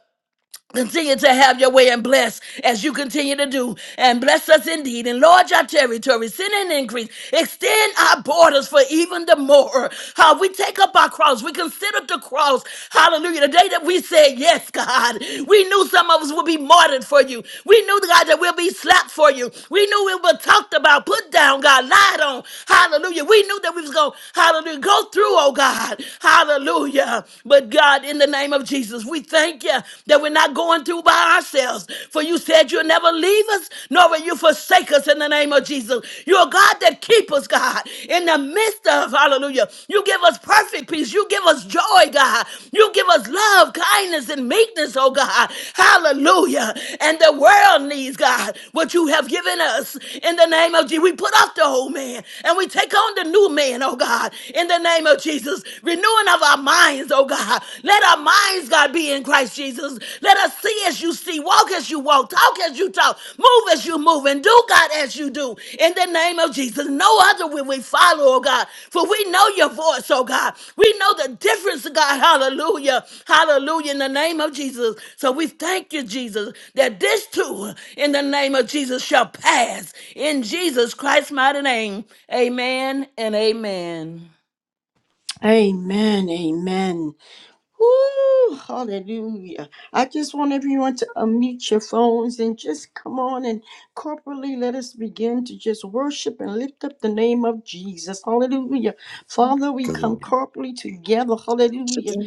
Continue to have your way and bless as you continue to do. And bless us indeed. Enlarge our territory. Send an increase. Extend our borders for even the more. How we take up our cross. We consider the cross. Hallelujah. The day that we said, Yes, God, we knew some of us would be martyred for you. We knew, God, that we'll be slapped for you. We knew we were talked about, put down, God, lied on. Hallelujah. We knew that we was going, hallelujah, go through, oh God. Hallelujah. But God, in the name of name of Jesus. We thank you that we're not going through by ourselves. For you said you'll never leave us, nor will you forsake us in the name of Jesus. You're a God that keeps us, God, in the midst of, hallelujah. You give us perfect peace. You give us joy, God. You give us love, kindness, and meekness, oh God. Hallelujah. And the world needs, God, what you have given us in the name of Jesus. We put off the old man and we take on the new man, oh God, in the name of Jesus. Renewing of our of our minds, oh God. Let our minds, God, be in Christ Jesus. Let us see as you see, walk as you walk, talk as you talk, move as you move, and do, God, as you do. In the name of Jesus, no other will we follow, oh God, for we know your voice, oh God. We know the difference, God. Hallelujah. Hallelujah. In the name of Jesus. So we thank you, Jesus, that this too, in the name of Jesus, shall pass. In Jesus Christ's mighty name, amen and amen. Amen, amen. Woo, hallelujah. I call you for Come on.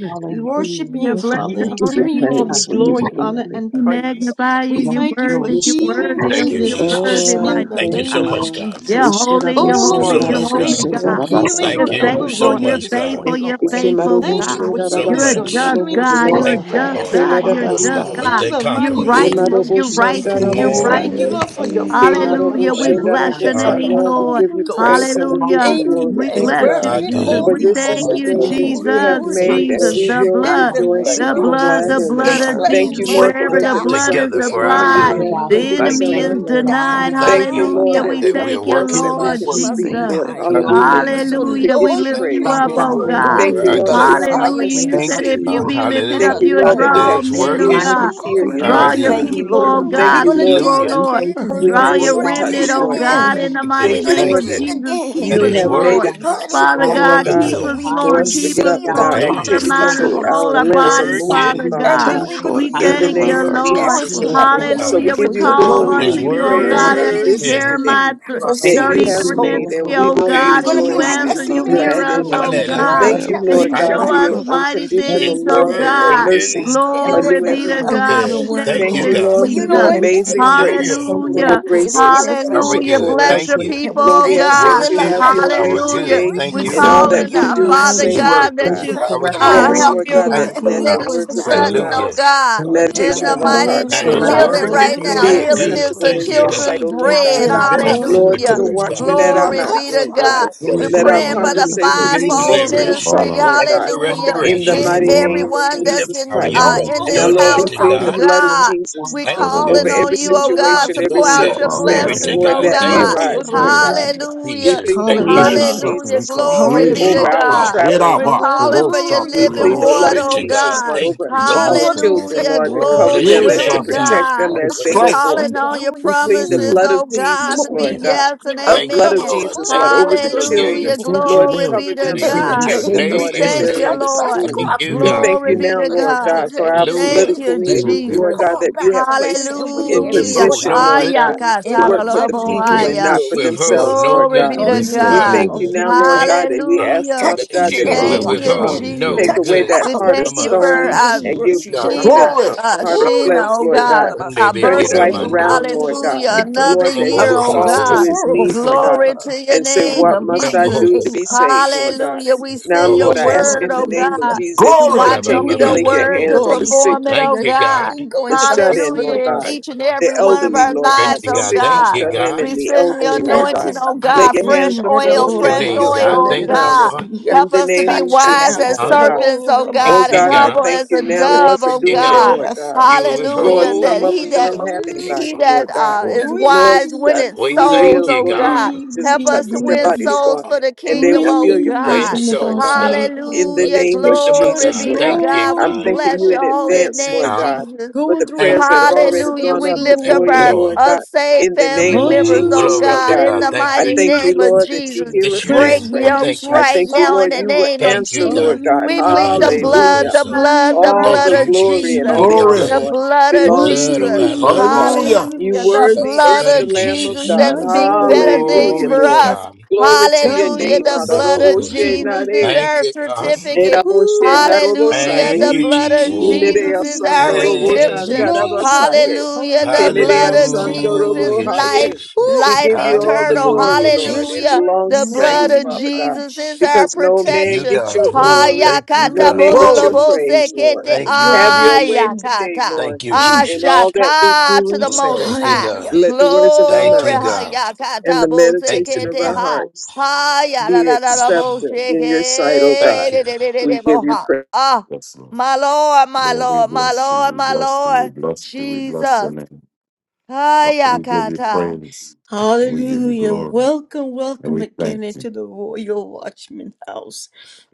Hallelujah. Yeah, Oh bless God, we your give you holy Yes, name, God. praise. We Thank give you Jesus. you, glory. We Jesus. magnify you. we You're Yes, Lord. worthy. You're worthy. Oh, Thank you, Ishtaroboshe you're Jesus. worthy, Oh, my darabosaya. Thank you thank Thank Jesus. you, so you. much, Lord. God. You're holy, all you're Thank Thank you you holy, so you're much, for holy, God. Ishtaroboshandaroboshe the Thank God. love you, you thank have You're Thank you, shown you thank us. you, darabasandarobose. faithful, so you're thank much, you, God. faithful, thank Thank you you, you're for what thank you're you, faithful, think thank Thank you, doing you Ikemaroboshe God. right thank you, so You're a now. thank you, much. just thank you, darabasandarobose. God, Thank you're a Thank Lord, you, you, Father just God. Lord. God. God, you're a We're just more Hallelujah. Kemerabasana. God. than You're For the conquerors. many righteous, you're blessings We you are righteous, you're bestowed Create more upon Imaroboshandarabosaya. us, in me Glory, a than righteous. clean, glory, conquerors. for pure heart, Hallelujah. O We Kemaroboshe keeping Thank us Lord, you, bless down, your for Father darobosaya. name, God. God. Lord, we covering Lord. us, give you All praise for and we give things you Hallelujah. guiding working glory, We us, together Lord Take for the for God. bless you, our thoughts out of Jesus. good. my For strengthening us, We hallelujah. this mind, for is thank the We Father you, day thank God. making that We you. us, you Glory, place have Jesus, glory, for in We you made, glory. good and Jesus, we bless you. things, the restoring will us, Father blood, God. God, We rejoice Father thank and the God, be you. I for blood, glad stand the on in your it. blood reducing the of word, this Thank Jesus, Father you, It's Hallelujah. divine must Lord, God. for for wherever working the us, die. waking us blood up God. is together this for our And morning applied. with Father only good. the you God, The we can just pull activities Yekurabasiya. Thank of me enemy you. thank our is through, you, Eyes lamb. Father God. We denied. We God. almost Die. honor thank Father Thank you, God, you you, I Lord, God. Hallelujah. that We we thank that you Thank have we for are thank a this. you, voice working. We that we It's love Lord can you, working speak, things Jesus. Lord. Jesus. that for you our you. have good. Hallelujah. made, Thank Hallelujah. you. Father. To Hallelujah. give We you We lift Thank you you. Transform praise, thank Father up, my you It's Lord. oh God, for there mind, is working Lord. God. going Thank for you, Heal our none through Lord, the like my that good. we you, have heart God. in fire the Hallelujah. eyes There is with You name to us, Thank of not said you, see, if you. for you God. Jesus, Lord. be we are Lord. lifted not Thank up, Hallelujah. you, you'll Lord, Father that draw we That alone. have God, all is great men, and oh working ears I'm to mighty God. We are hear you, calling for out our you. Lord Draw to your God. good. you, people, Lord. oh are, I'm Hallelujah, Thank we, God, you, God. to Lord. hurting, you, oh God. Hallelujah. We Lord. thank I'm you We're for It's Draw hurting, we your being hands to Lord. God working remnant, and touch, oh Please, Lord in God the God. God, for name in the alone. our of mighty Thank good. Jesus. you, name Lord, Thank of that you. Jesus. can Keep That We us, you is thank have you, made Lord. it God. working Father possible, for Lord God, our God, keep Hallelujah, good. us, for Lord. us to Keep get hallelujah, up us, and God. our We Lord. Keep give our Hallelujah. you Touch, activities, mind, glory. uh, our Lord. our soul, our limbs are bodies, Father, moving, Working. Father we Father And God. Touch, then God, honor we're going you. to We Lord. in the Touch thank my you, name use Hallelujah. of heart. We Lord. Touch Jesus, my adore everything Thank Lord. you, that we soul, you, God. So Father we God. Hallelujah. receive We for give God. your you Touch call my glory, we give It's unto glory, you mind Hallelujah. you, in the O name for praise, Thank God, of the for and you, to Jesus. this is the working Jesus. day Jeremiah ministry, th- for for our Thank that you good. you saving for have 33 being and made, Lord souls, and 3, over we O Lord. our will Free Thank We're God, lives, going you. to and those be you God. rejoice things like that as and answer, though be you Thank they you hear are, for glad Samaritan in us, woman. being it. We're O Father going to Lord God. over go God, I Hallelujah. Thank every you, have and Lord faith you and Right? in God, show you, for buddy us situation, your Father about God. mighty every It's things, Jesus unconditional O love today, and your God. circumstance. Lord. God, mercies working In are thank the Glory new you, be every name to Father morning. Stand of on God. God. your We good. Jesus, word, thank Thank Thank you, Lord. you, you, Lord, For God. Lord, in for you the your know Jesus. name Thank of you, everything amazing Jesus. about Jesus. grace, Hallelujah. us, So for your Hallelujah. nothing grateful, It's is grace confused. is working hidden for from our sufficient you, Hallelujah. good. for Lord. so Bless Thank us. your you. And grateful to people, we Lord, O we you, thank you ask for that God. God. your you Thank have Working you, love, for your way our Jesus. your Hallelujah. good. today Thank We you, in grace, all God. call Hallelujah. that Glory in, your we to uh, your do and Father say, holy Hallelujah. It's name. mercy. Lord God, working that Thank We God. for you you for our thank you, We uh, good. ask, Lord, Glory, help Lord restoration, your God, glory, that Thank God. that you, let glory, we the God. was minister words of not our such, glory, dead oh Hallelujah. mouths, God. Thank Thank you, you, In meditation God, the of Hallelujah. God. our mighty But glory, hearts, That you for Lord name, it's God, allow glory, us healing to glory, right working for now. restoration glory, be and our live. Healing glory, glory, glory, peace, is good. the acceptable Father Thank in you, your God. Come sight, O children's God. Lord Now bread. God. fill It's Thank our glory, you, cups, glory, glory, glory, beneficial Lord, Jesus. put Hallelujah. a Lord. to glory, glory, us, watchman God. at Thank Fill Hallelujah. our our you, Glory mouth, Lord. be cups, Thank Lord to you for Father, God. your God. with We're Glory, on. healing. fresh Let our God, praying glory, for water, for the your Thank glory, you for conversation your be living kingdom fivefold seasoned mercy. with water, deliverance. Call salt, ministry. that out. Lord Thank you God, for living water Hallelujah. that in does the not In restoration. Minister make mighty Hallelujah, us God. name Lauren, of Thank you everyone for Thank your you. thirsty. that's Jesus in power, in the your Christ. uh, name Oh, of in presence, And now, your this Lord, Lord, Jesus, we Thank fill house, anointing, you our plead oh for the God. your blood of grace, cups. God. Jesus God. We Thank Thank of the you you. over calling for your Lord, on every Arabosi you, oh kende grace, God. God, situation, to every pour we rabasiya, Hallelujah. out call your out her Thank Glory circumstance, you, to blessings, name. Lord, oh raboku God. that may Thank God. Heal. Jesus. you, rabasonde arise, Lord Heal. Hallelujah. God. rabasiya. We Hallelujah. Jesus. plead the Thank you, Thank blood of Bishop you, God. God. Hallelujah. Sutton, Hallelujah. we Jesus, Lord, call Bless it. the Glory Yeah, be Glory to to over name. shot our Shaka. Hallelujah. God. God. Thank traveling. you, We're Heraba. calling Jesus. for your Korosha, Hallelujah. We plead living the blood water, Toyorosha. Glory of oh to Hallelujah. God. Jesus, God. Lord, Thank over you, Jesus. our Vanessa, Lord, we children, Lord. Hallelujah. thank Lord, to you. Oh, cover Glory bless them your Yes, be and Whoever to to name, is Lord. God. Shaki. protect thirsty God. them in the as We they We go thank house, Stripes. forth. you, calling Thank let you, on God. them your We plead the promises, blood of oh receive this God, Jesus, to Lord be You- morning God. yes and The a Thank blood you, of cup amen. Lord. Jesus, Lord, Thank full you over that of the your your yea, living children, You Hallelujah. sent your Lord, water. to Glory word. cover be to You them thank and you In the sent, that you God. your protect them, name send nay We of this Lord, as is word. Jesus, thank they're you, in nay. touch the Lord. Pastor Lord. school. And you Thank you, We Crockwell heal thank God. Glory you be them, now, from to the Lord. top Lord Father. of God. God, his for head to our the Thanks. sole of Hallelujah. Thank his political you, feet. Thank Heal leaders, Yes, it's you, them Lord good. God, Jesus. Pour God. that you back have into placed That him you what he in will in has Praise Hallelujah. poured withhold Jesus' position, no name. out. Lord good Aya, God, thing from to In the work for us. the mighty katalolobo, Thank you, people name That of and you Lord. aya. not will for withhold Jesus. themselves, no Lord Glory good God. be to thing Release from that We Hallelujah, God. us. thank you healing. now, Lord hallelujah. Thank God, you, and we God. ask, Hallelujah. Father Touch And That God, each you and that said, you you every will I'm Thank the you, God um, withhold watchman. who no take healeth Jesus. Touch away them thee. good that We now thing heart of with thank from you your us. for stone In uh, healing Thank and give you, Jesus' virtue, name. God. President Sheena, Lord. Glory! Trump a uh, heart of Ooh, Rabba Sheena, flesh, oh Lord God God, rasikandalabasi, our turn Nibiki his life birthday. Hallelujah. around, Lord God. Hallelujah. Thank you, raboramatsikandalabasi. Another Lord, Lord. that he year, would oh Across fall the to God. his Blessed be world, your knees, Lord name. God, Glory Father, to your and say, in What the name, Thank you, must I mighty Jesus. do to Jesus. name Bohosoko, be of saved, Lord God? Hallelujah. Jesus. We Now, send your Lord, I Jesus. ask bohosoko, name. word, in the oh name of Hallelujah. God. Jesus that You you Glory! watch over continue to your Hallelujah. lay labambamanda, your word to hands on Lord, the we labokoso. sick, thank perform you it, for oh Thank your you, God. God. healing going the to the shut Thank in, you, Lord Hallelujah. In God, God. hospitals. each and the every one of elderly, our Hallelujah. Lord Glory God, lives, to Thank the you, oh God. sick, the Thank God. you, shut Father. in, God. and We the send the Touch elderly, Lord Thank God. anointing, you, now. Yes, oh Lord. God. Lay God, your hands fresh Mm, upon oil, Bless them, Rabo your Lord, fresh and name, your Ramasi oil, and God. arms the oh Thank you, around yes. God. them. God. Rabasi. In Help the us to name be of Touch Thank wise you, Jesus, now. as Lord God. God. serpents, Rabo oh Thank Oh God, you, and Ramasi God, and the I God. humble thank as you a now, Rabasi. Lord, dove, for Thank oh you, doing it, God. Lord, God. Lord I God. thank You you will for your Lord, Hallelujah. withhold That some of he them healing. a that don't have good thing he anybody, from Hallelujah. Lord that us. God. uh, that is love you. Lord, wise you got Breathe, winneth We be souls, thank real, breathe, you, oh Lord, if God. you God. breathe, could just Help Lord. touch breathe, us to We their win thank breathe. you, bodies, souls Lord, for God. the and they kingdom, will Help oh feel us your to Breathe win God. in presence, the Lord souls, house, God. God, Lord. In Yes, the for Hallelujah. the name Your of kingdom of Glory Shekinah Jesus, God. be Lord to God. Thank you, God. I'm We God. glory. thanking bless you in your holy Thank advance, Hallelujah. you, Lord name, God. God, Jesus. for Going the Thank prayers throughout you, that the have Lord. already Hallelujah. gone hospitals, We up Thank lift Thank you. before up you, you, our Lord. Lord Lord. God. In unsaved the family name of members, Mm, oh Jesus, glory Lord to God, God. in God. the Hallelujah. Thank I you, mighty thank you, name Jesus. of Lord, Thank that you, you Jesus. hear Bless us Jesus. your when we Break name, pray. God. yokes Thank you, I Transformation right thank Jesus. you, now in Lord, the fire. you will name of Thank you, answer, Jesus. Lord God. God. We Not plead my the Thanks to the Hallelujah, blood, Hallelujah. the so. blood, the All blood Thank the you, of Jesus. glory Jesus. and Jesus. all Plead the the honor, glory. The blood. Lord, blood The of belongs blood to of you, our Jesus. Lord loved ones, God. Hallelujah. God. Hallelujah, You Hallelujah. The The worthy blood Jesus. is blood the of of Lamb of Jesus We Jesus. God. that My bless the speaks God, name. my better God, things Hallelujah, Glory for my to Lord. us. God. God. Glory to Thank your God you, Hallelujah. name. The Jesus. bless. blood Noble of so. Jesus Hallelujah. is Hararoboshenare, Thank our you, God. Yes, Lord. certificate. Urasiki, Hallelujah. Thank eraboshenarobosaye. The you, blood of Jesus. Oh, God. Imerea Jesus is We breathe. our bless the Sandorobo name. Thank We redemption. you, thank Blow you. your Jesus. Shandarabasaye. breath. Hallelujah. The Imerea blood of Hallelujah. Jesus is Sandorobo Hallelujah, Yes, life, Lord. Haye. Jesus. We Yes, Oof. life give you all the eternal. Hallelujah. glory, Hallelujah, Lord. It Strengthen Jesus. Hallelujah. right The belongs to yes. Thank now blood you, in you. of the Father name God, of Jesus is our because Jesus. no Thank man you, protection. gets God. your Oof. Yes, Mm, Lord. glory, Thank you, no Ayakata man God. gets your Glory. Mm, bololobo praise, Breathe, Lord. sekete, Lord, Thank you, your Have your way Jesus. healing. today, ayakata. Lord, Thank you, Mm. in all Jesus. that we Ashaka do to and the Mm, say. most Thank you, high. God. Hallelujah. Let the words of our Thank Glory. you, mouths God. Hallelujah. and Ayakata the Thank meditation you, of bosekete our God. ha. hearts be accepted Ayalalalalaboseke. in your sight, O Thank God. you. We give you Ah, Yes, Lord. my Lord, my Lord, we Lord, my bless you. Lord, We my bless you. Lord. We bless you. We bless your Jesus. name. Father, we give you Hayakata. praise and we give you Hallelujah. glory Welcome, and welcome we thank again you. into the Royal Watchman House.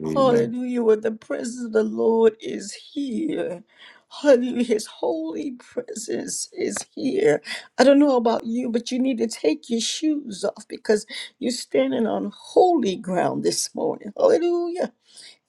Amen. Hallelujah. Where the presence of the Lord is here. Hallelujah. His holy presence is here. I don't know about you, but you need to take your shoes off because you're standing on holy ground this morning. Hallelujah.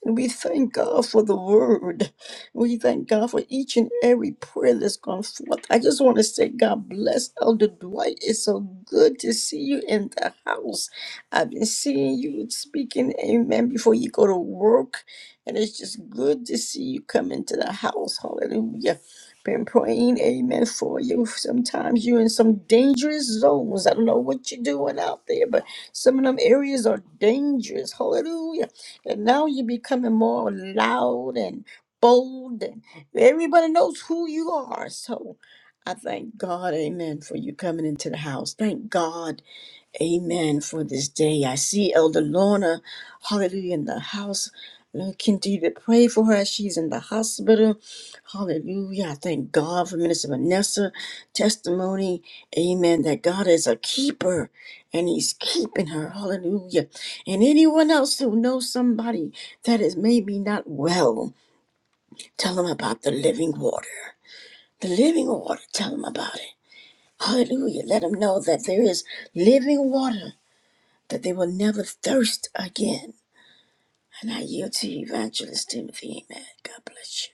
And we thank God for the word. We thank God for each and every prayer that's gone forth. I just want to say, God bless Elder Dwight. It's so good to see you in the house. I've been seeing you speaking, amen, before you go to work. And it's just good to see you come into the house. Hallelujah. Been praying, amen, for you. Sometimes you're in some dangerous zones. I don't know what you're doing out there, but some of them areas are dangerous. Hallelujah and now you're becoming more loud and bold, and everybody knows who you are. So I thank God, amen, for you coming into the house. Thank God Amen for this day. I see Elder Lorna, hallelujah, in the house. Lord, continue to pray for her. She's in the hospital. Hallelujah. I thank God for Minister Vanessa testimony. Amen. That God is a keeper and He's keeping her. Hallelujah. And anyone else who knows somebody that is maybe not well, tell them about the living water. The living water. Tell them about it. Hallelujah. Let them know that there is living water that they will never thirst again. And I yield to you, Evangelist Timothy. Amen. God bless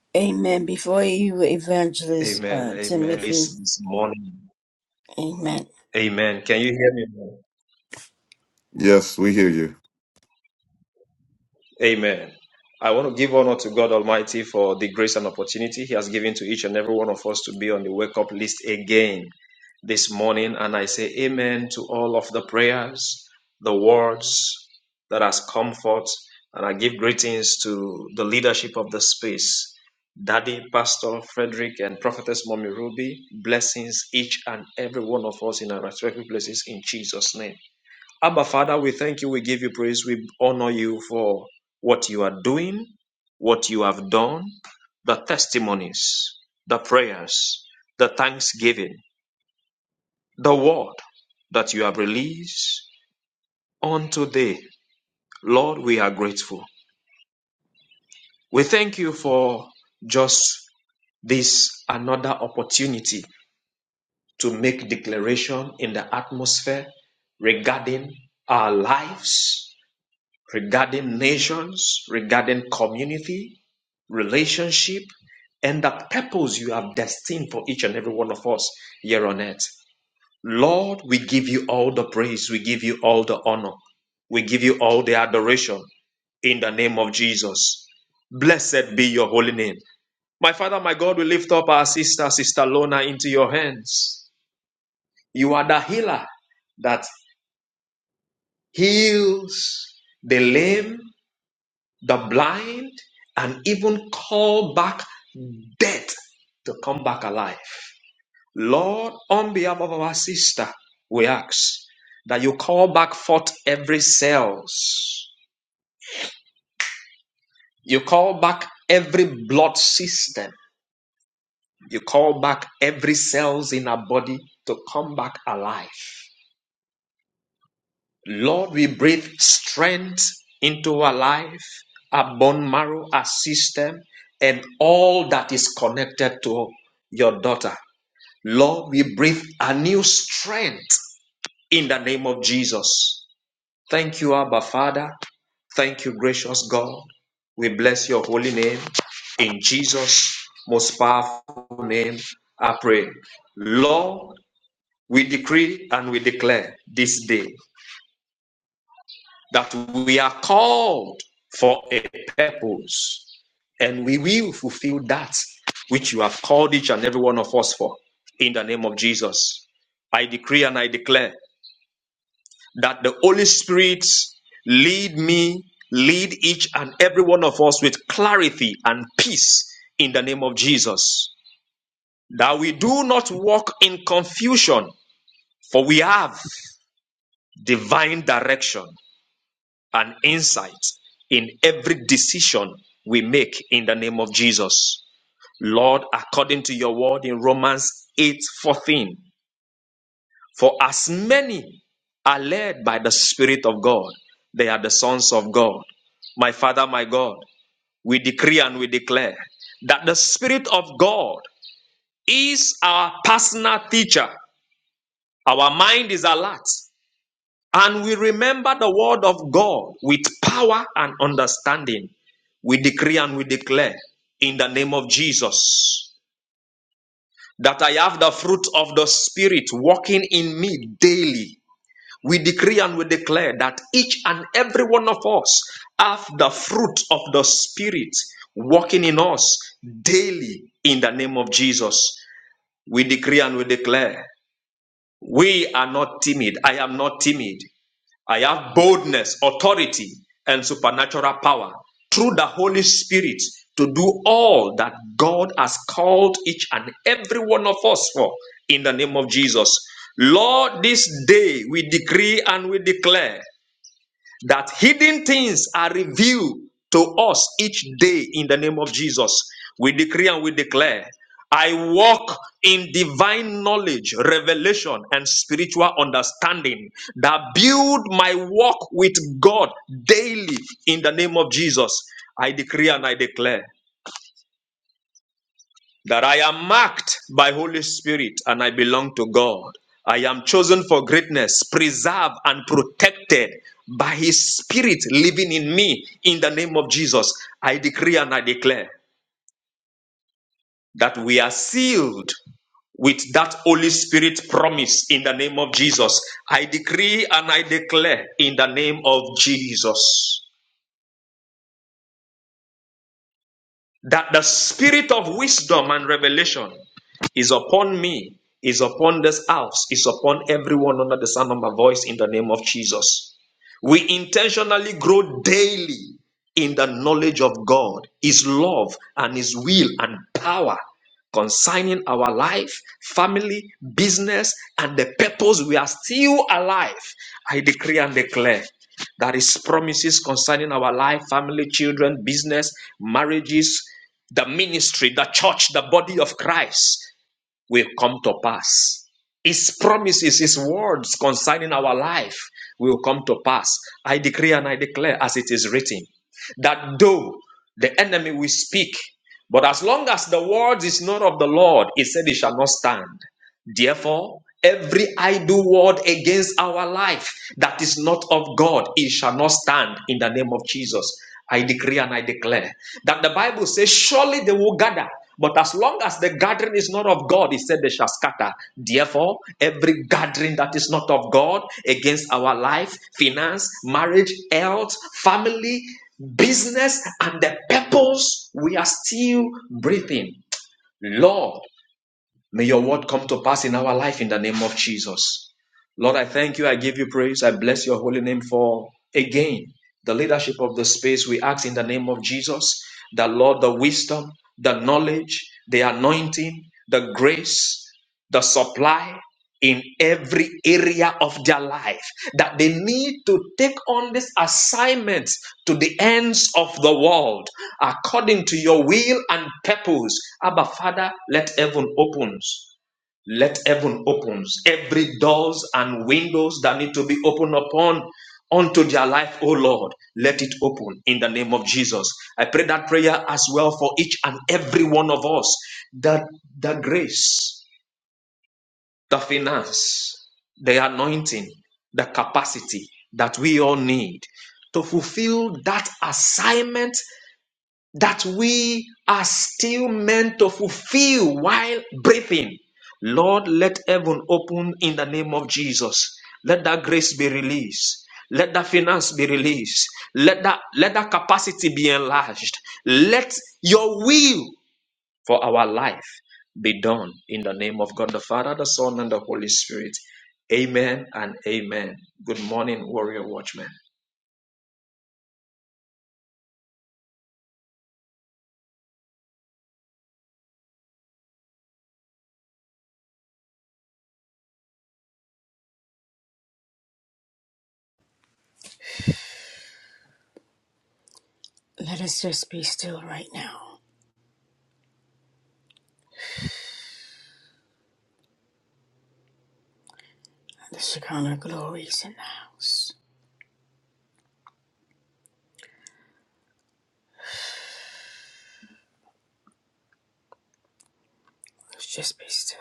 you. Amen. Before you, Evangelist Amen. uh, Amen. Timothy, It's this morning. amen. Amen. Can you hear me? Yes, we hear you. Amen. I want to give honor to God Almighty for the grace and opportunity He has given to each and every one of us to be on the wake up list again this morning. And I say amen to all of the prayers, the words that has come forth. And I give greetings to the leadership of the space. Daddy, Pastor Frederick, and Prophetess Mommy Ruby, blessings each and every one of us in our respective places in Jesus' name. Abba, Father, we thank you. We give you praise. We honor you for what you are doing, what you have done, the testimonies, the prayers, the thanksgiving, the word that you have released on today. Lord, we are grateful. We thank you for just this another opportunity to make declaration in the atmosphere regarding our lives regarding nations, regarding community, relationship, and the purpose you have destined for each and every one of us here on earth. Lord, we give you all the praise, we give you all the honor, we give you all the adoration in the name of Jesus. Blessed be your holy name. My Father, my God, we lift up our sister, Sister Lona, into your hands. You are the healer that heals the lame, the blind, and even call back death to come back alive. Lord, on behalf of our sister, we ask that you call back forth every cells. You call back every blood system. You call back every cells in our body to come back alive. Lord, we breathe strength into our life, our bone marrow, our system, and all that is connected to your daughter. Lord, we breathe a new strength in the name of Jesus. Thank you, Abba Father. Thank you, gracious God. We bless your holy name. In Jesus' most powerful name, I pray. Lord, we decree and we declare this day that we are called for a purpose and we will fulfill that which you have called each and every one of us for in the name of Jesus. I decree and I declare that the Holy Spirit lead me, lead each and every one of us with clarity and peace in the name of Jesus. That we do not walk in confusion, for we have divine direction. and insight in every decision we make in the name of Jesus. Lord, according to your word in Romans 8 14, for as many are led by the Spirit of God, they are the sons of God. My Father, my God, we decree and we declare that the Spirit of God is our personal teacher. Our mind is alert. And we remember the word of God with power and understanding. We decree and we declare in the name of Jesus that I have the fruit of the Spirit working in me daily. We decree and we declare that each and every one of us have the fruit of the Spirit working in us daily in the name of Jesus. We decree and we declare we are not timid. I am not timid. I have boldness, authority, and supernatural power through the Holy Spirit to do all that God has called each and every one of us for in the name of Jesus. Lord, this day we decree and we declare that hidden things are revealed to us each day in the name of Jesus. We decree and we declare. I walk in divine knowledge, revelation, and spiritual understanding that build my walk with God daily in the name of Jesus. I decree and I declare that I am marked by Holy Spirit and I belong to God. I am chosen for greatness, preserved and protected by His Spirit living in me. In the name of Jesus, I decree and I declare that we are sealed with that Holy Spirit promise in the name of Jesus. I decree and I declare in the name of Jesus. that the spirit of wisdom and revelation is upon me, is upon this house, is upon everyone under the sound of my voice in the name of Jesus. We intentionally grow daily in the knowledge of God, His love, and His will and power concerning our life, family, business, and the purpose we are still alive. I decree and declare that His promises concerning our life, family, children, business, marriages, the ministry, the church, the body of Christ will come to pass. His promises, His words concerning our life will come to pass. I decree and I declare, as it is written, that though the enemy will speak, but as long as the word is not of the Lord, He said, It shall not stand. Therefore, every idle word against our life that is not of God, it shall not stand in the name of Jesus. I decree and I declare that the Bible says, Surely they will gather. But as long as the gathering is not of God, it said they shall scatter. Therefore, every gathering that is not of God against our life, finance, marriage, health, family, business, and the purpose, we are still breathing. Lord, May your word come to pass in our life in the name of Jesus. Lord, I thank you. I give you praise. I bless your holy name for again the leadership of the space. We ask in the name of Jesus that, Lord, the wisdom, the knowledge, the anointing, the grace the supply in every area of their life that they need to take on this assignment to the ends of the world according to your will and purpose abba father let heaven opens let heaven opens every doors and windows that need to be opened upon unto their life oh lord let it open in the name of jesus i pray that prayer as well for each and every one of us that the grace the finance, the anointing, the capacity that we all need to fulfill that assignment that we are still meant to fulfill while breathing. Lord, let heaven open in the name of Jesus. Let that grace be released. Let that finance be released. Let that, let that capacity be enlarged. Let your will for our life be done in the name of God the Father, the Son, and the Holy Spirit. Amen and amen. Good morning, Warrior Watchmen. Let us just be still right now. The Shekinah glory is in the house. Let's just be still.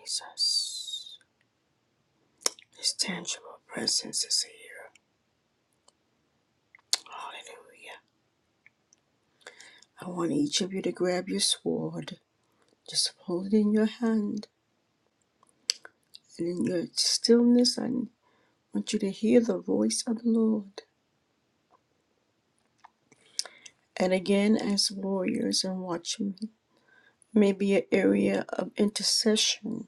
Jesus. His tangible presence is here. Hallelujah. I want each of you to grab your sword. Just hold it in your hand. And in your stillness, I want you to hear the voice of the Lord. and again as warriors and watchmen may be an area of intercession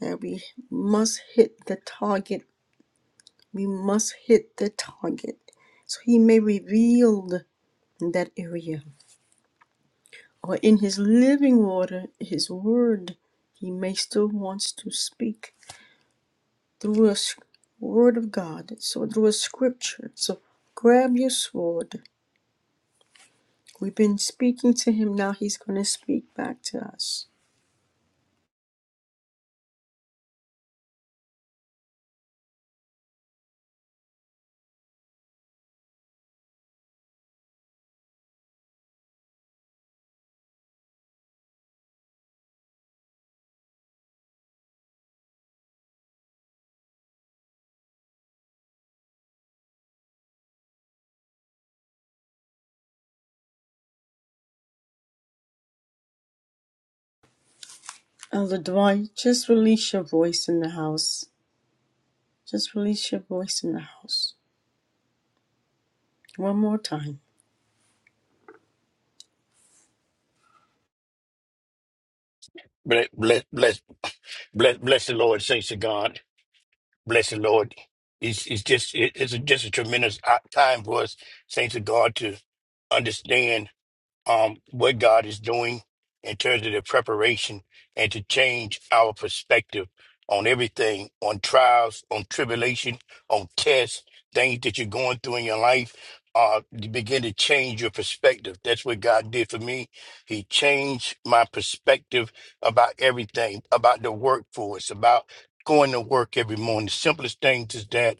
that we must hit the target. We must hit the target. So he may reveal that area. Or in his living water, his word, he may still wants to speak through a s- word of God, so through a scripture. So grab your sword. We've been speaking to him, now he's going to speak back to us. Elder Dwight, just release your voice in the house. Just release your voice in the house. One more time. Bless, bless, bless, bless, bless the Lord, saints of God. Bless the Lord. It's, it's just it- it's a, just a tremendous o- time for us, saints of God, to understand. um, what God is doing in terms of the preparation and to change our perspective on everything, on trials, on tribulation, on tests, things that you're going through in your life. Uh, you begin to change your perspective. That's what God did for me. He changed my perspective about everything, about the workforce, about going to work every morning. The simplest thing is that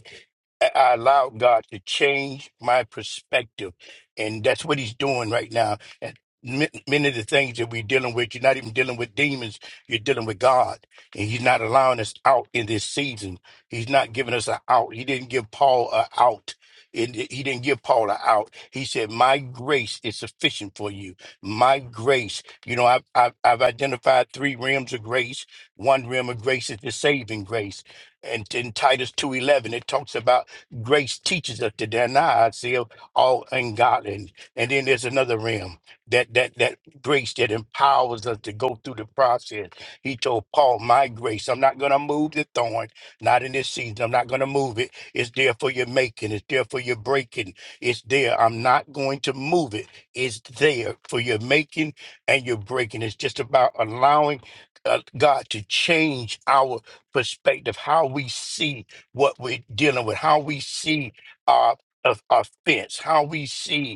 I I allowed God to change my perspective. And that's what he's doing right now. And ma- many of the things that we're dealing with, you're not even dealing with demons, you're dealing with God. And He's not allowing us out in this season. He's not giving us an out. He didn't give Paul an out. And He didn't give Paul an out. He said, My grace is sufficient for you. My grace. You know, I've, I've, I've identified three realms of grace. One realm of grace is the saving grace. And in Titus 2.11, it talks about grace teaches us to deny ourselves all ungodly. And then there's another realm that that that grace that empowers us to go through the process. He told Paul, "My grace, I'm not going to move the thorn, not in this season. I'm not going to move it. It's there for your making. It's there for your breaking. It's there. I'm not going to move it. It's there for your making and your breaking. It's just about allowing." Uh, God to change our perspective, how we see what we're dealing with, how we see our of offense, how we see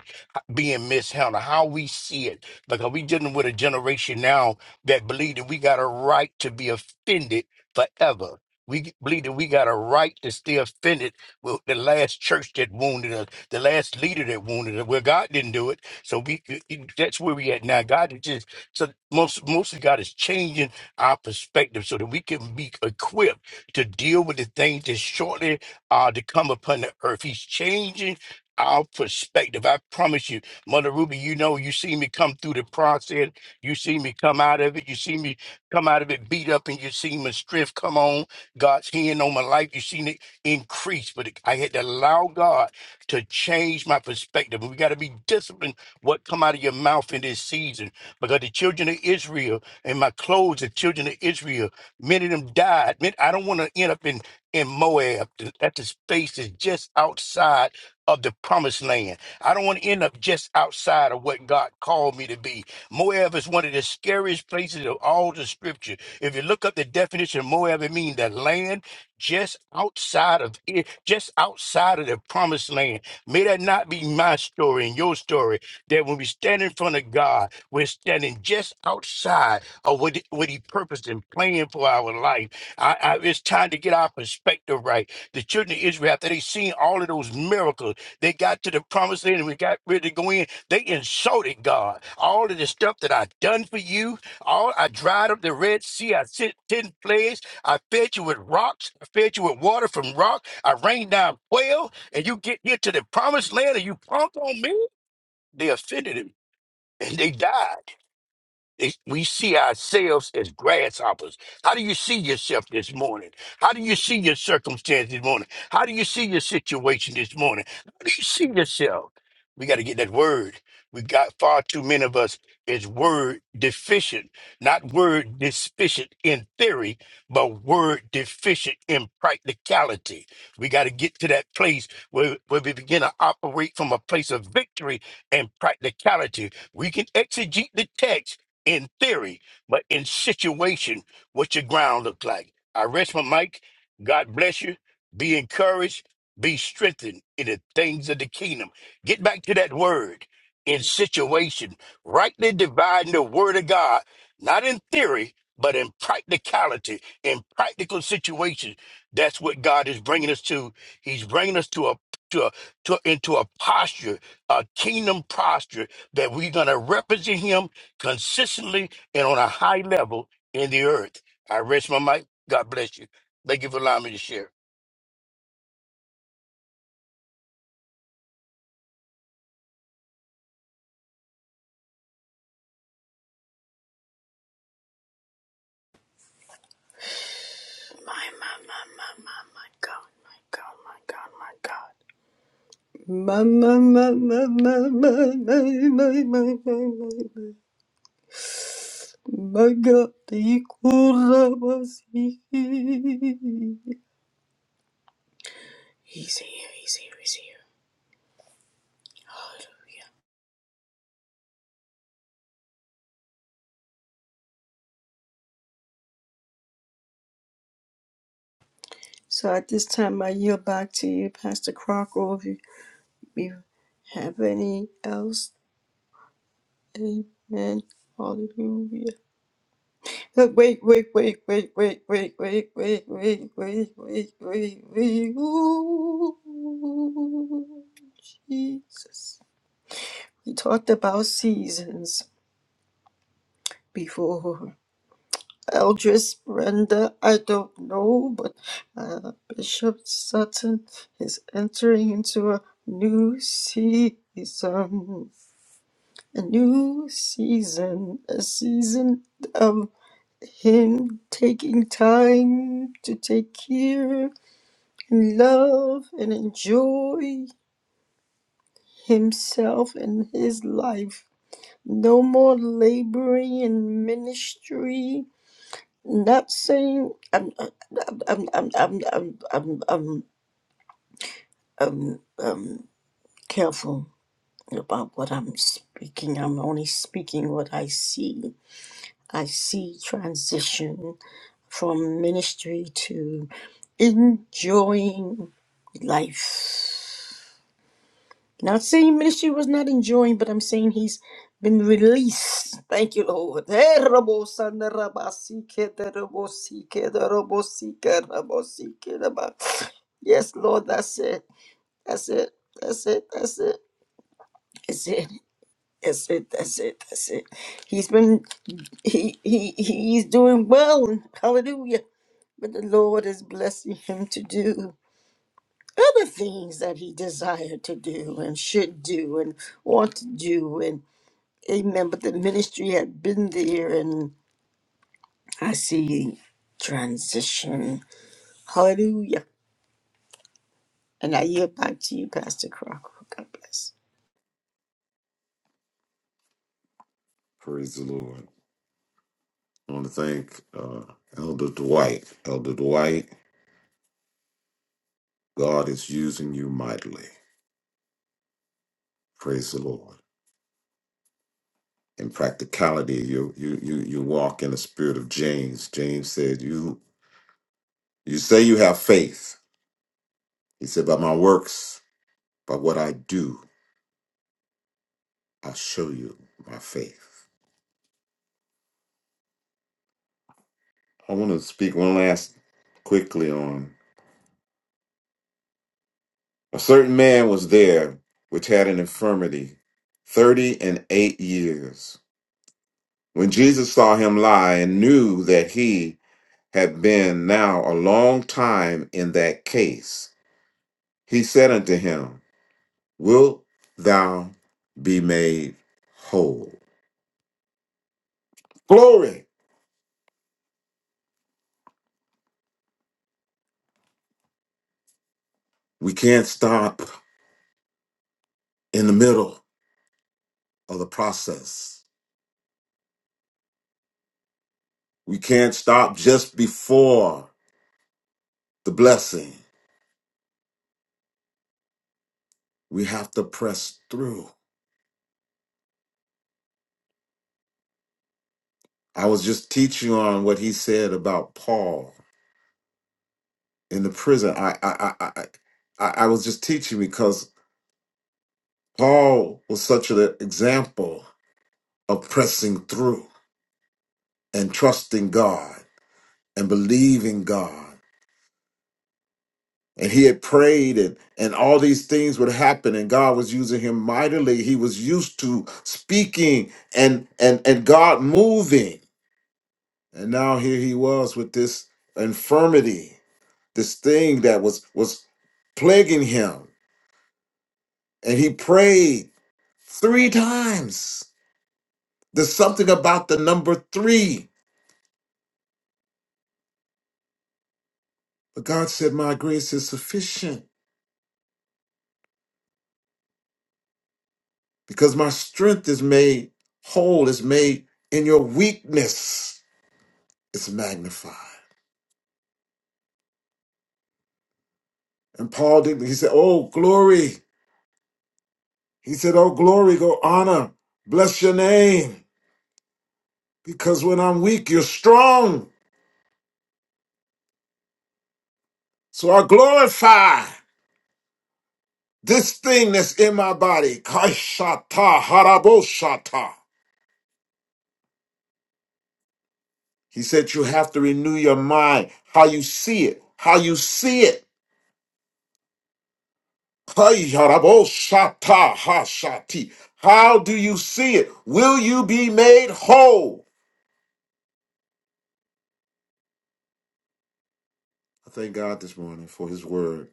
being mishandled, how we see it. Because we dealing with a generation now that believe that we got a right to be offended forever. We believe that we got a right to stay offended with the last church that wounded us, the last leader that wounded us. Well, God didn't do it, so we that's where we at now. God is just so most mostly God is changing our perspective so that we can be equipped to deal with the things that shortly are to come upon the earth. He's changing our perspective. I promise you Mother Ruby, you know, you see me come through the process. You see me come out of it. You see me come out of it beat up and you see my strength come on. God's hand on my life. You seen it increase, but it- I had to allow God to change my perspective. We got to be disciplined what come out of your mouth in this season because the children of Israel and my clothes, the children of Israel, many of them died. Man, I don't want to end up in, in Moab. That the space is just outside of the promised land. I don't want to end up just outside of what God called me to be. Moab is one of the scariest places of all the scripture. If you look up the definition of Moab, it means the land just outside of it, just outside of the promised land. May that not be my story and your story. That when we stand in front of God, we're standing just outside of what, what He purposed and planned for our life. I, I, it's time to get our perspective right. The children of Israel, after they seen all of those miracles, they got to the promised land and we got ready to go in. They insulted God. All of the stuff that I done for you, all I dried up the Red Sea. I sent ten plagues. I fed you with rocks. I fed you with water from rock. I rained down quail. And you get here to the promised land and you punk on me? They offended him and they died it- we see ourselves as grasshoppers. How do you see yourself this morning? How do you see your circumstance this morning? How do you see your situation this morning? How do you see yourself? We got to get that word. We got far too many of us is word deficient, not word deficient in theory, but word deficient in practicality. We got to get to that place where, where we begin to operate from a place of victory and practicality. We can exegete the text in theory, but in situation, what your ground look like. I rest my mic. God bless you. Be encouraged. Be strengthened in the things of the kingdom. Get back to that word in situation. Rightly dividing the word of God, not in theory, but in practicality, in practical situations. That's what God is bringing us to. He's bringing us to a to, a, to into a posture, a kingdom posture that we're going to represent Him consistently and on a high level in the earth. I rest my mic. God bless you. Thank you for allowing me to share. My, my, my, my, my, my God, my God, my God, my God. My, my, my, my, my, my, my, my, my, my, my, my. My God, the Kurabasi. So at this time, I yield back to you, Pastor Crocker, if you, you have any else. Amen. Hallelujah. Look, Wait, wait, wait, wait, wait, wait, wait, wait, wait, wait, wait, wait, wait. Ooh, Jesus. We talked about seasons before. Eldris Brenda, I don't know, but uh, Bishop Sutton is entering into a new season. A new season. A season Him taking time to take care and love and enjoy himself and his life. No more laboring in ministry. Not saying I'm I'm I'm I'm I'm I'm, I'm, I'm careful about what I'm speaking. I'm only speaking what I see. I see transition from ministry to enjoying life. Not saying ministry was not enjoying, but I'm saying he's been released. Thank you, Lord. Eh, rabo sanda basike, rabo sike, da rabo sike, rabo sike, da ba. Yes, Lord, that's it. That's it. That's it. That's it. That's it. That's it. That's it. That's it. He's been he he he's doing well. Hallelujah. But the Lord is blessing him to do other things that he desired to do and should do and want to do Amen. But the ministry had been there, and I see transition. Hallelujah. And I yield back to you, Pastor Crocker. God bless. Praise the Lord. I want to thank uh, Elder Dwight. Elder Dwight, God is using you mightily. Praise the Lord. In practicality, you you you you walk in the spirit of James. James said, "You you say you have faith." He said, "By my works, by what I do, I show you my faith." I want to speak one last quickly on a certain man was there which had an infirmity thirty and eight years. When Jesus saw him lie and knew that he had been now a long time in that case. He said unto him, Wilt thou be made whole? Glory! We can't stop in the middle of the process. We can't stop just before the blessing. We have to press through. I was just teaching on what he said about Paul in the prison. I I I I, I I was just teaching because Paul was such an example of pressing through and trusting God and believing God. And he had prayed, and, and all these things would happen, and God was using him mightily. He was used to speaking and and and God moving. And now here he was with this infirmity, this thing that was was plaguing him. And he prayed three times. There's something about the number three. But God said, My grace is sufficient. because my strength is made whole, is made in your weakness. It's magnified. And Paul did, he said, Oh, glory. He said, Oh, glory, go honor, bless your name, because when I'm weak, you're strong. So I glorify this thing that's in my body. Kaishata haraboshata. He said, You have to renew your mind, how you see it, how you see it Hayaraboshata hashati. How do you see it? Will you be made whole? I thank God this morning for his word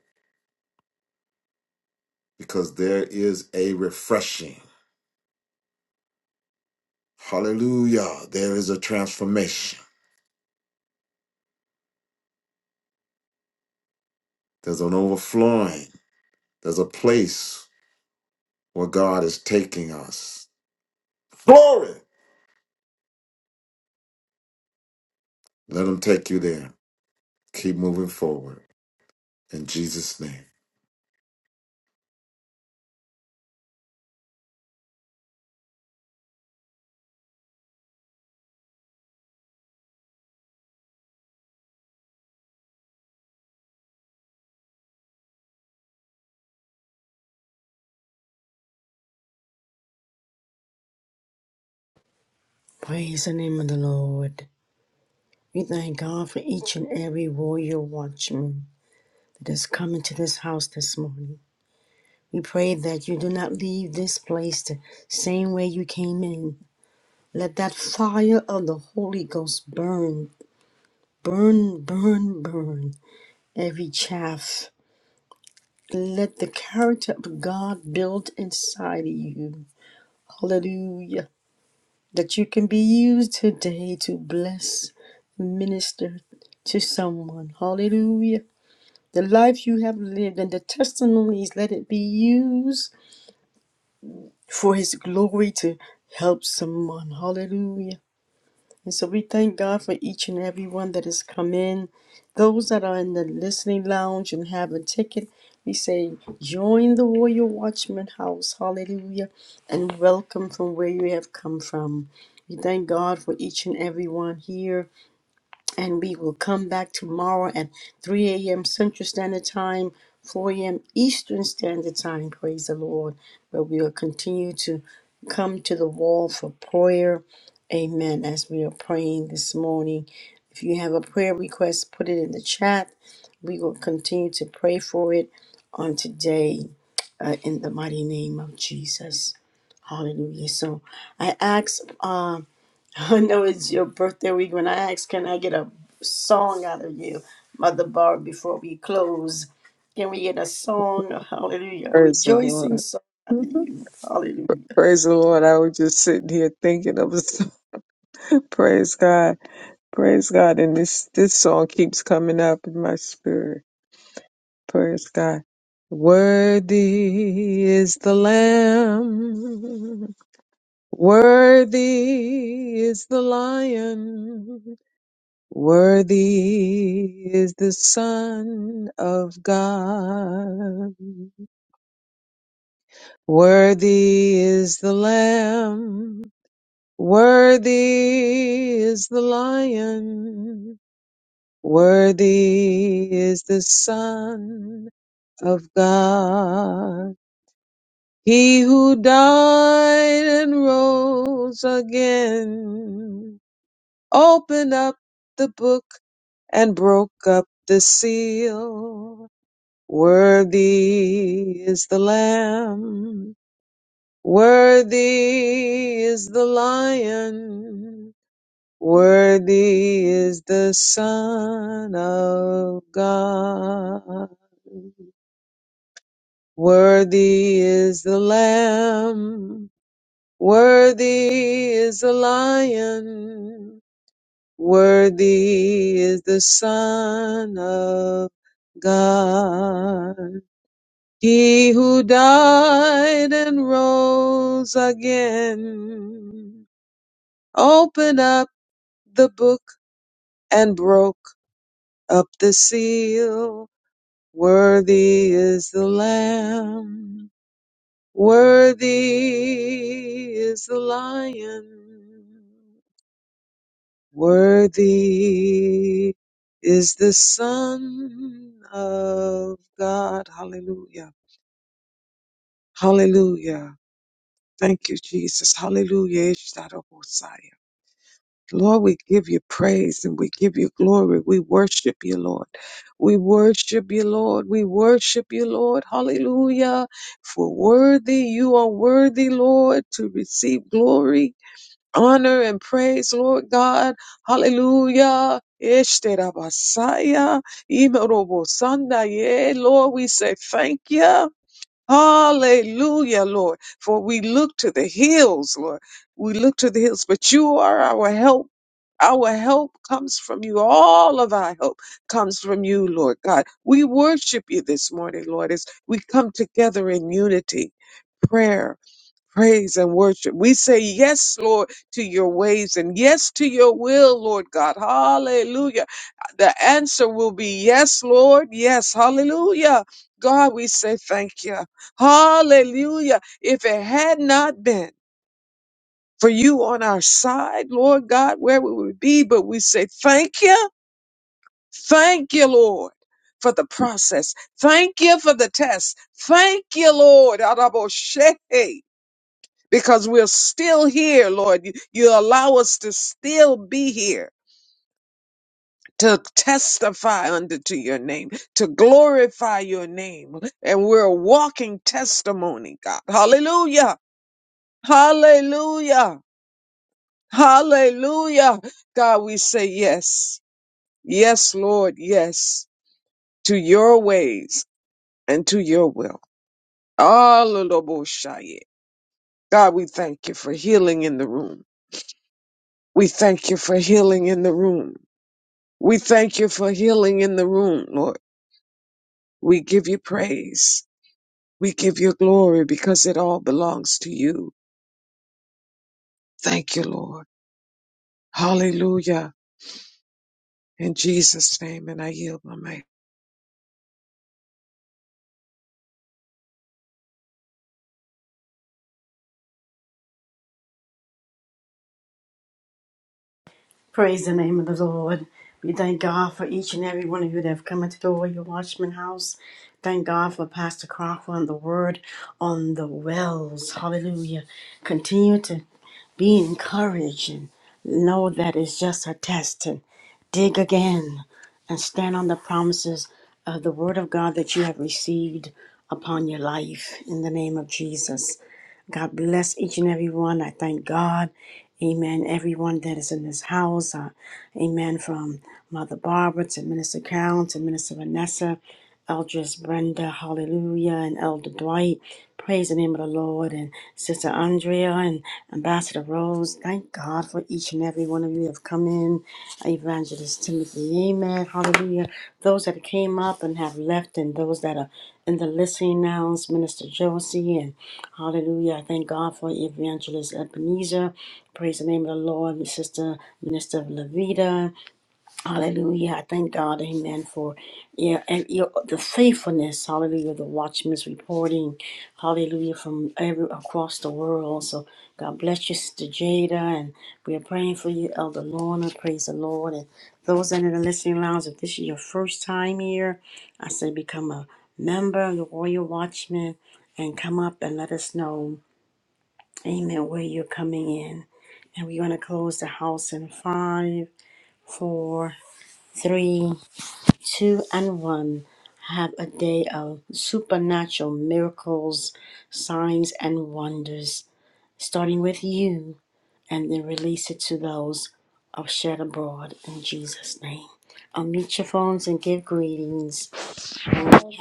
because there is a refreshing. Hallelujah. There is a transformation. There's an overflowing. There's a place where God is taking us. Glory. Let him take you there. Keep moving forward in Jesus' name. Praise the name of the Lord. We thank God for each and every warrior watchman that has come into this house this morning. We pray that you do not leave this place the same way you came in. Let that fire of the Holy Ghost burn, burn, burn, burn every chaff Let the character of God build inside of you. Hallelujah. That you can be used today to bless, minister to someone. Hallelujah. The life you have lived and the testimonies, let it be used for His glory to help someone. Hallelujah. And so we thank God for each and every one that has come in. Those that are in the listening lounge and have a ticket, we say, join the Warrior Watchman house. Hallelujah. And welcome from where you have come from. We thank God for each and every one here. And we will come back tomorrow at 3 a.m. Central Standard Time, 4 a.m. Eastern Standard Time. Praise the Lord. Where we will continue to come to the wall for prayer Amen. As we are praying this morning, if you have a prayer request, put it in the chat. We will continue to pray for it on today uh, in the mighty name of Jesus. Hallelujah. So I asked, uh, I know it's your birthday week when I asked, can I get a song out of you, Mother Barb, before we close? Can we get a song? Hallelujah. A praise, O rejoicing song. Lord. Hallelujah. Praise the Lord. I was just sitting here thinking of us. Praise God. Praise God. And this, this song keeps coming up in my spirit. Praise God. Worthy is the Lamb. Worthy is the Lion. Worthy is the Son of God. Worthy is the Lamb. Worthy is the lion, worthy is the son of God. He who died and rose again opened up the book and broke up the seal. Worthy is the lamb, worthy is the lion. Worthy is the Son of God. Worthy is the Lamb. Worthy is the Lion. Worthy is the Son of God. He who died and rose again. Open up the book and broke. up the seal. Worthy is the Lamb. Worthy is the Lion. Worthy is the Son of God. Hallelujah. Hallelujah. Thank you, Jesus. Hallelujah. Lord, we give you praise and we give you glory. We worship you, Lord. We worship you, Lord. We worship you, Lord. Hallelujah. For worthy, you are worthy, Lord, to receive glory, honor, and praise, Lord God. Hallelujah. Ishterabasaya, Imerobosanda, yeah, Lord, we say thank you. Hallelujah, Lord. For we look to the hills, Lord. We look to the hills, but you are our help. Our help comes from you. All of our help comes from you, Lord God. We worship you this morning, Lord, as we come together in unity, prayer, praise and worship. We say yes, Lord, to your ways and yes to your will, Lord God. Hallelujah. The answer will be yes, Lord. Yes. Hallelujah. God, we say thank you. Hallelujah. If it had not been for you on our side, Lord God, where would we be? But we say thank you. Thank you, Lord. For the process. Thank you for the test. Thank you, Lord. Araboshe because we're still here, Lord. You, you allow us to still be here. To testify unto to your name, to glorify your name. And we're a walking testimony, God. Hallelujah. Hallelujah. Hallelujah. God, we say yes. Yes, Lord, yes. To your ways and to your will. Hallelujah. God, we thank you for healing in the room. We thank you for healing in the room. We thank you for healing in the room, Lord. We give you praise. We give you glory because it all belongs to you. Thank you, Lord. Hallelujah. In Jesus' name, and I yield my mic. Praise the name of the Lord. We thank God for each and every one of you that have come into the Royal Watchman House. Thank God for Pastor Crawford and the word on the wells. Hallelujah. Continue to be encouraged and know that it's just a test and dig again and stand on the promises of the word of God that you have received upon your life in the name of Jesus. God bless each and every one. I thank God. Amen. Everyone that is in this house. Uh, amen. From Mother Barbara to Minister Carol to Minister Vanessa, Eldris Brenda, hallelujah, and Elder Dwight. Praise the name of the Lord. And Sister Andrea and Ambassador Rose. Thank God for each and every one of you that have come in. Evangelist Timothy. Amen. Hallelujah. Those that came up and have left and those that are in the listening now. Minister Josie and Hallelujah. I Thank God for Evangelist Ebenezer. Praise the name of the Lord, Sister Minister Levita. Hallelujah. I thank God, amen, for yeah, and your the faithfulness, hallelujah, the watchmen's reporting, hallelujah, from every across the world. So God bless you, Sister Jada, and we are praying for you, Elder Lorna. Praise the Lord. And those that are in the listening lounge, if this is your first time here, I say become a member of the Royal Watchman and come up and let us know, amen, where you're coming in. And we're going to close the house in five, four, three two and one have a day of supernatural miracles, signs, and wonders, starting with you, and then release it to those of Shed Abroad in Jesus' name. Unmute your phones and give greetings.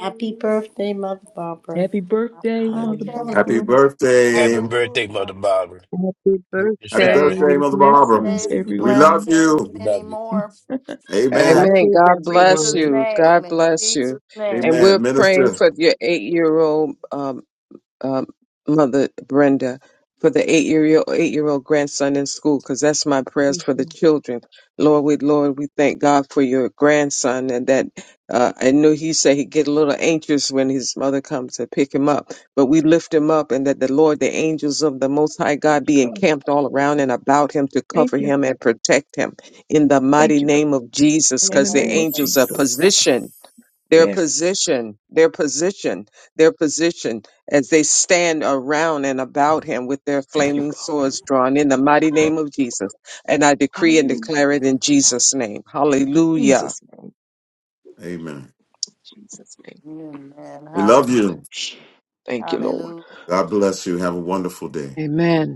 Happy birthday, Mother Barbara. Happy Happy birthday, Mother birthday. Happy Barbara. birthday. Happy birthday, Mother Hallelujah. Barbara. Happy Greatest Happy birthday. family. birthday, Happy Mother Have Barbara. a Blessings, birthday. great day. We love everyone. Blessings, you. We many love you. more. Amen. Amen. Blessings, In God bless everyone. Jesus' you. name. God In bless Jesus' you. name. And we're Amen. praying Minister. for your eight year old. um, Mother Brenda, for the eight year old eight year old grandson in school, because that's my prayers Thank for the you. children. Lord, we Lord, we thank God for your grandson, and that uh, I know he said he get a little anxious when his mother comes to pick him up, but we lift him up, and that the Lord, the angels of the Most High Thank God, you, be God. encamped all around and about him to Thank cover you. him and protect him in the mighty Thank you, God. name of Jesus, In the because the name of angels are Jesus. positioned their Yes. position, their position, their position as they stand around and about him with their Thank you, flaming God. swords drawn in the mighty name of Jesus. And I decree and Hallelujah. declare it in Jesus' name. Hallelujah. Jesus' name. Amen. Jesus' name. Amen. We Praise love Hallelujah. you. God. Thank you, Lord. Hallelujah. God bless you. Have a wonderful day. Amen.